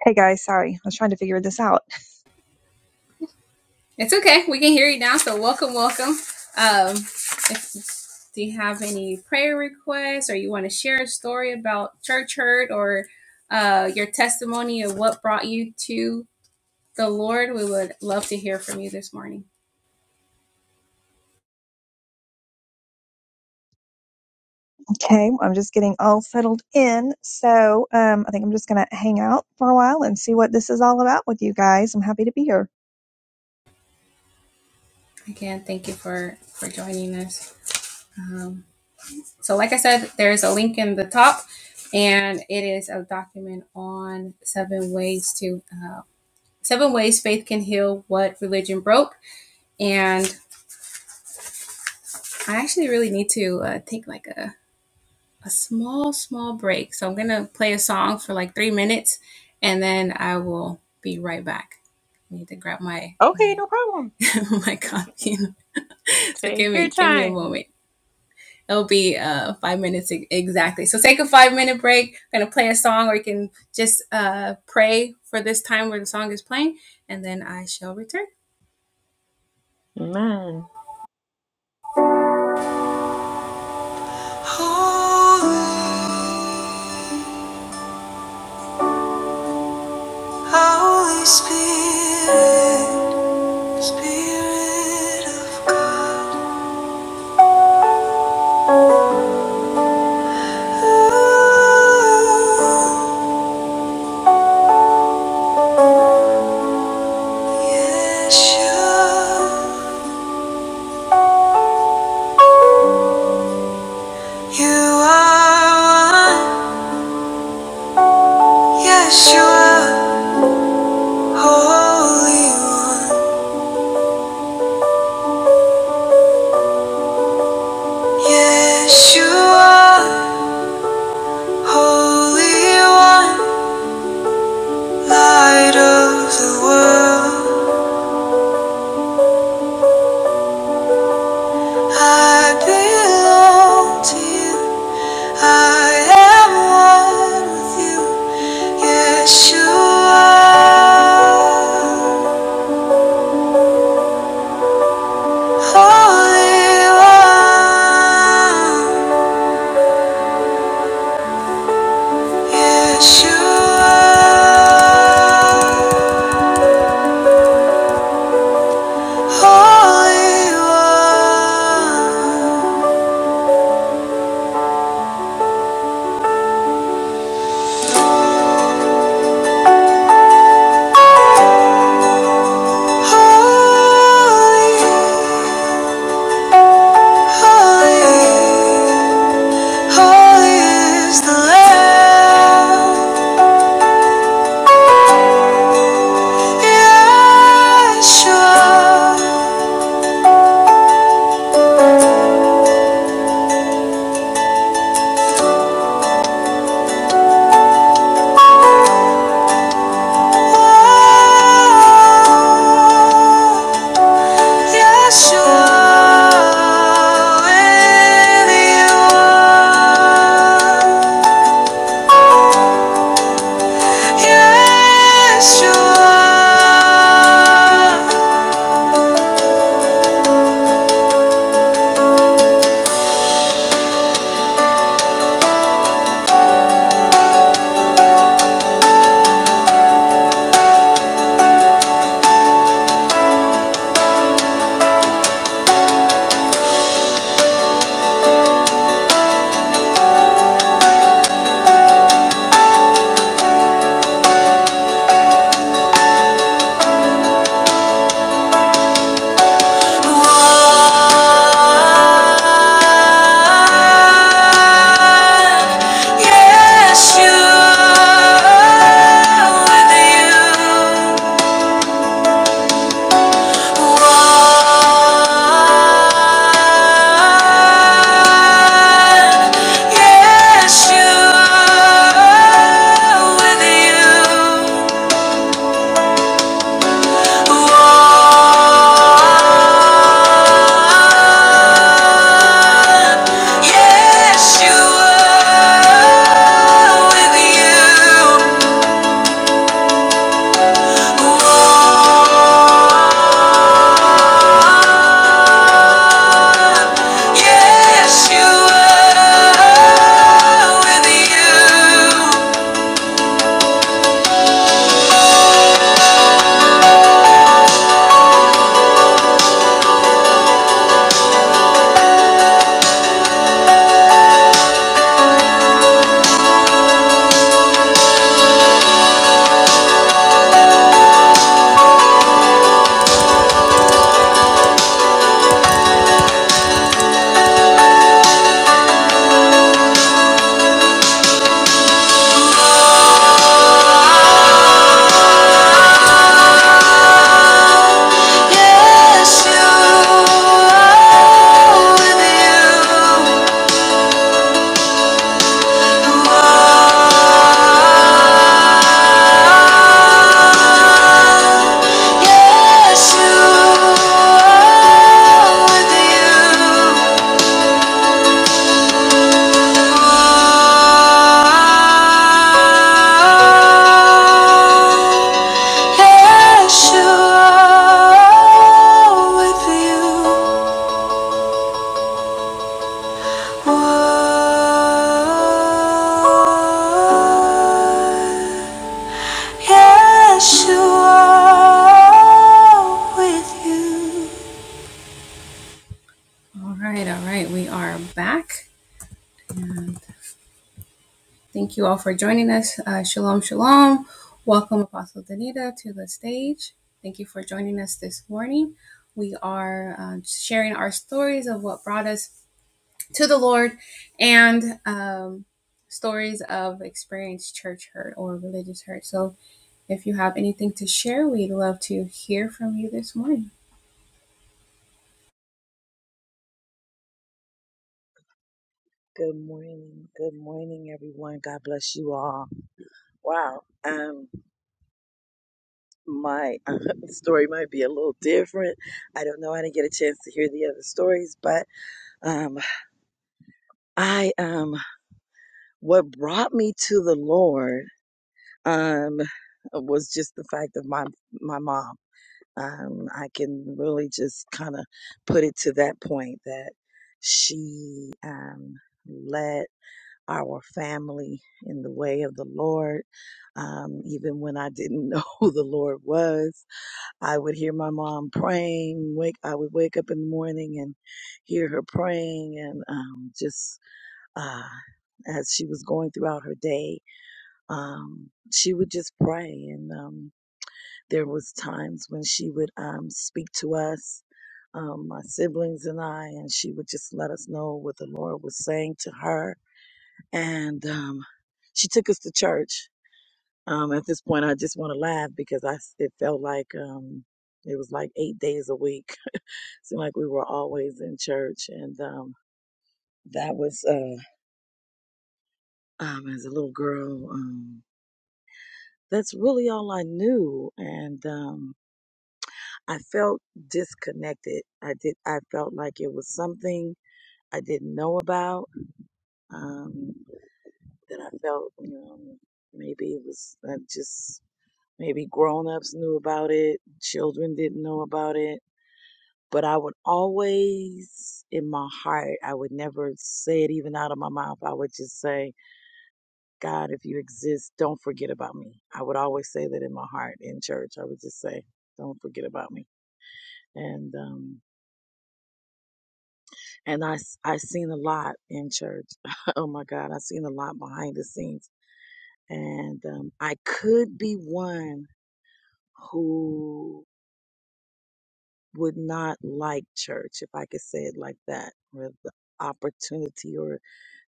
S7: Hey guys, sorry. I was trying to figure this out. Okay, I'm just getting all settled in. So um, I think I'm just going to hang out for a while and see what this is all about with you guys. I'm happy to be here.
S5: Okay, no problem. Take your time. Amen.
S1: Holy, Holy Spirit. Spirit of God, ooh, Yeshua, you are one. Yeshua, Holy One. Yeshua, Holy One, Light of the world. I belong to you. I am one with you, Yeshua. Holy One, Yeshua. Holy One, holy, holy, holy is the Lamb. Yeshua. Yes, you with you. Yes, you. Yes, you are with you. Yes, you are with you. Yes, you are with you. You are. Yes, you are with you.
S8: Good morning. Good morning, everyone. God bless you all. Wow. Um, my story might be a little different. I don't know. I didn't get a chance to hear the other stories, but um, I um, what brought me to the Lord um was just the fact of my my mom. Um, I can really just kind of put it to that point that she um led. our family in the way of the Lord. Um, even when I didn't know who the Lord was, I would hear my mom praying. Wake, I would wake up in the morning and hear her praying, and um, just uh, as she was going throughout her day, um, she would just pray. And um, there was times when she would um, speak to us um, my siblings and I, and she would just let us know what the Lord was saying to her and um, she took us to church. Um, at this point, I just want to laugh because i it felt like um, it was like eight days a week. Seemed like we were always in church, and um, that was uh, um, as a little girl. Um, that's really all I knew, and um, I felt disconnected. I did. I felt like it was something I didn't know about um, that I felt. You know, maybe it was uh, just. Maybe grown-ups knew about it, children didn't know about it. But I would always, in my heart, I would never say it even out of my mouth. I would just say, God, if you exist, don't forget about me. I would always say that in my heart in church. I would just say, don't forget about me. And, um, and I I seen a lot in church. oh my God, I seen a lot behind the scenes. And, um, I could be one who would not like church, if I could say it like that, or the opportunity or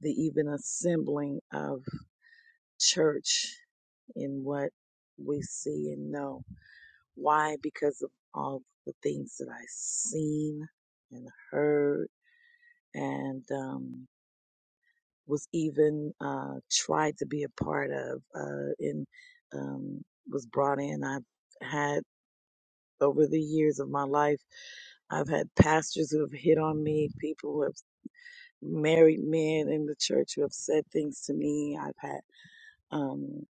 S8: the even assembling of church in what we see and know. Why? Because of all the things that i seen and heard and um, was even uh, tried to be a part of uh, and um, was brought in. I've had over the years of my life I've had pastors who have hit on me, people who have married men in the church who have said things to me. I've had um,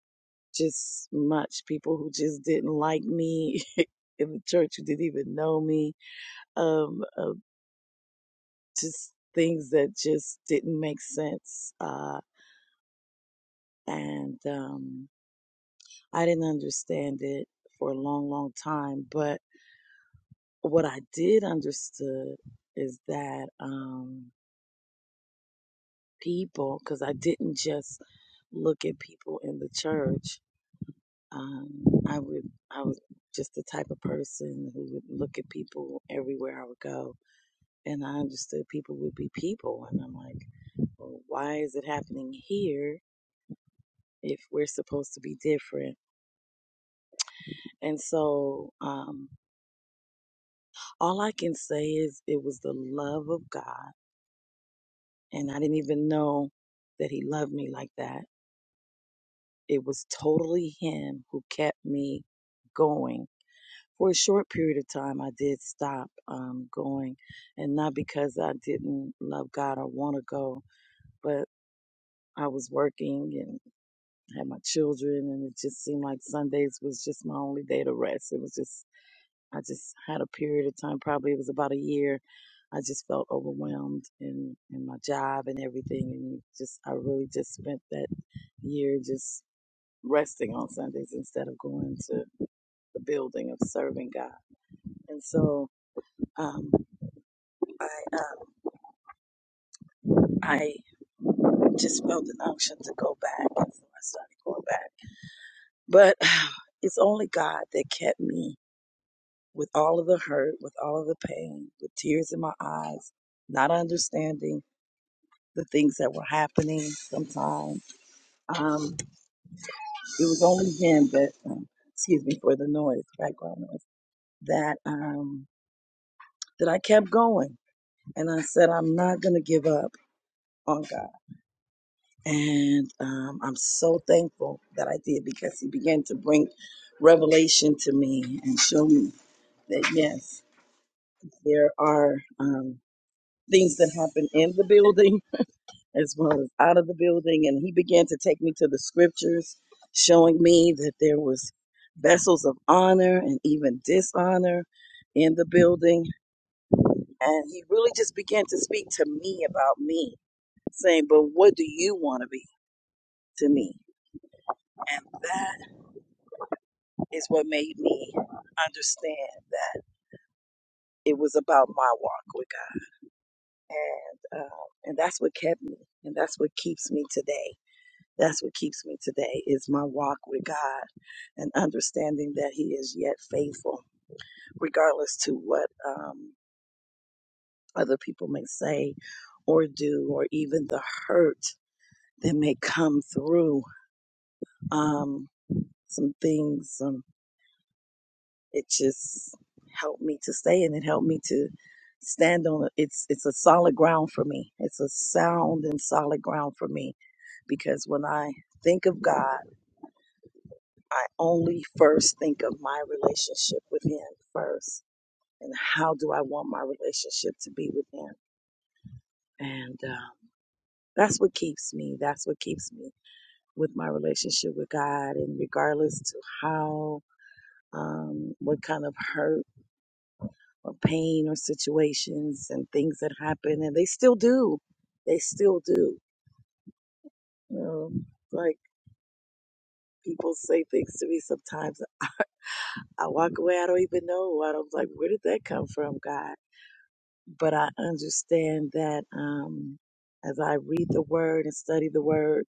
S8: just much people who just didn't like me in the church who didn't even know me. Um, uh, just things that just didn't make sense. Uh, and um, I didn't understand it for a long, long time. But what I did understood is that um, people, because I didn't just look at people in the church. Um, I would, I was just the type of person who would look at people everywhere I would go, and I understood people would be people, and I'm like, well, why is it happening here if we're supposed to be different? And so, um, all I can say is it was the love of God, and I didn't even know that He loved me like that. It was totally Him who kept me going for a short period of time, I did stop um, going, and not because I didn't love God or want to go, but I was working and had my children, and it just seemed like Sundays was just my only day to rest. It was just, I just had a period of time, probably it was about a year. I just felt overwhelmed in, in my job and everything. And just, I really just spent that year just resting on Sundays instead of going to the building of serving God. And so, um, I um I just felt an unction to go back, and so I started going back. But it's only God that kept me with all of the hurt, with all of the pain, with tears in my eyes, not understanding the things that were happening. Sometimes um, it was only Him that, um, excuse me for the noise, background noise, that um, that I kept going, and I said, I'm not gonna give up on God. And um, I'm so thankful that I did because he began to bring revelation to me and show me that, yes, there are um, things that happen in the building as well as out of the building. And he began to take me to the scriptures, showing me that there was vessels of honor and even dishonor in the building. And he really just began to speak to me about me, saying, but what do you want to be to me? And that. is what made me understand that it was about my walk with God, and um, and that's what kept me, and that's what keeps me today. That's what keeps me today is my walk with God, and understanding that He is yet faithful, regardless to what um, other people may say or do, or even the hurt that may come through. Um, some things. some It just helped me to stay and it helped me to stand on it. It's, it's a solid ground for me. It's a sound and solid ground for me because when I think of God, I only first think of my relationship with Him first. And how do I want my relationship to be with Him? And um, that's what keeps me. That's what keeps me with my relationship with God. And regardless to how, um, what kind of hurt, or pain or situations and things that happen and they still do they still do you know like people say things to me sometimes i walk away i don't even know i don't like where did that come from god but i understand that um as i read the word and study the word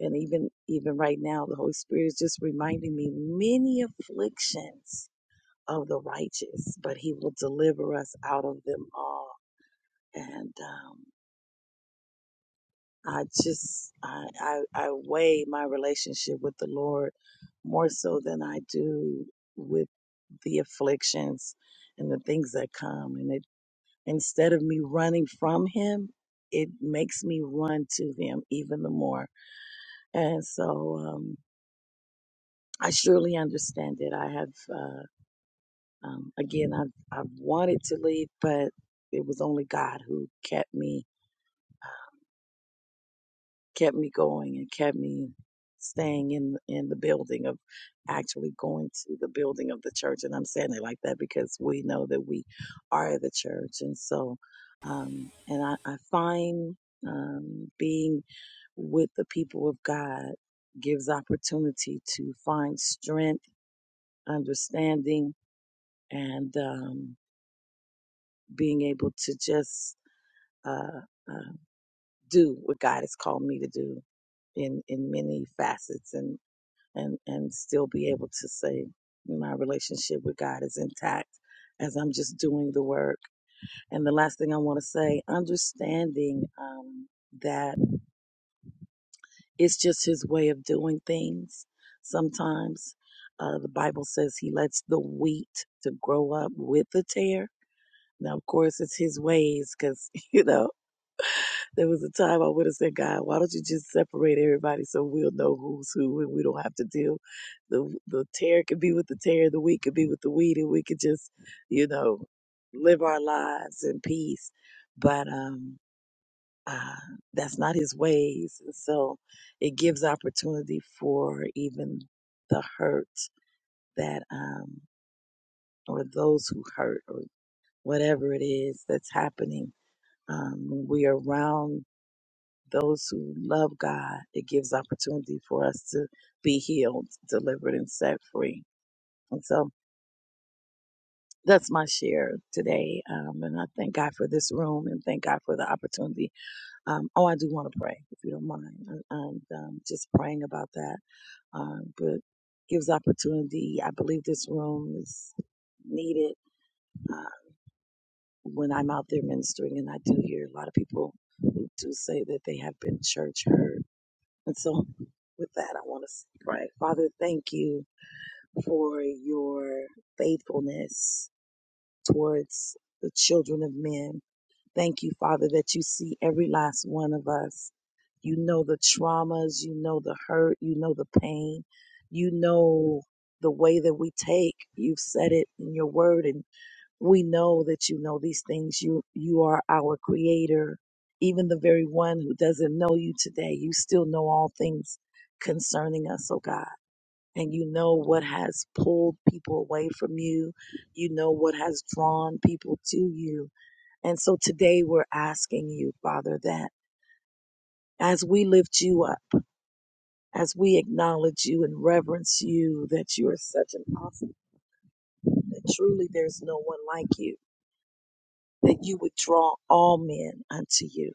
S8: and even even right now the holy spirit is just reminding me many afflictions of the righteous but he will deliver us out of them all and um I just I, I I weigh my relationship with the Lord more so than I do with the afflictions and the things that come. And it instead of me running from Him, it makes me run to Him even the more. And so um, I surely understand it. I have uh, um, again I've I've wanted to leave, but it was only God who kept me kept me going and kept me staying in in the building of actually going to the building of the church and I'm saying it like that because we know that we are the church and so um and I, I find um being with the people of God gives opportunity to find strength, understanding and um being able to just uh, uh do what God has called me to do in in many facets and. and and still be able to say my relationship with God is intact as I'm just doing the work. And the last thing I want to say, understanding um, that it's just His way of doing things. Sometimes uh, the Bible says He lets the wheat to grow up with the tear. Now, of course, it's His ways because you know There was a time I would have said, God, why don't you just separate everybody so we'll know who's who and we don't have to deal. The the tear could be with the tear, the wheat could be with the wheat, and we could just, you know, live our lives in peace. But um, uh, that's not His ways, and so it gives opportunity for even the hurt that um, or those who hurt or whatever it is that's happening. Um, when we are around Those who love God, it gives opportunity for us to be healed, delivered, and set free. And so that's my share today. Um, and I thank God for this room and thank God for the opportunity. Um, oh, I do want to pray, if you don't mind. I, I'm um, just praying about that. Um, but gives opportunity. I believe this room is needed uh, when I'm out there ministering, and I do hear a lot of people who do say that they have been church hurt And so, with that, I want to pray. Father, thank you for your faithfulness towards the children of men. Thank you, Father, that you see every last one of us. You know the traumas, you know the hurt, you know the pain, you know the way that we take. You've said it in your word in we know that you know these things. You you are our creator. Even the very one who doesn't know you today, you still know all things concerning us, oh God. And you know what has pulled people away from you. You know what has drawn people to you. And so today we're asking you, Father, that as we lift you up, as we acknowledge you and reverence you, that you are such an awesome, that truly there's no one like you, that you would draw all men unto you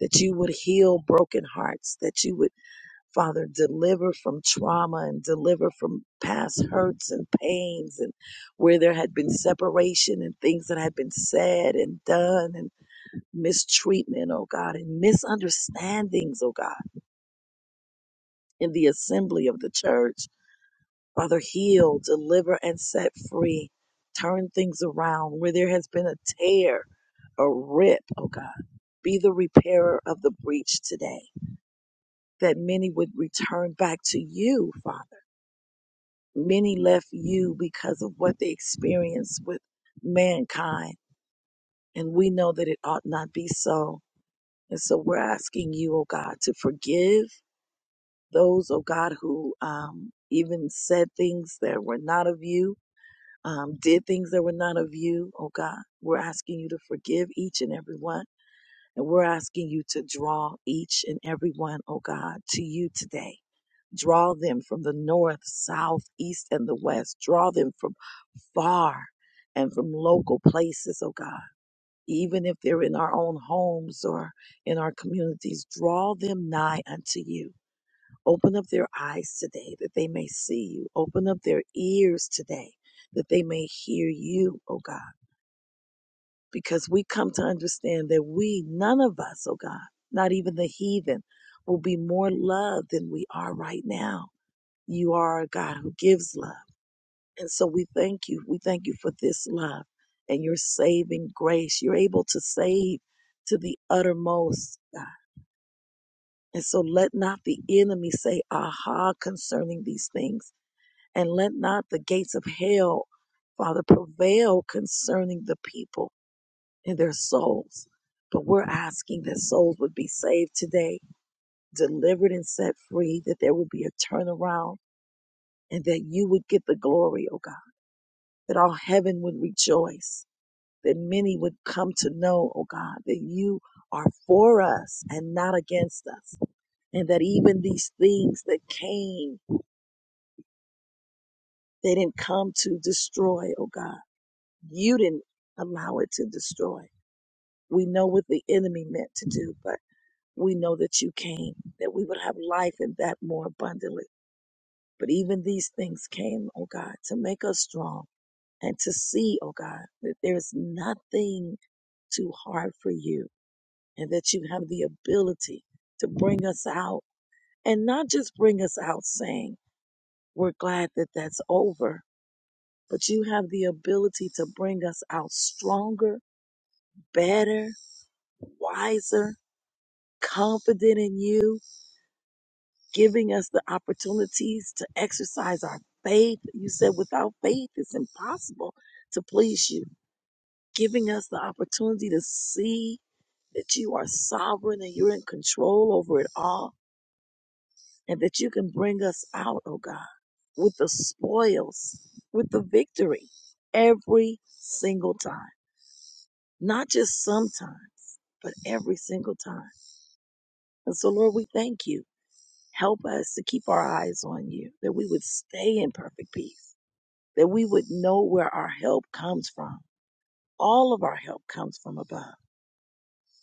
S8: that you would heal broken hearts, that you would, Father, deliver from trauma and deliver from past hurts and pains and where there had been separation and things that had been said and done and mistreatment, oh God, and misunderstandings, oh God, in the assembly of the church. Father, heal, deliver, and set free. Turn things around where there has been a tear, a rip, oh God. Be the repairer of the breach today that many would return back to you, Father. Many left you because of what they experienced with mankind. And we know that it ought not be so. And so we're asking you, oh God, to forgive those, oh God, who um, even said things that were not of you, um, did things that were not of you, oh God. We're asking you to forgive each and every one. And we're asking you to draw each and every one, oh God, to you today Draw them from the north, south, east, and the west. Draw them from far and from local places, oh God. Even if they're in our own homes or in our communities, draw them nigh unto you. Open up their eyes today that they may see you. Open up their ears today that they may hear you, oh God. Because we come to understand that we, none of us, oh God, not even the heathen, will be more loved than we are right now you are a God who gives love. And so we thank you. We thank you for this love and your saving grace. You're able to save to the uttermost, God. And so let not the enemy say, aha, concerning these things. And let not the gates of hell, Father, prevail concerning the people and their souls. But we're asking that souls would be saved today, delivered and set free, that there would be a turnaround, and that you would get the glory, oh God that all heaven would rejoice, that many would come to know, oh God, that you are for us and not against us, and that even these things that came, they didn't come to destroy, oh God. You didn't allow it to destroy. We know what the enemy meant to do, but we know that you came, that we would have life and that more abundantly. But even these things came, oh God, to make us strong and to see, oh God, that there's nothing too hard for you and that you have the ability to bring us out and not just bring us out saying, we're glad that that's over, but you have the ability to bring us out stronger, better, wiser, confident in you, giving us the opportunities to exercise our faith. You said without faith, it's impossible to please you, giving us the opportunity to see that you are sovereign and you're in control over it all, and that you can bring us out, oh God, with the spoils, with the victory every single time, not just sometimes, but every single time. And so, Lord, we thank you. Help us to keep our eyes on you, that we would stay in perfect peace, that we would know where our help comes from. All of our help comes from above.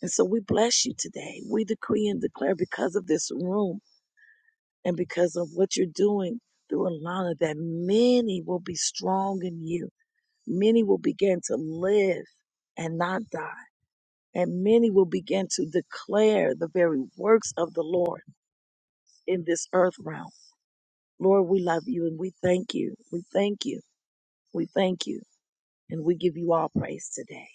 S8: And so we bless you today. We decree and declare because of this room and because of what you're doing through Alana, that many will be strong in you. Many will begin to live and not die. And many will begin to declare the very works of the Lord in this earth realm. Lord, we love you and we thank you. We thank you. We thank you. And we give you all praise today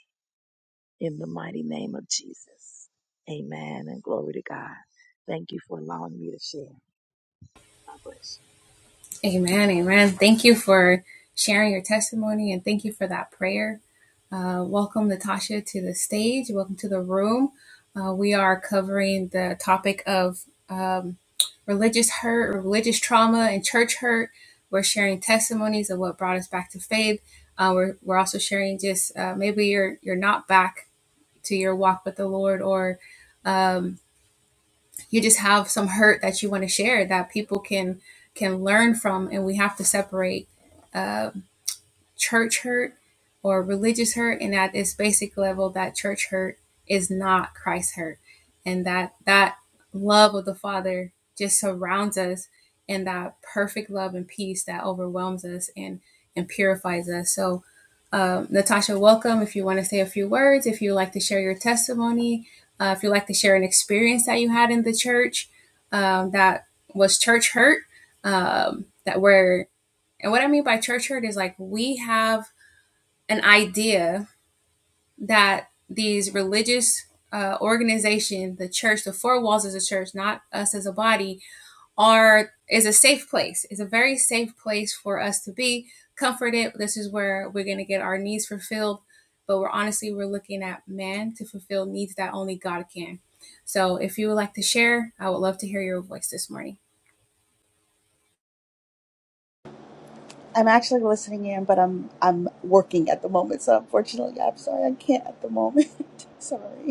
S8: in the mighty name of Jesus. Amen and glory to God. Thank you for allowing me to share. God bless you.
S9: I'm actually listening in, but I'm I'm working at the moment, so unfortunately, yeah, I'm sorry I can't at the moment. sorry.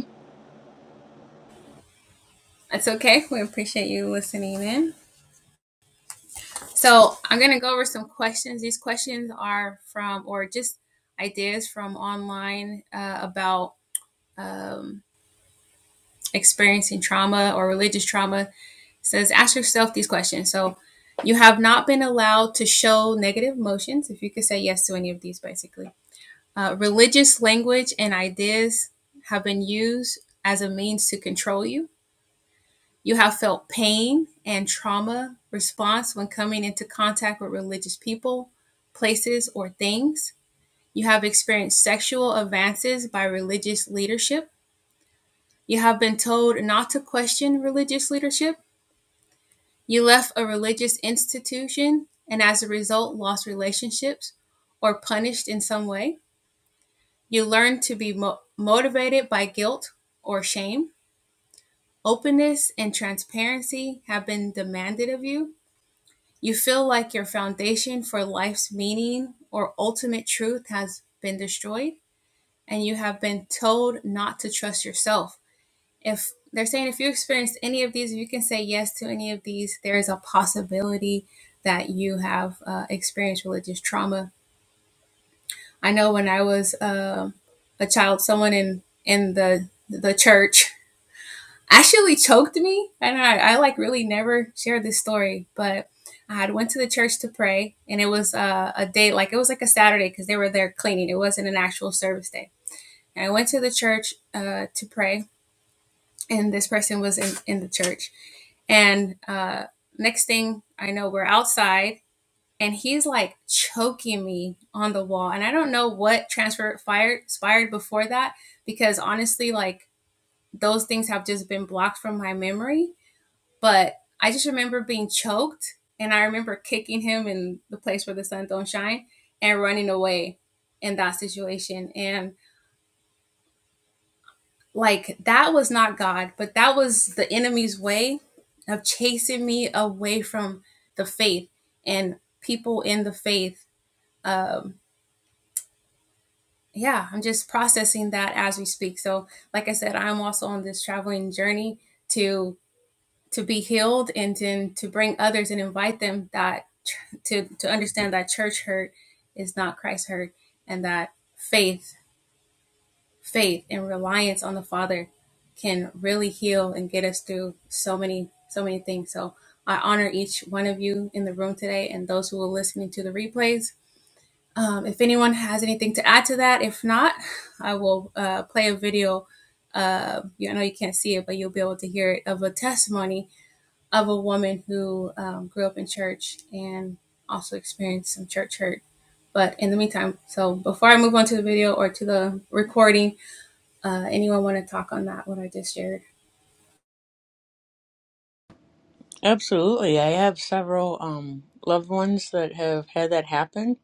S5: Absolutely. I have several um, loved ones that have had that happen.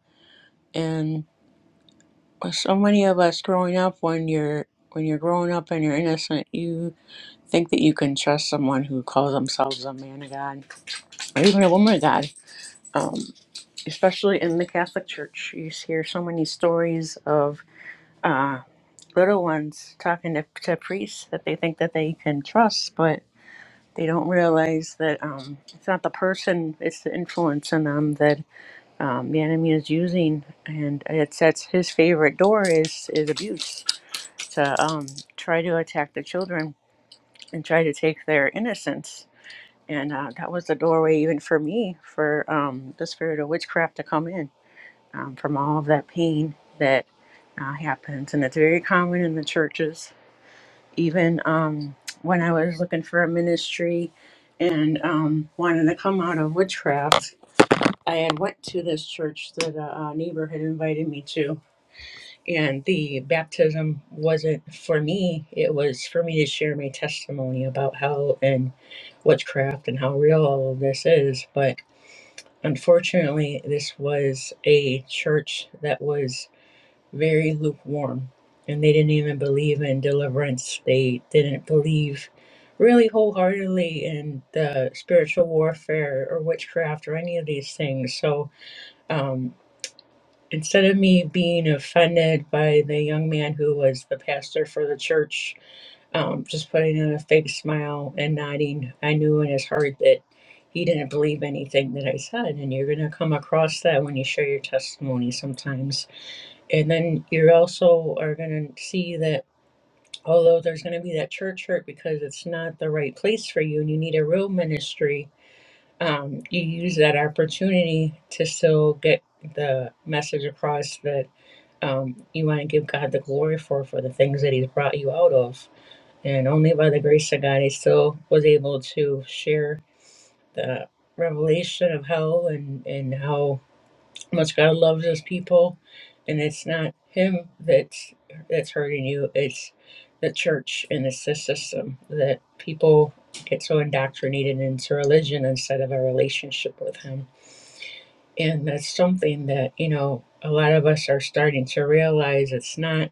S5: And so many of us growing up, when you're when you're growing up and you're innocent, you. I think that you can trust someone who calls themselves a man of God or even a woman of God, um, especially in the Catholic Church. You hear so many stories of uh, little ones talking to, to priests that they think that they can trust, but they don't realize that um, it's not the person; it's the influence in them that um, the enemy is using, and it's that's his favorite door is is abuse to um, try to attack the children and try to take their innocence and uh, that was the doorway even for me for um, the spirit of witchcraft to come in um, from all of that pain that uh, happens and it's very common in the churches even um, when i was looking for a ministry and um, wanted to come out of witchcraft i had went to this church that a, a neighbor had invited me to and the baptism wasn't for me, it was for me to share my testimony about how and witchcraft and how real all of this is. But unfortunately, this was a church that was very lukewarm and they didn't even believe in deliverance. They didn't believe really wholeheartedly in the spiritual warfare or witchcraft or any of these things. So, um, instead of me being offended by the young man who was the pastor for the church, um, just putting on a fake smile and nodding, I knew in his heart that he didn't believe anything that I said. And you're going to come across that when you share your testimony sometimes. And then you also are going to see that although there's going to be that church hurt because it's not the right place for you and you need a real ministry um, you use that opportunity to still get the message across that um, you want to give God the glory for for the things that He's brought you out of, and only by the grace of God, I still was able to share the revelation of hell and and how much God loves his people, and it's not him that's that's hurting you. It's the church and it's the system that people get so indoctrinated into religion instead of a relationship with him. And that's something that you know a lot of us are starting to realize. It's not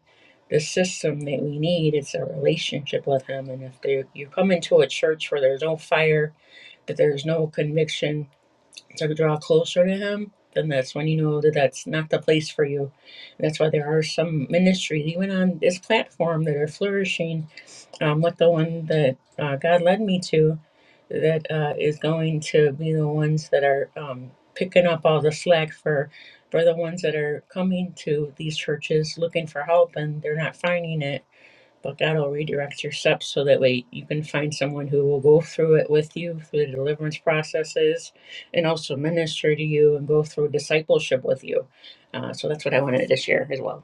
S5: the system that we need; it's a relationship with him. And if there, you come into a church where there's no fire, that there's no conviction, to draw closer to Him, then that's when you know that that's not the place for you. And That's why there are some ministries, even on this platform, that are flourishing, um, like the one that uh, God led me to, that uh, is going to be the ones that are um, picking up all the slack for. For the ones that are coming to these churches looking for help and they're not finding it, but God will redirect your steps so that way you can find someone who will go through it with you through the deliverance processes and also minister to you and go through discipleship with you. Uh, so that's what I wanted to share as well.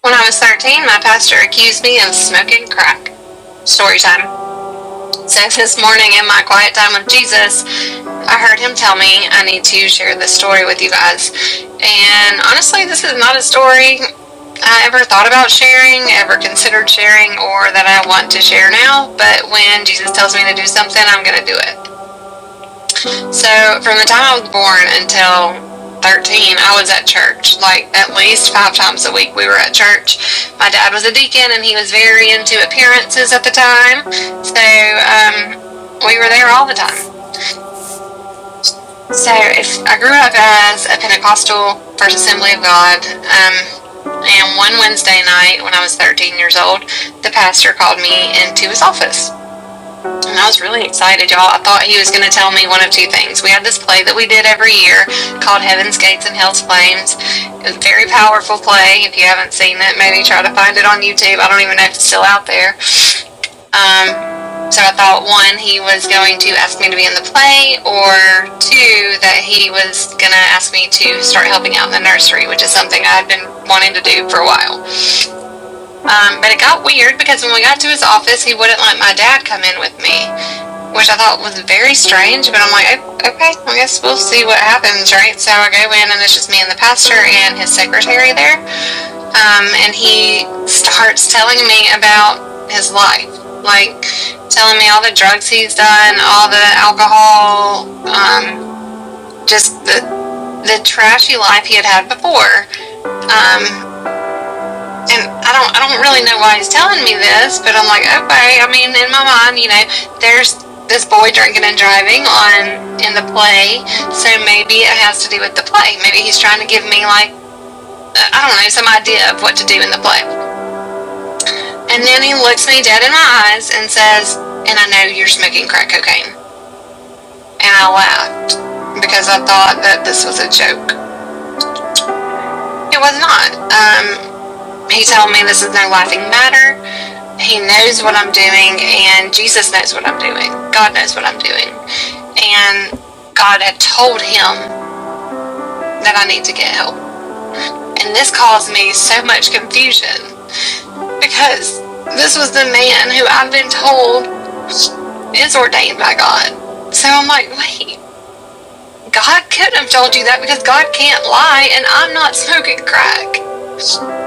S1: When I was 13, my pastor accused me of smoking crack. Story time. So this morning in my quiet time with Jesus, I heard him tell me I need to share this story with you guys. And honestly, this is not a story I ever thought about sharing, ever considered sharing, or that I want to share now. But when Jesus tells me to do something, I'm going to do it. So from the time I was born until 13, I was at church. Like at least five times a week, we were at church. My dad was a deacon, and he was very into appearances at the time. So um, we were there all the time. So if I grew up as a Pentecostal First Assembly of God, um, and one Wednesday night when I was 13 years old, the pastor called me into his office and I was really excited, y'all. I thought he was going to tell me one of two things. We had this play that we did every year called Heaven's Gates and Hell's Flames. It was a very powerful play. If you haven't seen it, maybe try to find it on YouTube. I don't even know if it's still out there. Um, so I thought one, he was going to ask me to be in the play, or two, that he was going to ask me to start helping out in the nursery, which is something I had been wanting to do for a while. Um, but it got weird because when we got to his office, he wouldn't let my dad come in with me which I thought was very strange. But I'm like, okay, I guess we'll see what happens, right? So I go in, and it's just me and the pastor and his secretary there. Um, and he starts telling me about his life, like telling me all the drugs he's done, all the alcohol, um, just the the trashy life he had had before. Um, and I don't I don't really know why he's telling me this, but I'm like, okay. I mean, in my mind, you know, there's this boy drinking and driving on in the play, so maybe it has to do with the play. Maybe he's trying to give me like uh, I don't know some idea of what to do in the play. And then he looks me dead in my eyes and says, "And I know you're smoking crack cocaine." And I laughed because I thought that this was a joke. It was not. Um, He told me this is no laughing matter. He knows what I'm doing, and Jesus knows what I'm doing. God knows what I'm doing. And God had told him that I need to get help. And this caused me so much confusion because this was the man who I've been told is ordained by God. So I'm like, wait, God couldn't have told you that because God can't lie, and I'm not smoking crack.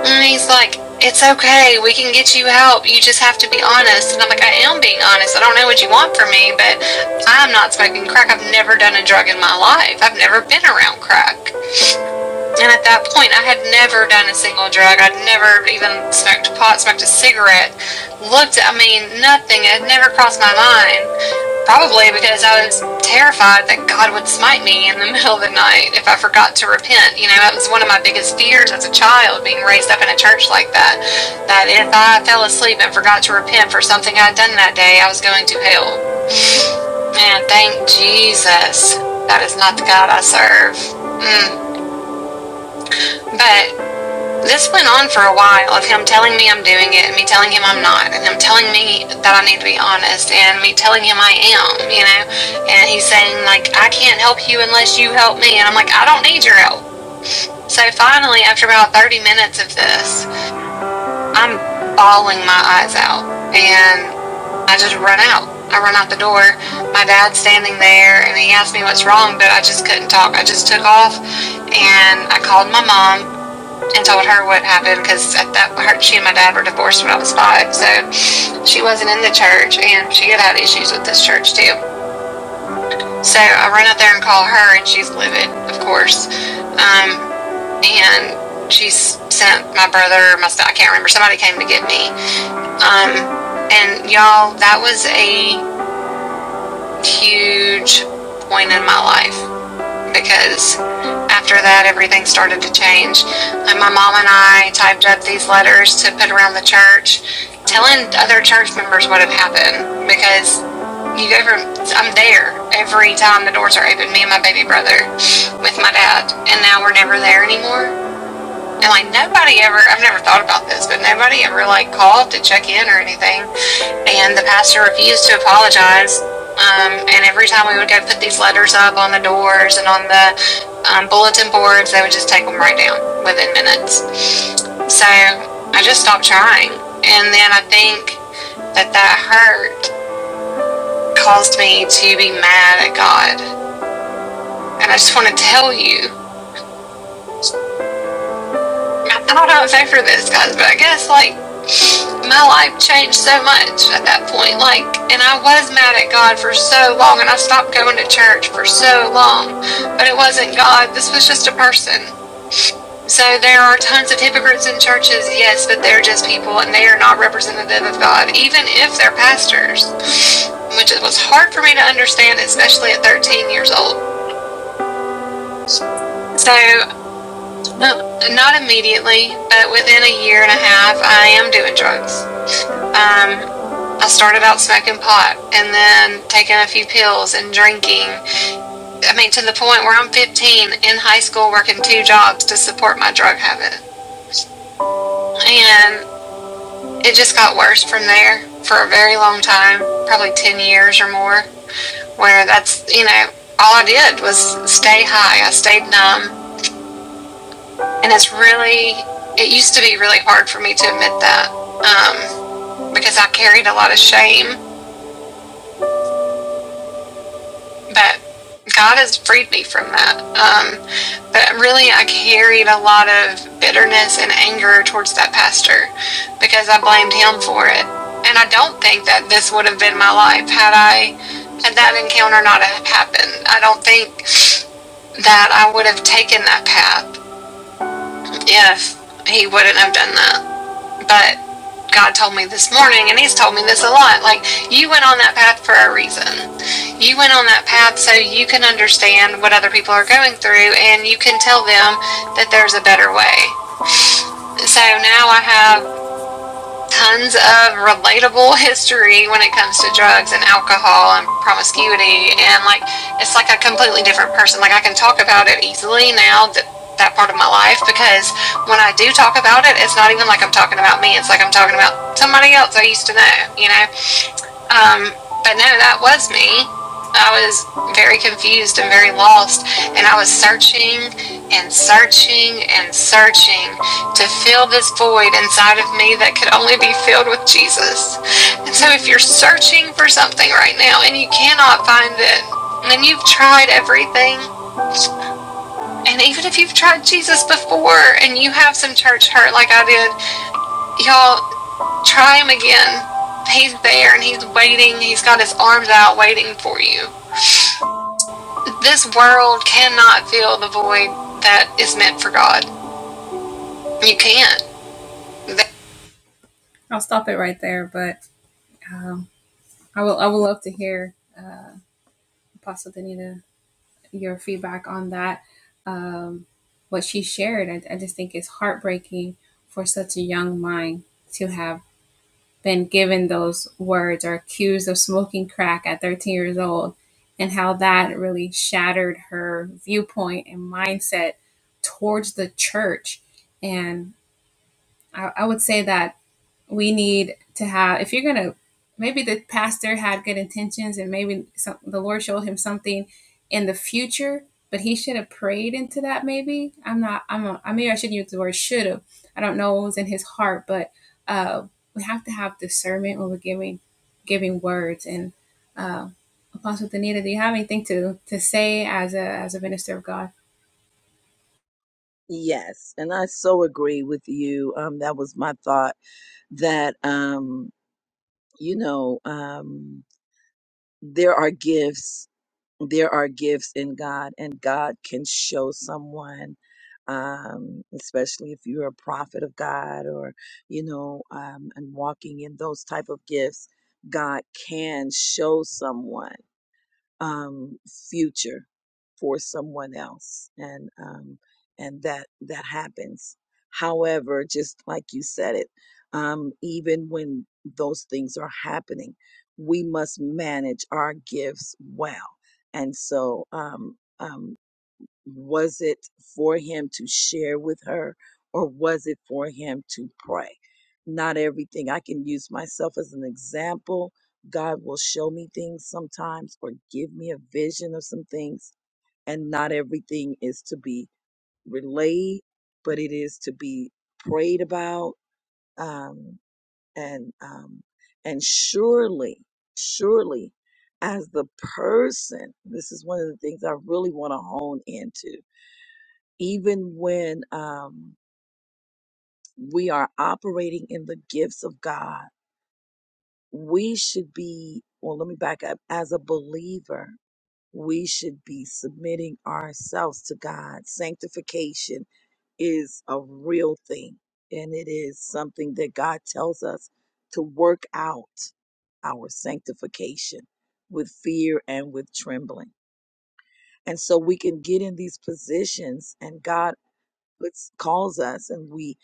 S1: And he's like, It's okay. We can get you help. You just have to be honest. And I'm like, I am being honest. I don't know what you want from me, but I'm not smoking crack. I've never done a drug in my life. I've never been around crack. And at that point, I had never done a single drug. I'd never even smoked pot, smoked a cigarette, looked, I mean, nothing. It had never crossed my mind. Probably because I was terrified that God would smite me in the middle of the night if I forgot to repent. You know, that was one of my biggest fears as a child, being raised up in a church like that. That if I fell asleep and forgot to repent for something I'd done that day, I was going to hell. Man, thank Jesus. That is not the God I serve. Mm. But This went on for a while of him telling me I'm doing it and me telling him I'm not and him telling me that I need to be honest and me telling him I am, you know. And he's saying like I can't help you unless you help me and I'm like I don't need your help. So finally after about 30 minutes of this, I'm bawling my eyes out and I just run out. I run out the door. My dad's standing there and he asked me what's wrong, but I just couldn't talk. I just took off and I called my mom and told her what happened because at that her, she and my dad were divorced when I was five, so she wasn't in the church, and she had had issues with this church too. So I run out there and call her, and she's livid, of course, um, and she sent my brother, my I can't remember, somebody came to get me, um, and y'all, that was a huge point in my life because after that, everything started to change. And my mom and I typed up these letters to put around the church, telling other church members what had happened because you go from I'm there every time the doors are open, me and my baby brother with my dad, and now we're never there anymore. And like nobody ever, I've never thought about this, but nobody ever like called to check in or anything. And the pastor refused to apologize. Um, and every time we would go put these letters up on the doors and on the um, bulletin boards, they would just take them right down within minutes. So I just stopped trying. And then I think that that hurt caused me to be mad at God. And I just want to tell you, I thought I was over this, guys, but I guess like my life changed so much at that point. Like, and I was mad at God for so long, and I stopped going to church for so long. But it wasn't God, this was just a person. So there are tons of hypocrites in churches, yes, but they're just people and they are not representative of God, even if they're pastors, which it was hard for me to understand, especially at 13 years old. So, no, not immediately, but within a year and a half, I am doing drugs. Um, I started out smoking pot and then taking a few pills and drinking. I mean, to the point where I'm 15 in high school working two jobs to support my drug habit. And it just got worse from there for a very long time, probably 10 years or more, where that's, you know, all I did was stay high. I stayed numb. And it's really, it used to be really hard for me to admit that um, because I carried a lot of shame but God has freed me from that. Um, but really, I carried a lot of bitterness and anger towards that pastor because I blamed him for it. And I don't think that this would have been my life had I had that encounter not have happened. I don't think that I would have taken that path if he wouldn't have done that. But God told me this morning, and He's told me this a lot like, you went on that path for a reason. You went on that path so you can understand what other people are going through and you can tell them that there's a better way. So now I have tons of relatable history when it comes to drugs and alcohol and promiscuity and like it's like a completely different person like i can talk about it easily now that that part of my life because when i do talk about it it's not even like i'm talking about me it's like i'm talking about somebody else i used to know you know um, but no, that was me. I was very confused and very lost, and I was searching and searching and searching to fill this void inside of me that could only be filled with Jesus. And so, if you're searching for something right now and you cannot find it, and you've tried everything, and even if you've tried Jesus before and you have some church hurt like I did, y'all, Try him again. He's there and he's waiting. He's got his arms out waiting for you. This world cannot fill the void that is meant for God. You can't.
S8: Yes, and I so agree with you. Um, that was my thought that, um, you know, um, there are gifts, there are gifts in God, and God can show someone, um, especially if you're a prophet of God or, you know, um, and walking in those type of gifts, God can show someone um, future for someone else, and um, and that that happens. However, just like you said it, um, even when those things are happening, we must manage our gifts well. And so, um, um, was it for him to share with her or was it for him to pray? Not everything. I can use myself as an example. God will show me things sometimes or give me a vision of some things. And not everything is to be relayed, but it is to be prayed about. Um, and, um, and surely, surely as the person, this is one of the things I really want to hone into even when um, we are operating in the gifts of God, we should be, well, let me back up. As a believer, we should be submitting ourselves to God. Sanctification is a real thing, and it is something that God tells us to work out our sanctification with fear and with trembling. And so we can get in these positions, and God puts, calls us, and we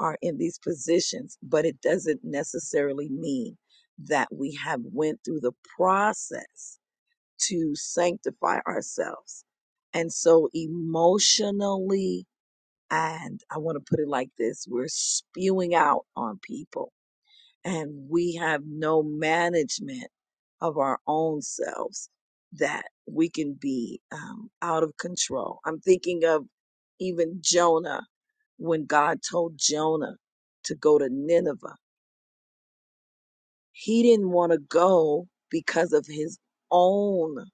S8: are in these positions, but it doesn't necessarily mean that we have went through the process to sanctify ourselves. And so emotionally, and I want to put it like this, we're spewing out on people and we have no management of our own selves that we can be um, out of control. I'm thinking of even Jonah when God told Jonah to go to Nineveh. He didn't want to go because of his own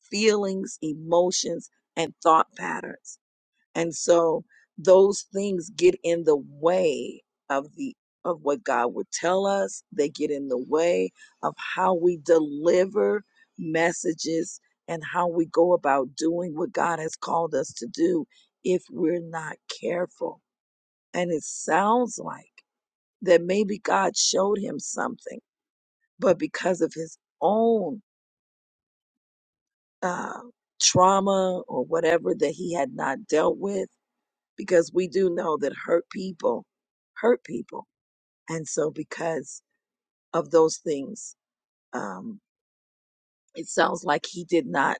S8: feelings, emotions, and thought patterns and so those things get in the way of the of what God would tell us. They get in the way of how we deliver messages and how we go about doing what God has called us to do if we're not careful. And it sounds like that maybe God showed him something, but because of his own uh, trauma or whatever that he had not dealt with, because we do know that hurt people hurt people. And so, because of those things, um, it sounds like he did not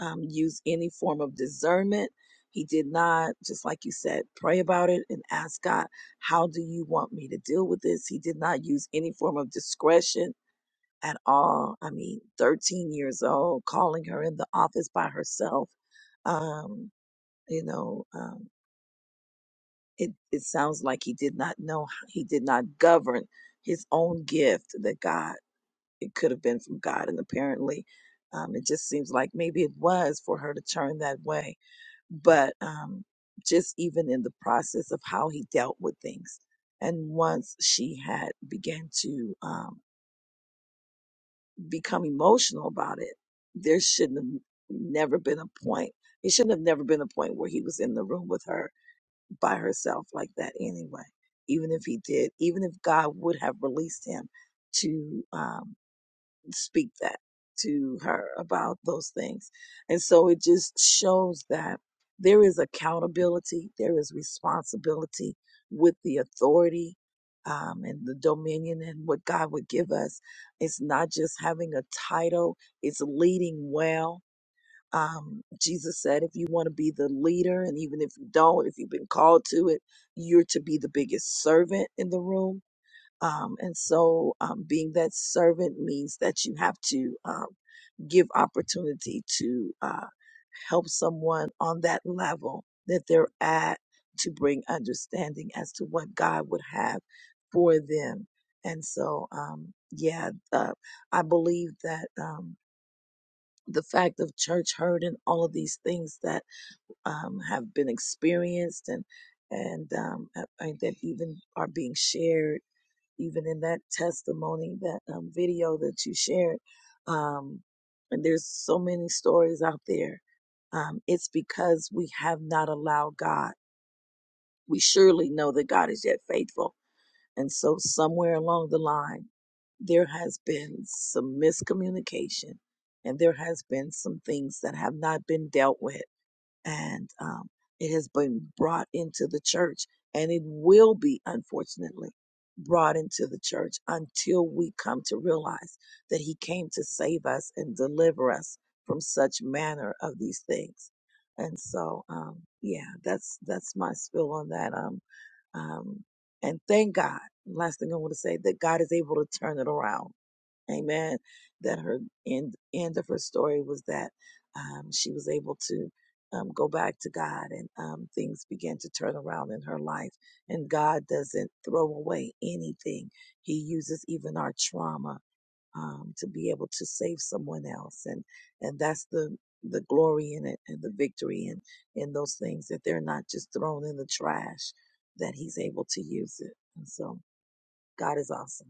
S8: um, use any form of discernment. He did not, just like you said, pray about it and ask God, how do you want me to deal with this? He did not use any form of discretion at all. I mean, 13 years old, calling her in the office by herself. Um, you know, um, It, it sounds like he did not know, he did not govern his own gift that God, it could have been from God. And apparently, um, it just seems like maybe it was for her to turn that way. But um, just even in the process of how he dealt with things. And once she had began to um, become emotional about it, there shouldn't have never been a point. It shouldn't have never been a point where he was in the room with her by herself like that anyway. Even if he did, even if God would have released him to um, speak that to her about those things. And so it just shows that there is accountability, there is responsibility with the authority um, and the dominion and what God would give us. It's not just having a title, it's leading well um, Jesus said, if you want to be the leader, and even if you don't, if you've been called to it, you're to be the biggest servant in the room. Um, and so, um, being that servant means that you have to um, give opportunity to uh, help someone on that level that they're at to bring understanding as to what God would have for them. And so, um, yeah, uh, I believe that. Um, the fact of church hurt and all of these things that um, have been experienced and and um, uh, uh, that even are being shared, even in that testimony, that um, video that you shared. Um, and there's so many stories out there. Um, it's because we have not allowed God. We surely know that God is yet faithful and so somewhere along the line, there has been some miscommunication and there has been some things that have not been dealt with and um, it has been brought into the church and it will be unfortunately brought into the church until we come to realize that he came to save us and deliver us from such manner of these things and so um yeah that's that's my spill on that um um and thank god last thing i want to say that god is able to turn it around Amen. That her end end of her story was that um, she was able to um, go back to God, and um, things began to turn around in her life. And God doesn't throw away anything; He uses even our trauma um, to be able to save someone else, and and that's the the glory in it and the victory in in those things that they're not just thrown in the trash; that He's able to use it. And so, God is awesome.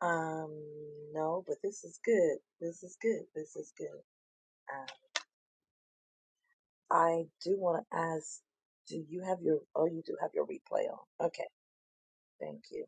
S8: Um, no, but this is good. This is good. This is good. Uh, I do want to ask, do you have your, oh, you do have your replay on. Okay, thank you.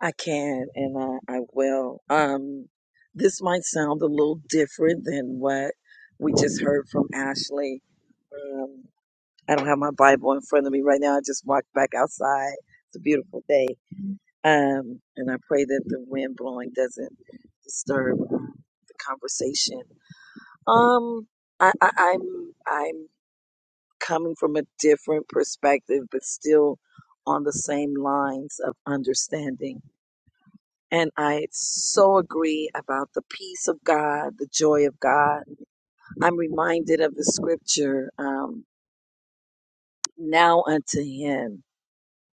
S8: I can and I, I will. Um, this might sound a little different than what we just heard from Ashley. Um, I don't have my Bible in front of me right now. I just walked back outside. It's a beautiful day. Um, and I pray that the wind blowing doesn't disturb uh, the conversation Um, I, I, I'm I'm coming from a different perspective, but still on the same lines of understanding. And I so agree about the peace of God, the joy of God. I'm reminded of the scripture, um, now unto him,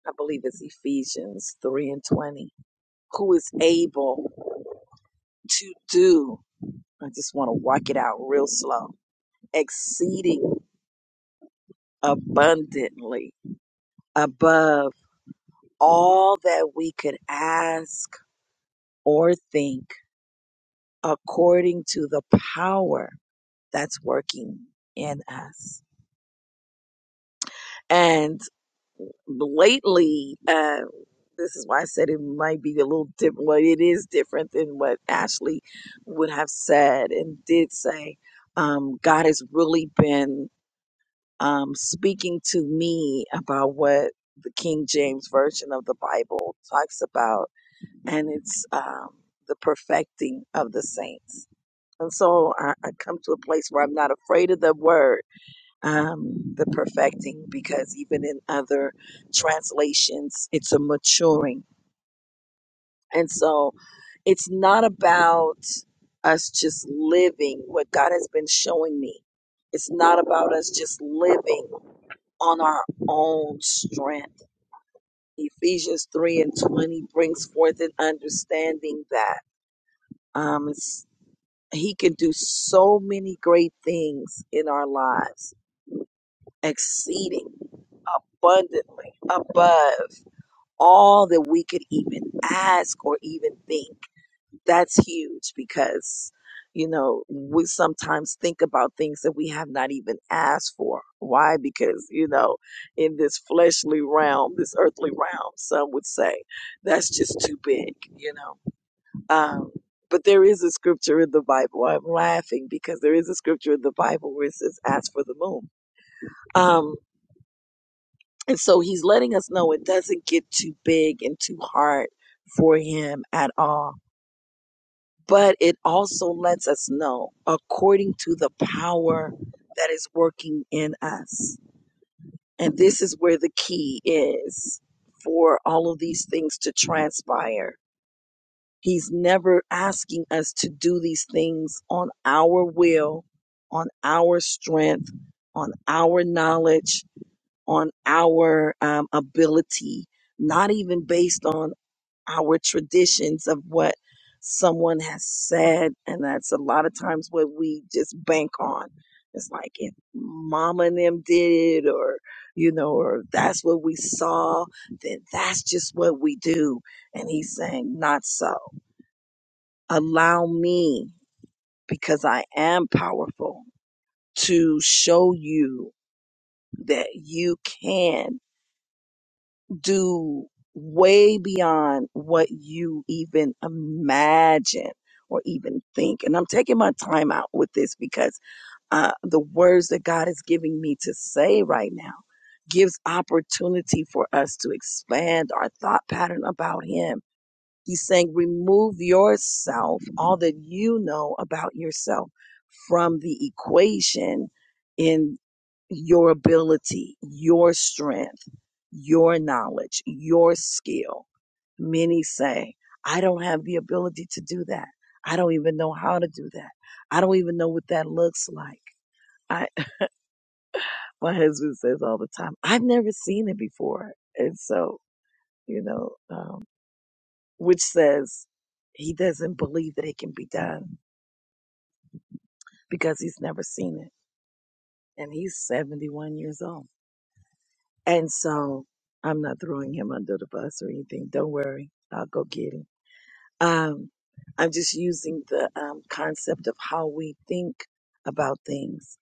S8: I believe it's Ephesians 3 and 20, who is able to do, I just want to walk it out real slow, exceeding abundantly above. all that we could ask or think according to the power that's working in us. And lately, uh, this is why I said it might be a little different. Well, it is different than what Ashley would have said and did say. Um, God has really been um, speaking to me about what the King James Version of the Bible talks about and it's um, the perfecting of the saints. And so I, I come to a place where I'm not afraid of the word, um, the perfecting, because even in other translations, it's a maturing. And so it's not about us just living what God has been showing me. It's not about us just living on our own strength. Ephesians 3 and 20 brings forth an understanding that. Um, it's He can do so many great things in our lives, exceeding abundantly above all that we could even ask or even think. That's huge because, you know, we sometimes think about things that we have not even asked for. Why? Because, you know, in this fleshly realm, this earthly realm, some would say that's just too big, you know. Um, but there is a scripture in the Bible. I'm laughing because there is a scripture in the Bible where it says, ask for the moon. Um, and so he's letting us know it doesn't get too big and too hard for him at all. But it also lets us know according to the power that is working in us. And this is where the key is for all of these things to transpire He's never asking us to do these things on our will, on our strength, on our knowledge, on our um, ability, not even based on our traditions of what someone has said. And that's a lot of times what we just bank on. It's like if mama and them did it, or, you know, or that's what we saw, then that's just what we do. And he's saying, not so Allow me, because I am powerful, to show you that you can do way beyond what you even imagine or even think. And I'm taking my time out with this because uh, the words that God is giving me to say right now gives opportunity for us to expand our thought pattern about Him He's saying, remove yourself, all that you know about yourself, from the equation in your ability, your strength, your knowledge, your skill. Many say, I don't have the ability to do that. I don't even know how to do that. I don't even know what that looks like. I, my husband says all the time, I've never seen it before. And so, you know, um, which says he doesn't believe that it can be done because he's never seen it. And he's 71 years old. And so I'm not throwing him under the bus or anything. Don't worry. I'll go get him. Um, I'm just using the um, concept of how we think about things.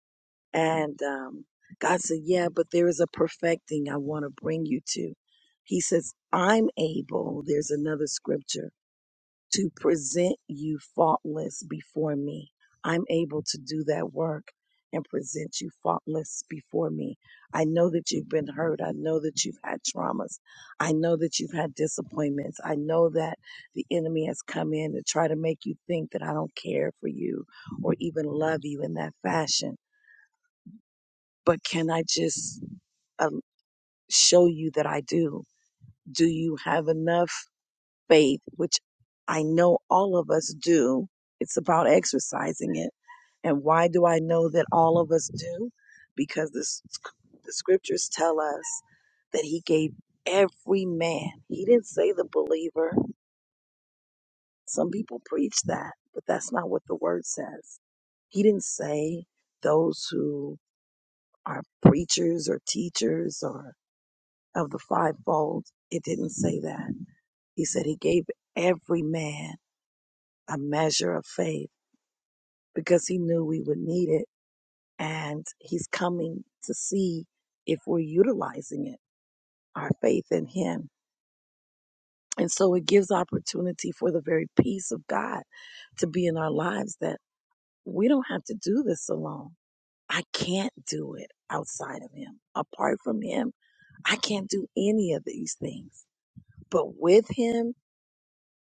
S8: And um, God said, Yeah, but there is a perfecting I want to bring you to. He says, I'm able. There's another scripture to present you faultless before me. I'm able to do that work and present you faultless before me. I know that you've been hurt. I know that you've had traumas. I know that you've had disappointments. I know that the enemy has come in to try to make you think that I don't care for you or even love you in that fashion. But can I just um, show you that I do? Do you have enough? faith, which I know all of us do. It's about exercising it. And why do I know that all of us do? Because the, the scriptures tell us that he gave every man. He didn't say the believer. Some people preach that, but that's not what the word says. He didn't say those who are preachers or teachers or of the fivefold. It didn't say that. He said he gave every man a measure of faith because he knew we would need it. And he's coming to see if we're utilizing it, our faith in him. And so it gives opportunity for the very peace of God to be in our lives that we don't have to do this alone. I can't do it outside of him. Apart from him, I can't do any of these things. But with him,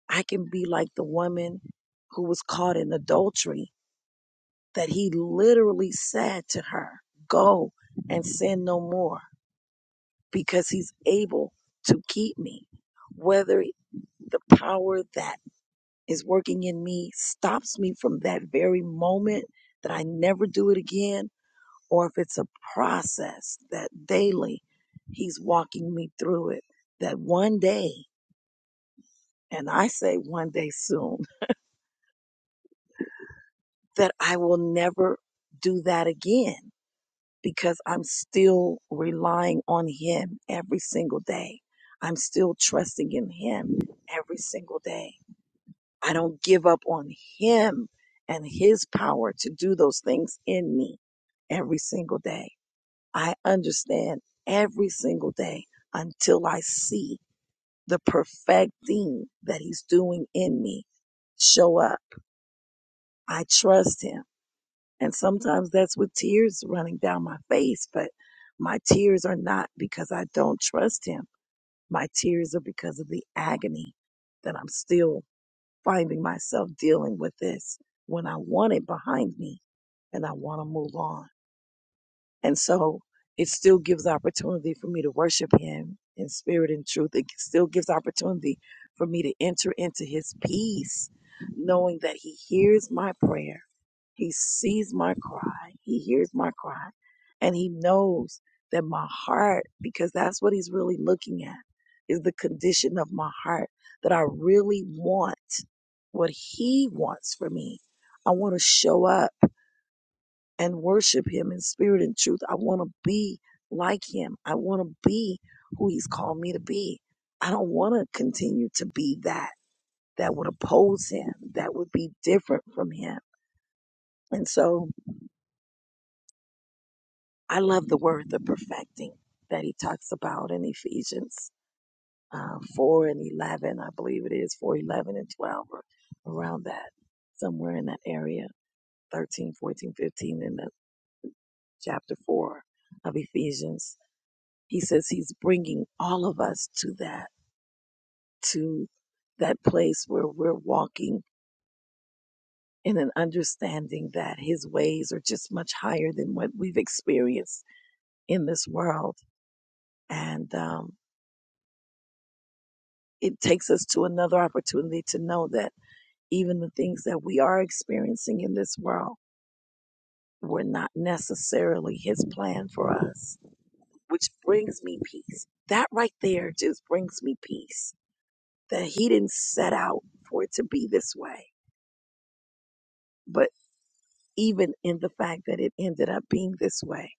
S8: I can be like the woman who was caught in adultery that he literally said to her, Go and sin no more because he's able to keep me. Whether the power that is working in me stops me from that very moment that I never do it again, or if it's a process that daily he's walking me through it, that one day, and I say one day soon, that I will never do that again because I'm still relying on Him every single day. I'm still trusting in Him every single day. I don't give up on Him and His power to do those things in me every single day. I understand every single day until I see the perfect thing that He's doing in me show up. I trust Him. And sometimes that's with tears running down my face, but my tears are not because I don't trust him. My tears are because of the agony that I'm still finding myself dealing with this when I want it behind me and I want to move on. And so it still gives opportunity for me to worship him in spirit and truth. It still gives opportunity for me to enter into his peace, knowing that he hears my prayer he sees my cry. He hears my cry. And he knows that my heart, because that's what he's really looking at, is the condition of my heart that I really want what he wants for me. I want to show up and worship him in spirit and truth. I want to be like him. I want to be who he's called me to be. I don't want to continue to be that that would oppose him, that would be different from him. And so I love the word the perfecting that he talks about in Ephesians um, 4 and 11. I believe it is 4 11 and 12 or around that, somewhere in that area, 13, 14, 15 in the chapter 4 of Ephesians. He says he's bringing all of us to that, to that place where we're walking in an understanding that his ways are just much higher than what we've experienced in this world. And, um, it takes us to another opportunity to know that even the things that we are experiencing in this world were not necessarily his plan for us, which brings me peace. That right there just brings me peace that he didn't set out for it to be this way. But even in the fact that it ended up being this way,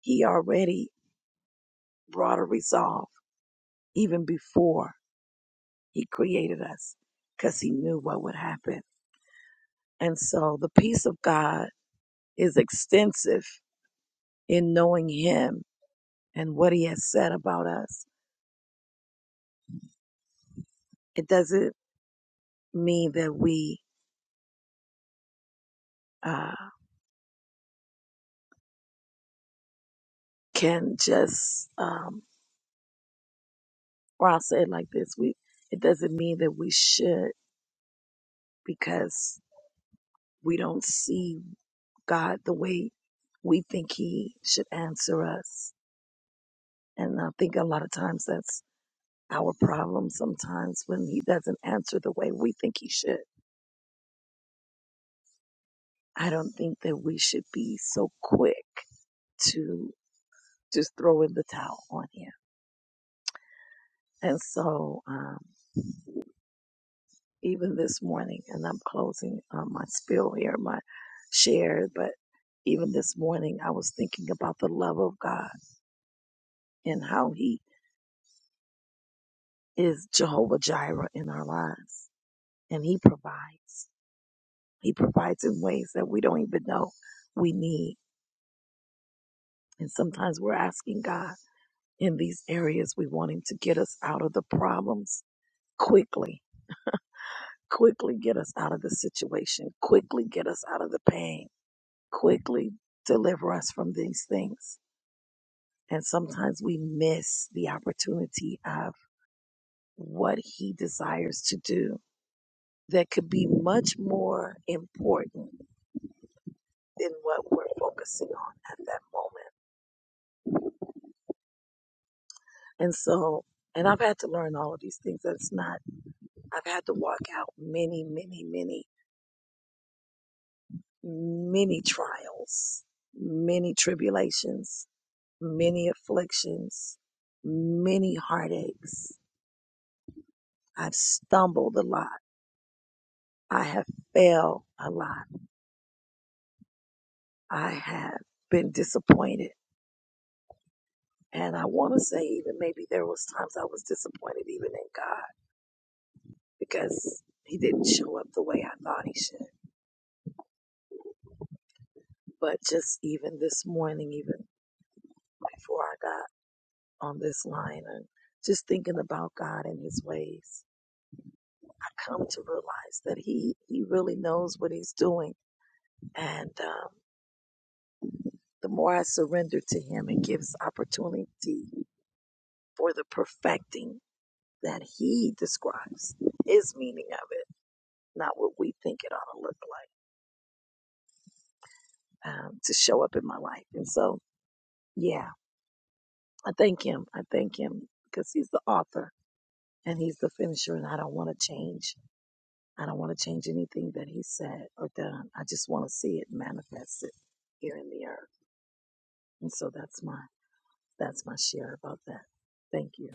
S8: he already brought a resolve even before he created us because he knew what would happen. And so the peace of God is extensive in knowing him and what he has said about us. It doesn't mean that we uh, can just, um, or I'll say it like this: we. It doesn't mean that we should because we don't see God the way we think He should answer us. And I think a lot of times that's our problem sometimes when He doesn't answer the way we think He should. I don't think that we should be so quick to just throw in the towel on you. And so, um, even this morning, and I'm closing uh, my spill here, my share, but even this morning, I was thinking about the love of God and how He is Jehovah Jireh in our lives. And He provides. He provides in ways that we don't even know we need. And sometimes we're asking God in these areas, we want Him to get us out of the problems quickly Quickly get us out of the situation. Quickly get us out of the pain. Quickly deliver us from these things. And sometimes we miss the opportunity of what he desires to do that could be much more important than what we're focusing on at that moment. And so, and I've had to learn all of these things. That's not, I've had to walk out many, many, many, many trials, many tribulations many afflictions, many heartaches. I've stumbled a lot. I have failed a lot. I have been disappointed. And I want to say even maybe there was times I was disappointed even in God because he didn't show up the way I thought he should. But just even this morning, even before I got on this line and just thinking about God and his ways, I come to realize that he, he really knows what he's doing. And, um, The more I surrender to Him, it gives opportunity for the perfecting that He describes, His meaning of it, not what we think it ought to look like, um, to show up in my life. And so, yeah, I thank Him. I thank Him because He's the author and He's the finisher, and I don't want to change. I don't want to change anything that He said or done. I just want to see it manifested here in the earth. And so that's my that's my share about that. Thank you.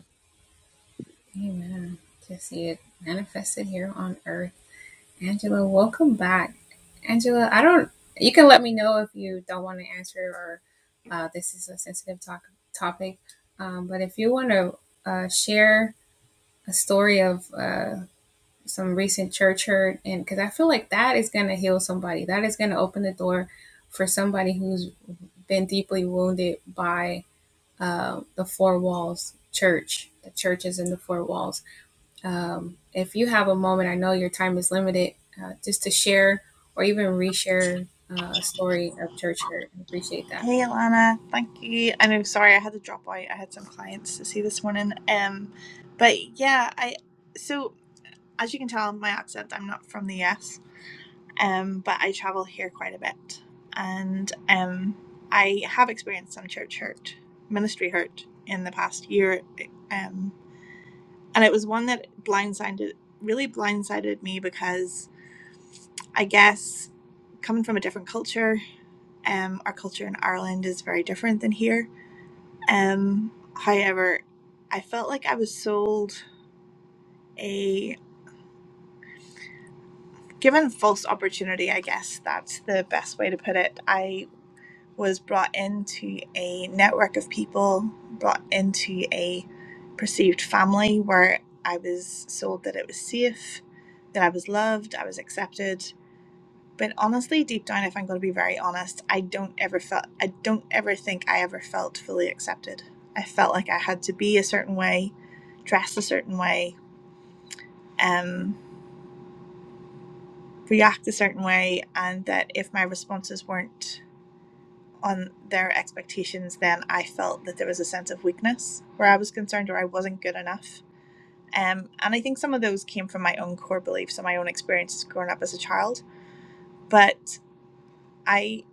S4: Hey Alana, thank you. I know sorry I had to drop out. I had some clients to see this morning. Um but yeah, I so as you can tell my accent, I'm not from the US um, but I travel here quite a bit, and um, I have experienced some church hurt, ministry hurt in the past year, um, and it was one that blindsided, really blindsided me because I guess coming from a different culture, um, our culture in Ireland is very different than here. Um, however, I felt like I was sold a given false opportunity. I guess that's the best way to put it. I was brought into a network of people, brought into a perceived family where I was sold that it was safe, that I was loved, I was accepted. But honestly, deep down, if I'm going to be very honest, I don't ever felt, I don't ever think I ever felt fully accepted. I felt like I had to be a certain way, dress a certain way, um, react a certain way, and that if my responses weren't on their expectations, then I felt that there was a sense of weakness where I was concerned or I wasn't good enough. Um, and I think some of those came from my own core beliefs and my own experiences growing up as a child. But I,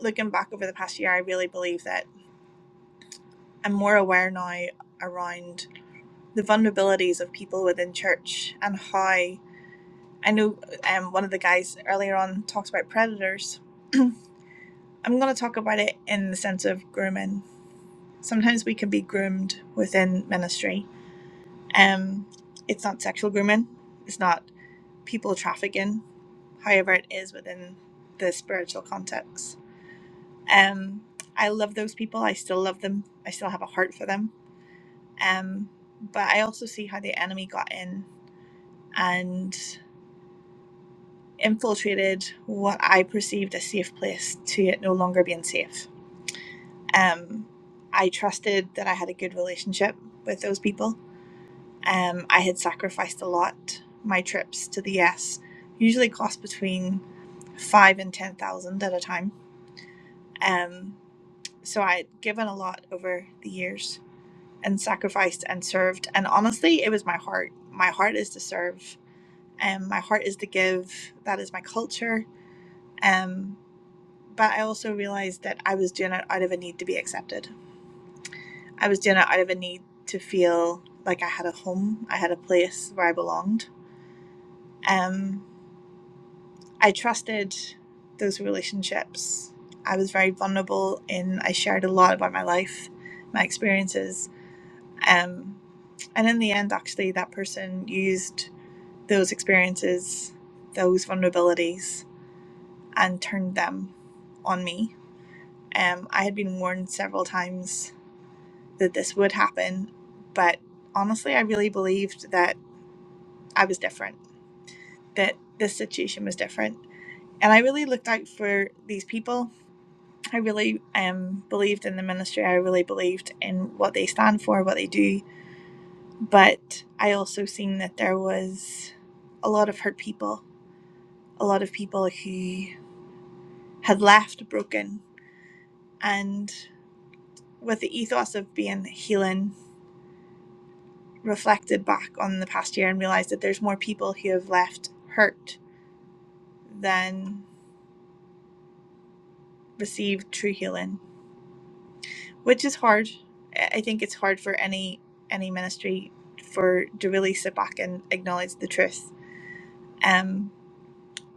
S4: looking back over the past year, I really believe that I'm more aware now around the vulnerabilities of people within church and how I know um, one of the guys earlier on talks about predators. I'm going to talk about it in the sense of grooming. Sometimes we can be groomed within ministry Um, it's not sexual grooming. It's not people trafficking. However, it is within the spiritual context. Um, I love those people. I still love them. I still have a heart for them. Um, but I also see how the enemy got in and infiltrated what I perceived a safe place to it no longer being safe. Um, I trusted that I had a good relationship with those people Um, I had sacrificed a lot. My trips to the US usually cost between five and ten thousand at a time. Um, so I had given a lot over the years and sacrificed and served. And honestly, it was my heart. My heart is to serve. Um, my heart is to give. That is my culture. Um, but I also realized that I was doing it out of a need to be accepted. I was doing it out of a need to feel like I had a home. I had a place where I belonged. Um, I trusted those relationships. I was very vulnerable in I shared a lot about my life, my experiences. Um, and in the end, actually, that person used those experiences, those vulnerabilities, and turned them on me. Um, I had been warned several times that this would happen, but honestly, I really believed that I was different, that this situation was different. And I really looked out for these people I really um, believed in the ministry. I really believed in what they stand for, what they do. But I also seen that there was a lot of hurt people, a lot of people who had left broken, and with the ethos of being healing, reflected back on the past year and realized that there's more people who have left hurt than received true healing which is hard. I I think it's hard for any any ministry for to really sit back and acknowledge the truth. Um,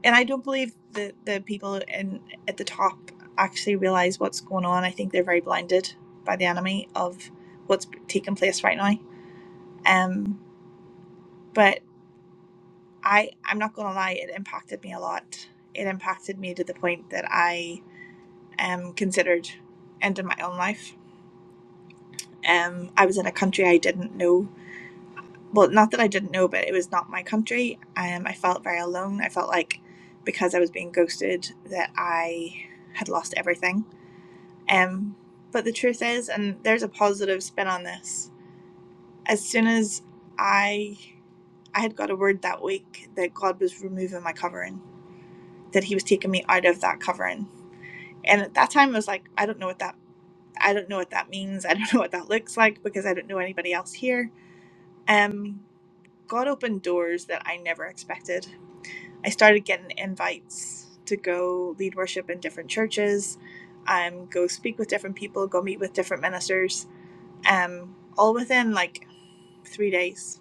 S4: and I don't believe that the people in at the top actually realize what's going on. I think they're very blinded by the enemy of what's taking place right now. Um, but I I'm not going to lie, it impacted me a lot. It impacted me to the point that I um considered ending my own life. Um, I was in a country I didn't know well, not that I didn't know, but it was not my country. Um, I felt very alone. I felt like because I was being ghosted that I had lost everything. Um, but the truth is, and there's a positive spin on this. As soon as I I had got a word that week that God was removing my covering, that He was taking me out of that covering, and at that time I was like, I don't know what that I don't know what that means. I don't know what that looks like because I don't know anybody else here. Um, God opened doors that I never expected I started getting invites to go lead worship in different churches, um, go speak with different people, go meet with different ministers, um, all within like three days.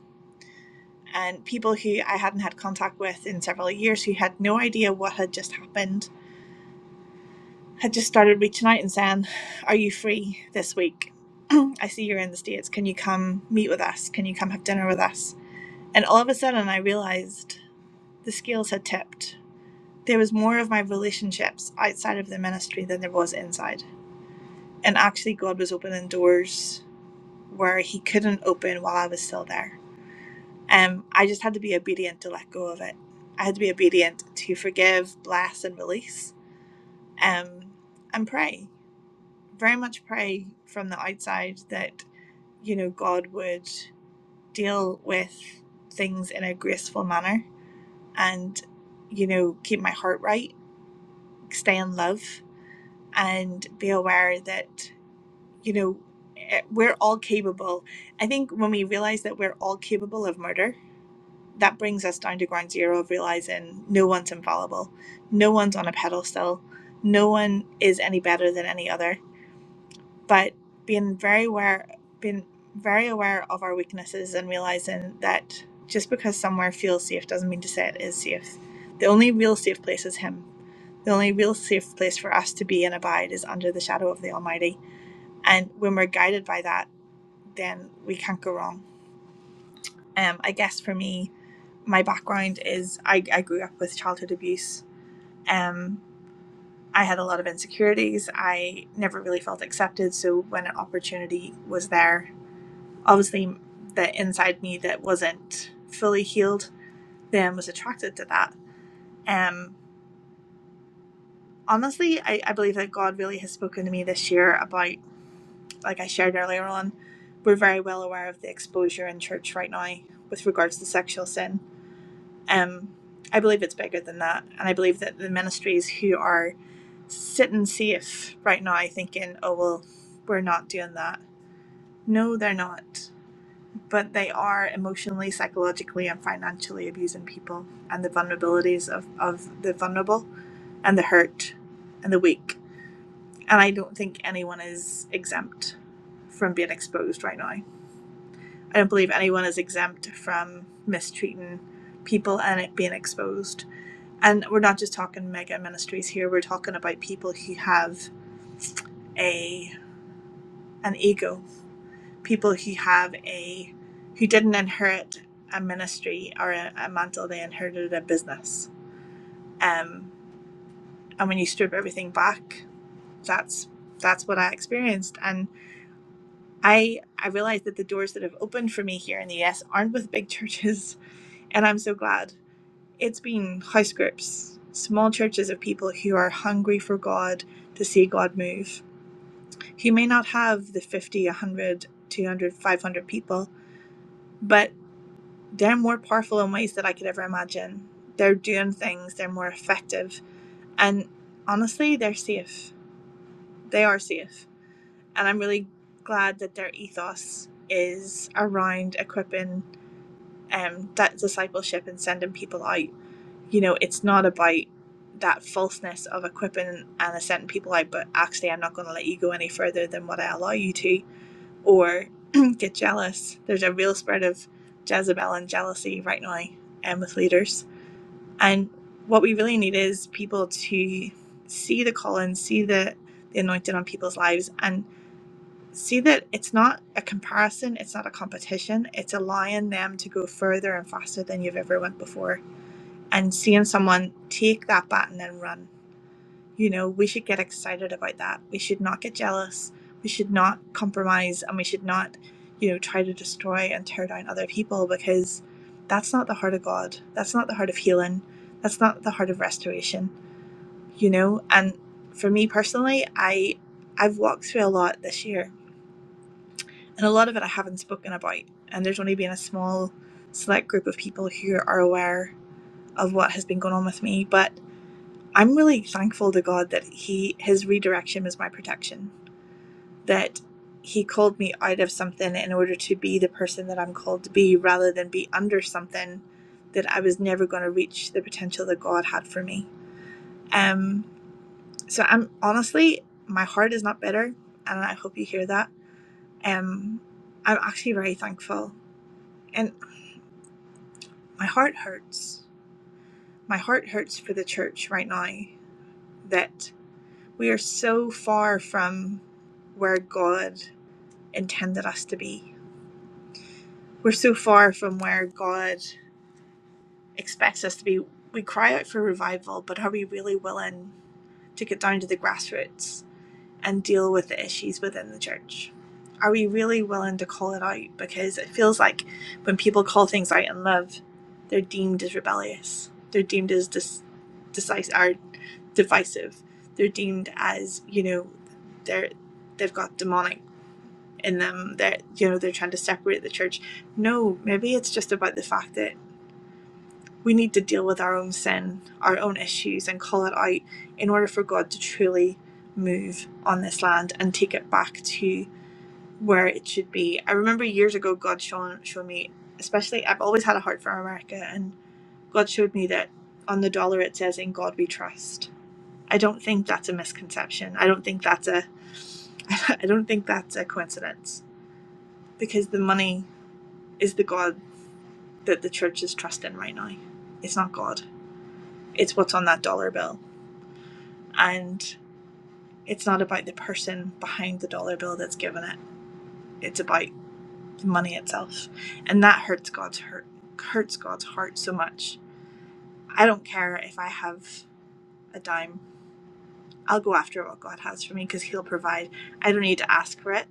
S4: And people who I hadn't had contact with in several years who had no idea what had just happened had just started reaching out and saying, Are you free this week? I see you're in the States. Can you come meet with us? Can you come have dinner with us? And all of a sudden, I realized the scales had tipped there was more of my relationships outside of the ministry than there was inside. And actually, God was opening doors where He couldn't open while I was still there. Um, I just had to be obedient to let go of it. I had to be obedient to forgive, bless, and release, um, and pray. Very much pray from the outside that you know God would deal with things in a graceful manner, and you know keep my heart right, stay in love and be aware that you know eh, we're all capable i think when we realize that we're all capable of murder that brings us down to ground zero of realizing no one's infallible no one's on a pedestal no one is any better than any other but being very aware being very aware of our weaknesses and realizing that just because somewhere feels safe doesn't mean to say it is safe the only real safe place is him the only real safe place for us to be and abide is under the shadow of the almighty and when we're guided by that then we can't go wrong um, i guess for me my background is i, I grew up with childhood abuse um, I had a lot of insecurities. I never really felt accepted. So when an opportunity was there obviously the inside me that wasn't fully healed then was attracted to that. Um, honestly, I, I believe that God really has spoken to me this year about, like I shared earlier on, we're very well aware of the exposure in church right now with regards to sexual sin. Um, I believe it's bigger than that. And I believe that the ministries who are sitting safe right now thinking, oh, well, we're not doing that. No, they're not. but they are emotionally, psychologically, and financially abusing people and the vulnerabilities of, of the vulnerable and the hurt and the weak. And I don't think anyone is exempt from being exposed right now. I don't believe anyone is exempt from mistreating people and it being exposed. And we're not just talking mega ministries here, we're talking about people who have a an ego people who have a who didn't inherit a ministry or a, a mantle they inherited a business um and when you strip everything back that's that's what i experienced and i i realized that the doors that have opened for me here in the us aren't with big churches and i'm so glad it's been house groups small churches of people who are hungry for god to see god move who may not have the 50 100 200 500 people but they're more powerful in ways that I could ever imagine. They're doing things, they're more effective, and honestly, they're safe. They are safe. And I'm really glad that their ethos is around equipping um, that discipleship and sending people out. You know, it's not about that falseness of equipping and sending people out, but actually, I'm not going to let you go any further than what I allow you to, or get jealous. There's a real spread of Jezebel and jealousy right now um, with leaders. And what we really need is people to see the calling, see the, the anointing on people's lives, and see that it's not a comparison, it's not a competition, it's allowing them to go further and faster than you've ever went before. And seeing someone take that baton and run you know, we should get excited about that. We should not get jealous. We should not compromise and we should not, you know, try to destroy and tear down other people because that's not the heart of God. That's not the heart of healing. That's not the heart of restoration, you know? And for me personally, I I've walked through a lot this year and a lot of it I haven't spoken about. And there's only been a small select group of people who are aware of what has been going on with me. But I'm really thankful to God that he his redirection was my protection. That he called me out of something in order to be the person that I'm called to be rather than be under something that I was never going to reach the potential that God had for me. Um so I'm honestly my heart is not bitter and I hope you hear that. Um I'm actually very thankful and my heart hurts. My heart hurts for the church right now that we are so far from where God intended us to be. We're so far from where God expects us to be. We cry out for revival, but are we really willing to get down to the grassroots and deal with the issues within the church? Are we really willing to call it out? Because it feels like when people call things out in love, they're deemed as rebellious. They're deemed as dis- decisive, or divisive. They're deemed as you know, they're they've got demonic in them that you know they're trying to separate the church no maybe it's just about the fact that we need to deal with our own sin our own issues and call it out in order for god to truly move on this land and take it back to where it should be i remember years ago god showing showed me especially i've always had a heart for america and god showed me that on the dollar it says in god we trust i don't think that's a misconception i don't think that's a i don't think that's a coincidence because the money is the god that the church is trusting right now. It's not God, it's what's on that dollar bill. And it's not about the person behind the dollar bill that's given it, it's about the money itself. And that hurts God's hurt, hurts God's heart so much. I don't care if I have a dime. I'll go after what God has for me because He'll provide. I don't need to ask for it.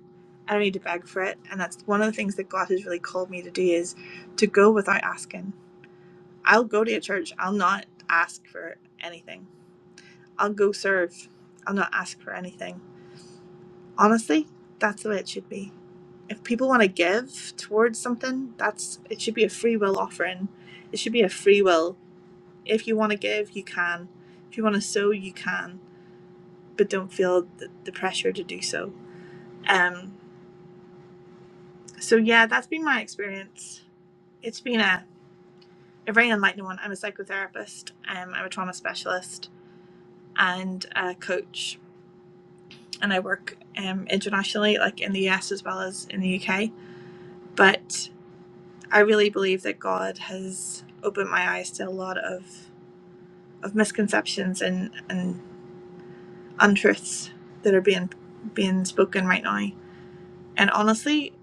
S4: I don't need to beg for it. And that's one of the things that God has really called me to do is to go without asking. I'll go to a church. I'll not ask for anything. I'll go serve. I'll not ask for anything. Honestly, that's the way it should be. If people want to give towards something, that's it should be a free will offering. It should be a free will. If you want to give, you can. If you want to sow, you can, but don't feel the, the pressure to do so. Um so yeah, that's been my experience. It's been a, a very enlightening one. I'm a psychotherapist, um, I'm a trauma specialist and a coach and I work um, internationally, like in the US as well as in the UK. But I really believe that God has opened my eyes to a lot of, of misconceptions and, and untruths that are being being spoken right now. And honestly,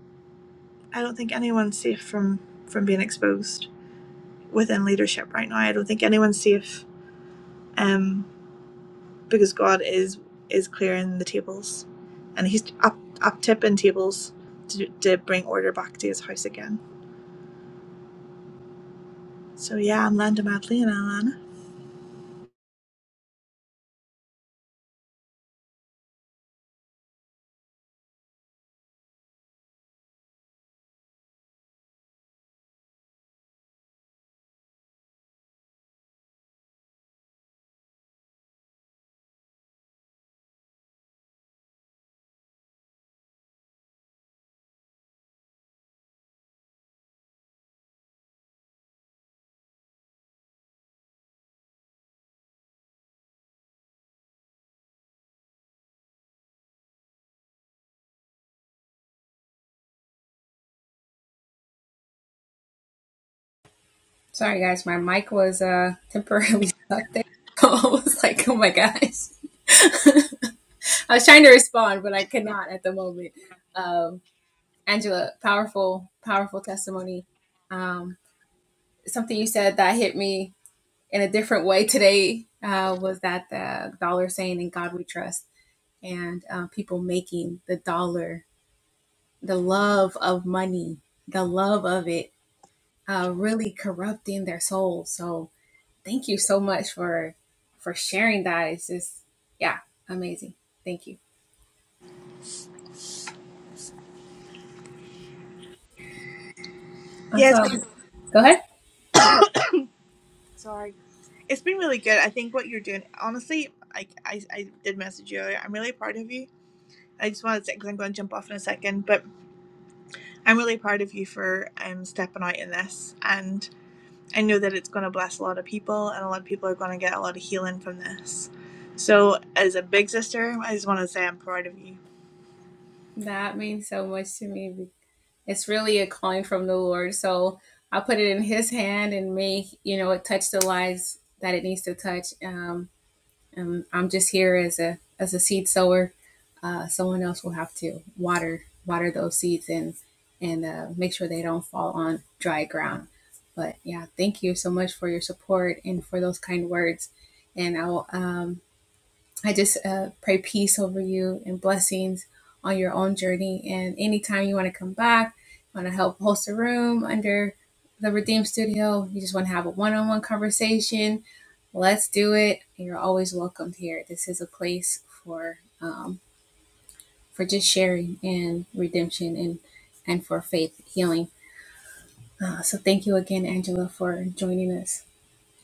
S4: I don't think anyone's safe from, from being exposed within leadership right now. I don't think anyone's safe um, because God is is clearing the tables and he's up, up tipping tables to, to bring order back to his house again. So yeah, I'm London Madley and Alana. Yeah, it's been sorry. It's been really good. I think what you're doing, honestly, like I, I did message you earlier. I'm really proud of you. I just wanted to say because I'm going to jump off in a second, but I'm really proud of you for um stepping out in this, and I know that it's going to bless a lot of people, and a lot of people are going to get a lot of healing from this. So, as a big sister, I just want to say I'm proud of you.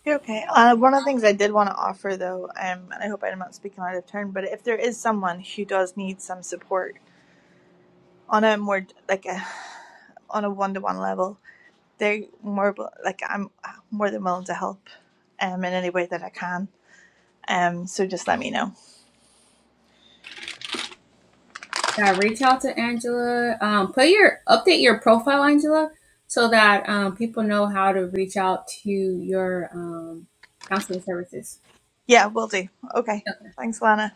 S4: You're okay. Uh, one of the things I did want to offer, though, um, and I hope I'm not speaking out of turn, but if there is someone who does need some support on a more like a on a one to one level, they're more wi- like I'm more than willing to help, um, in any way that I can. Um, so just let me know. Yeah, we'll do. Okay. Thanks, Lana.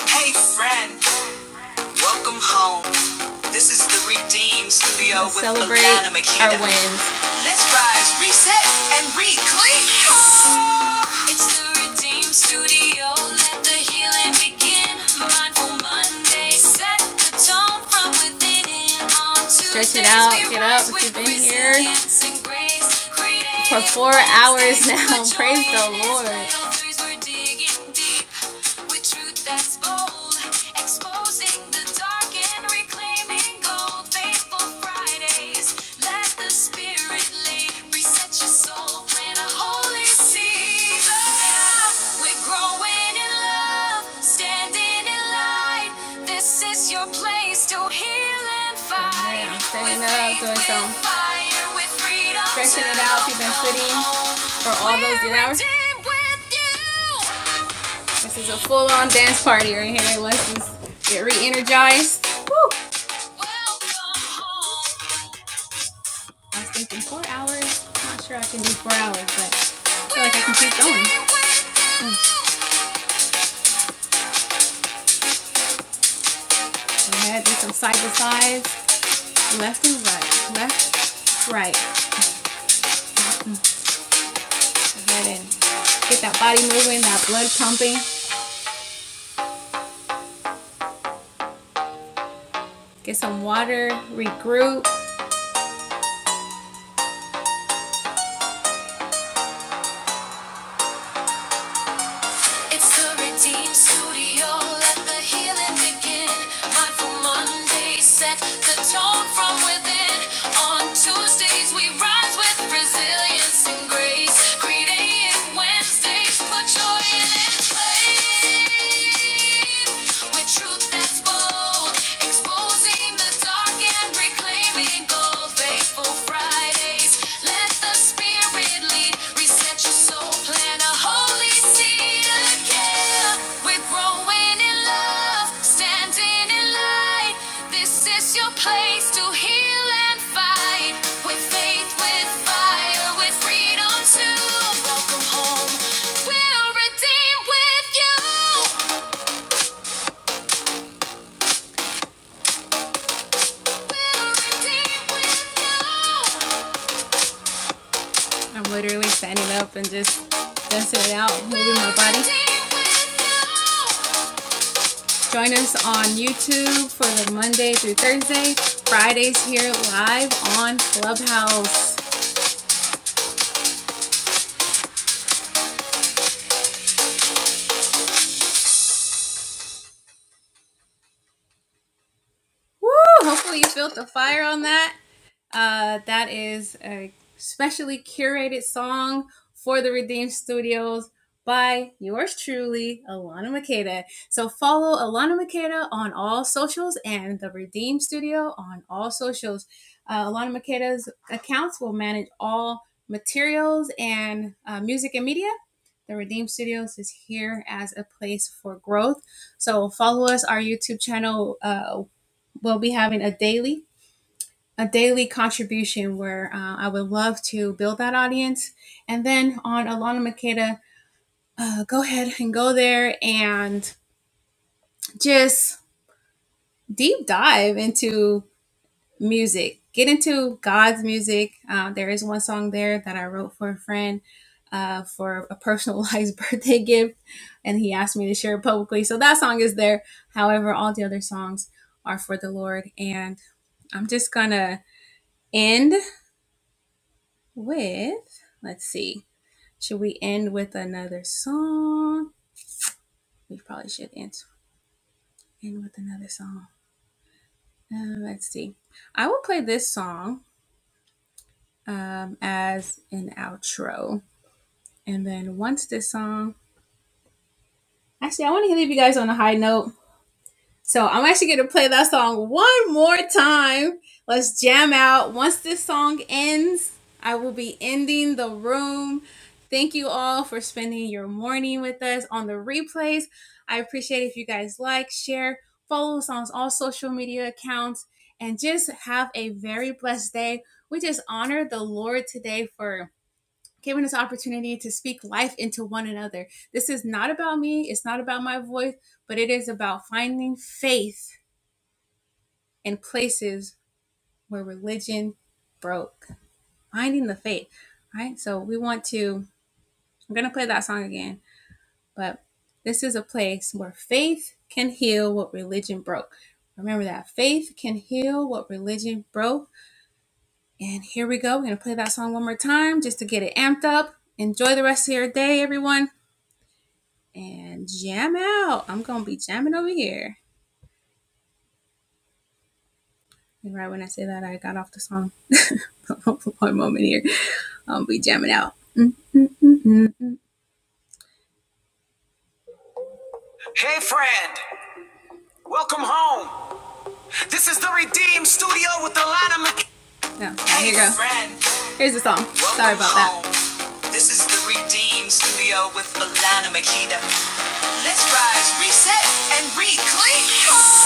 S1: Hey, friend. Welcome home. This is the Redeem Studio. Let's rise, reset, and reclaim. It's the Redeem Studio. Let the healing begin. Mindful Monday. Set the tone from within. On to dance and grace. Create Elders were digging deep with truth that's bold, exposing the dark and reclaiming gold. Faithful Fridays, let the spirit lead, reset your soul, plant a holy seed. Ah, We're growing in love, standing in light. This is your place to heal and fight fire with freedom. Live with you. Welcome. It's the Redeemed Studio. Let the healing begin. Mindful Monday set the tone from within. On Tuesdays we rise with resilience and grace. Creative Wednesdays put joy in its With truth that's bold, exposing the dark and Reclaiming gold, faithful Fridays. Let the Spirit lead. Reset your soul. Plant a holy seed again. We're growing in love, standing in light. This is your place to heal and fight. With faith, with fire, with freedom to welcome home. Brand. This is the Redeem Studio with Alana Makita. Let's rise, reset, and reclaim.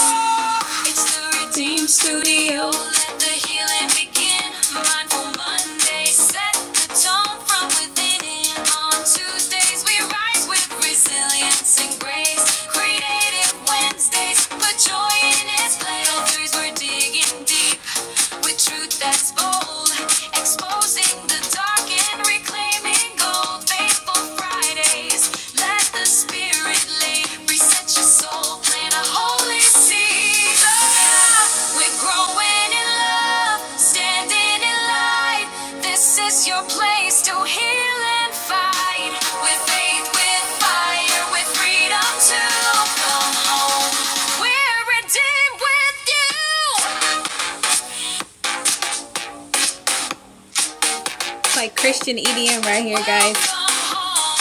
S1: We're growing in love, standing in light. This is your place to heal and fight. With faith, with fire, with freedom to come home. We're redeemed with you. Come home.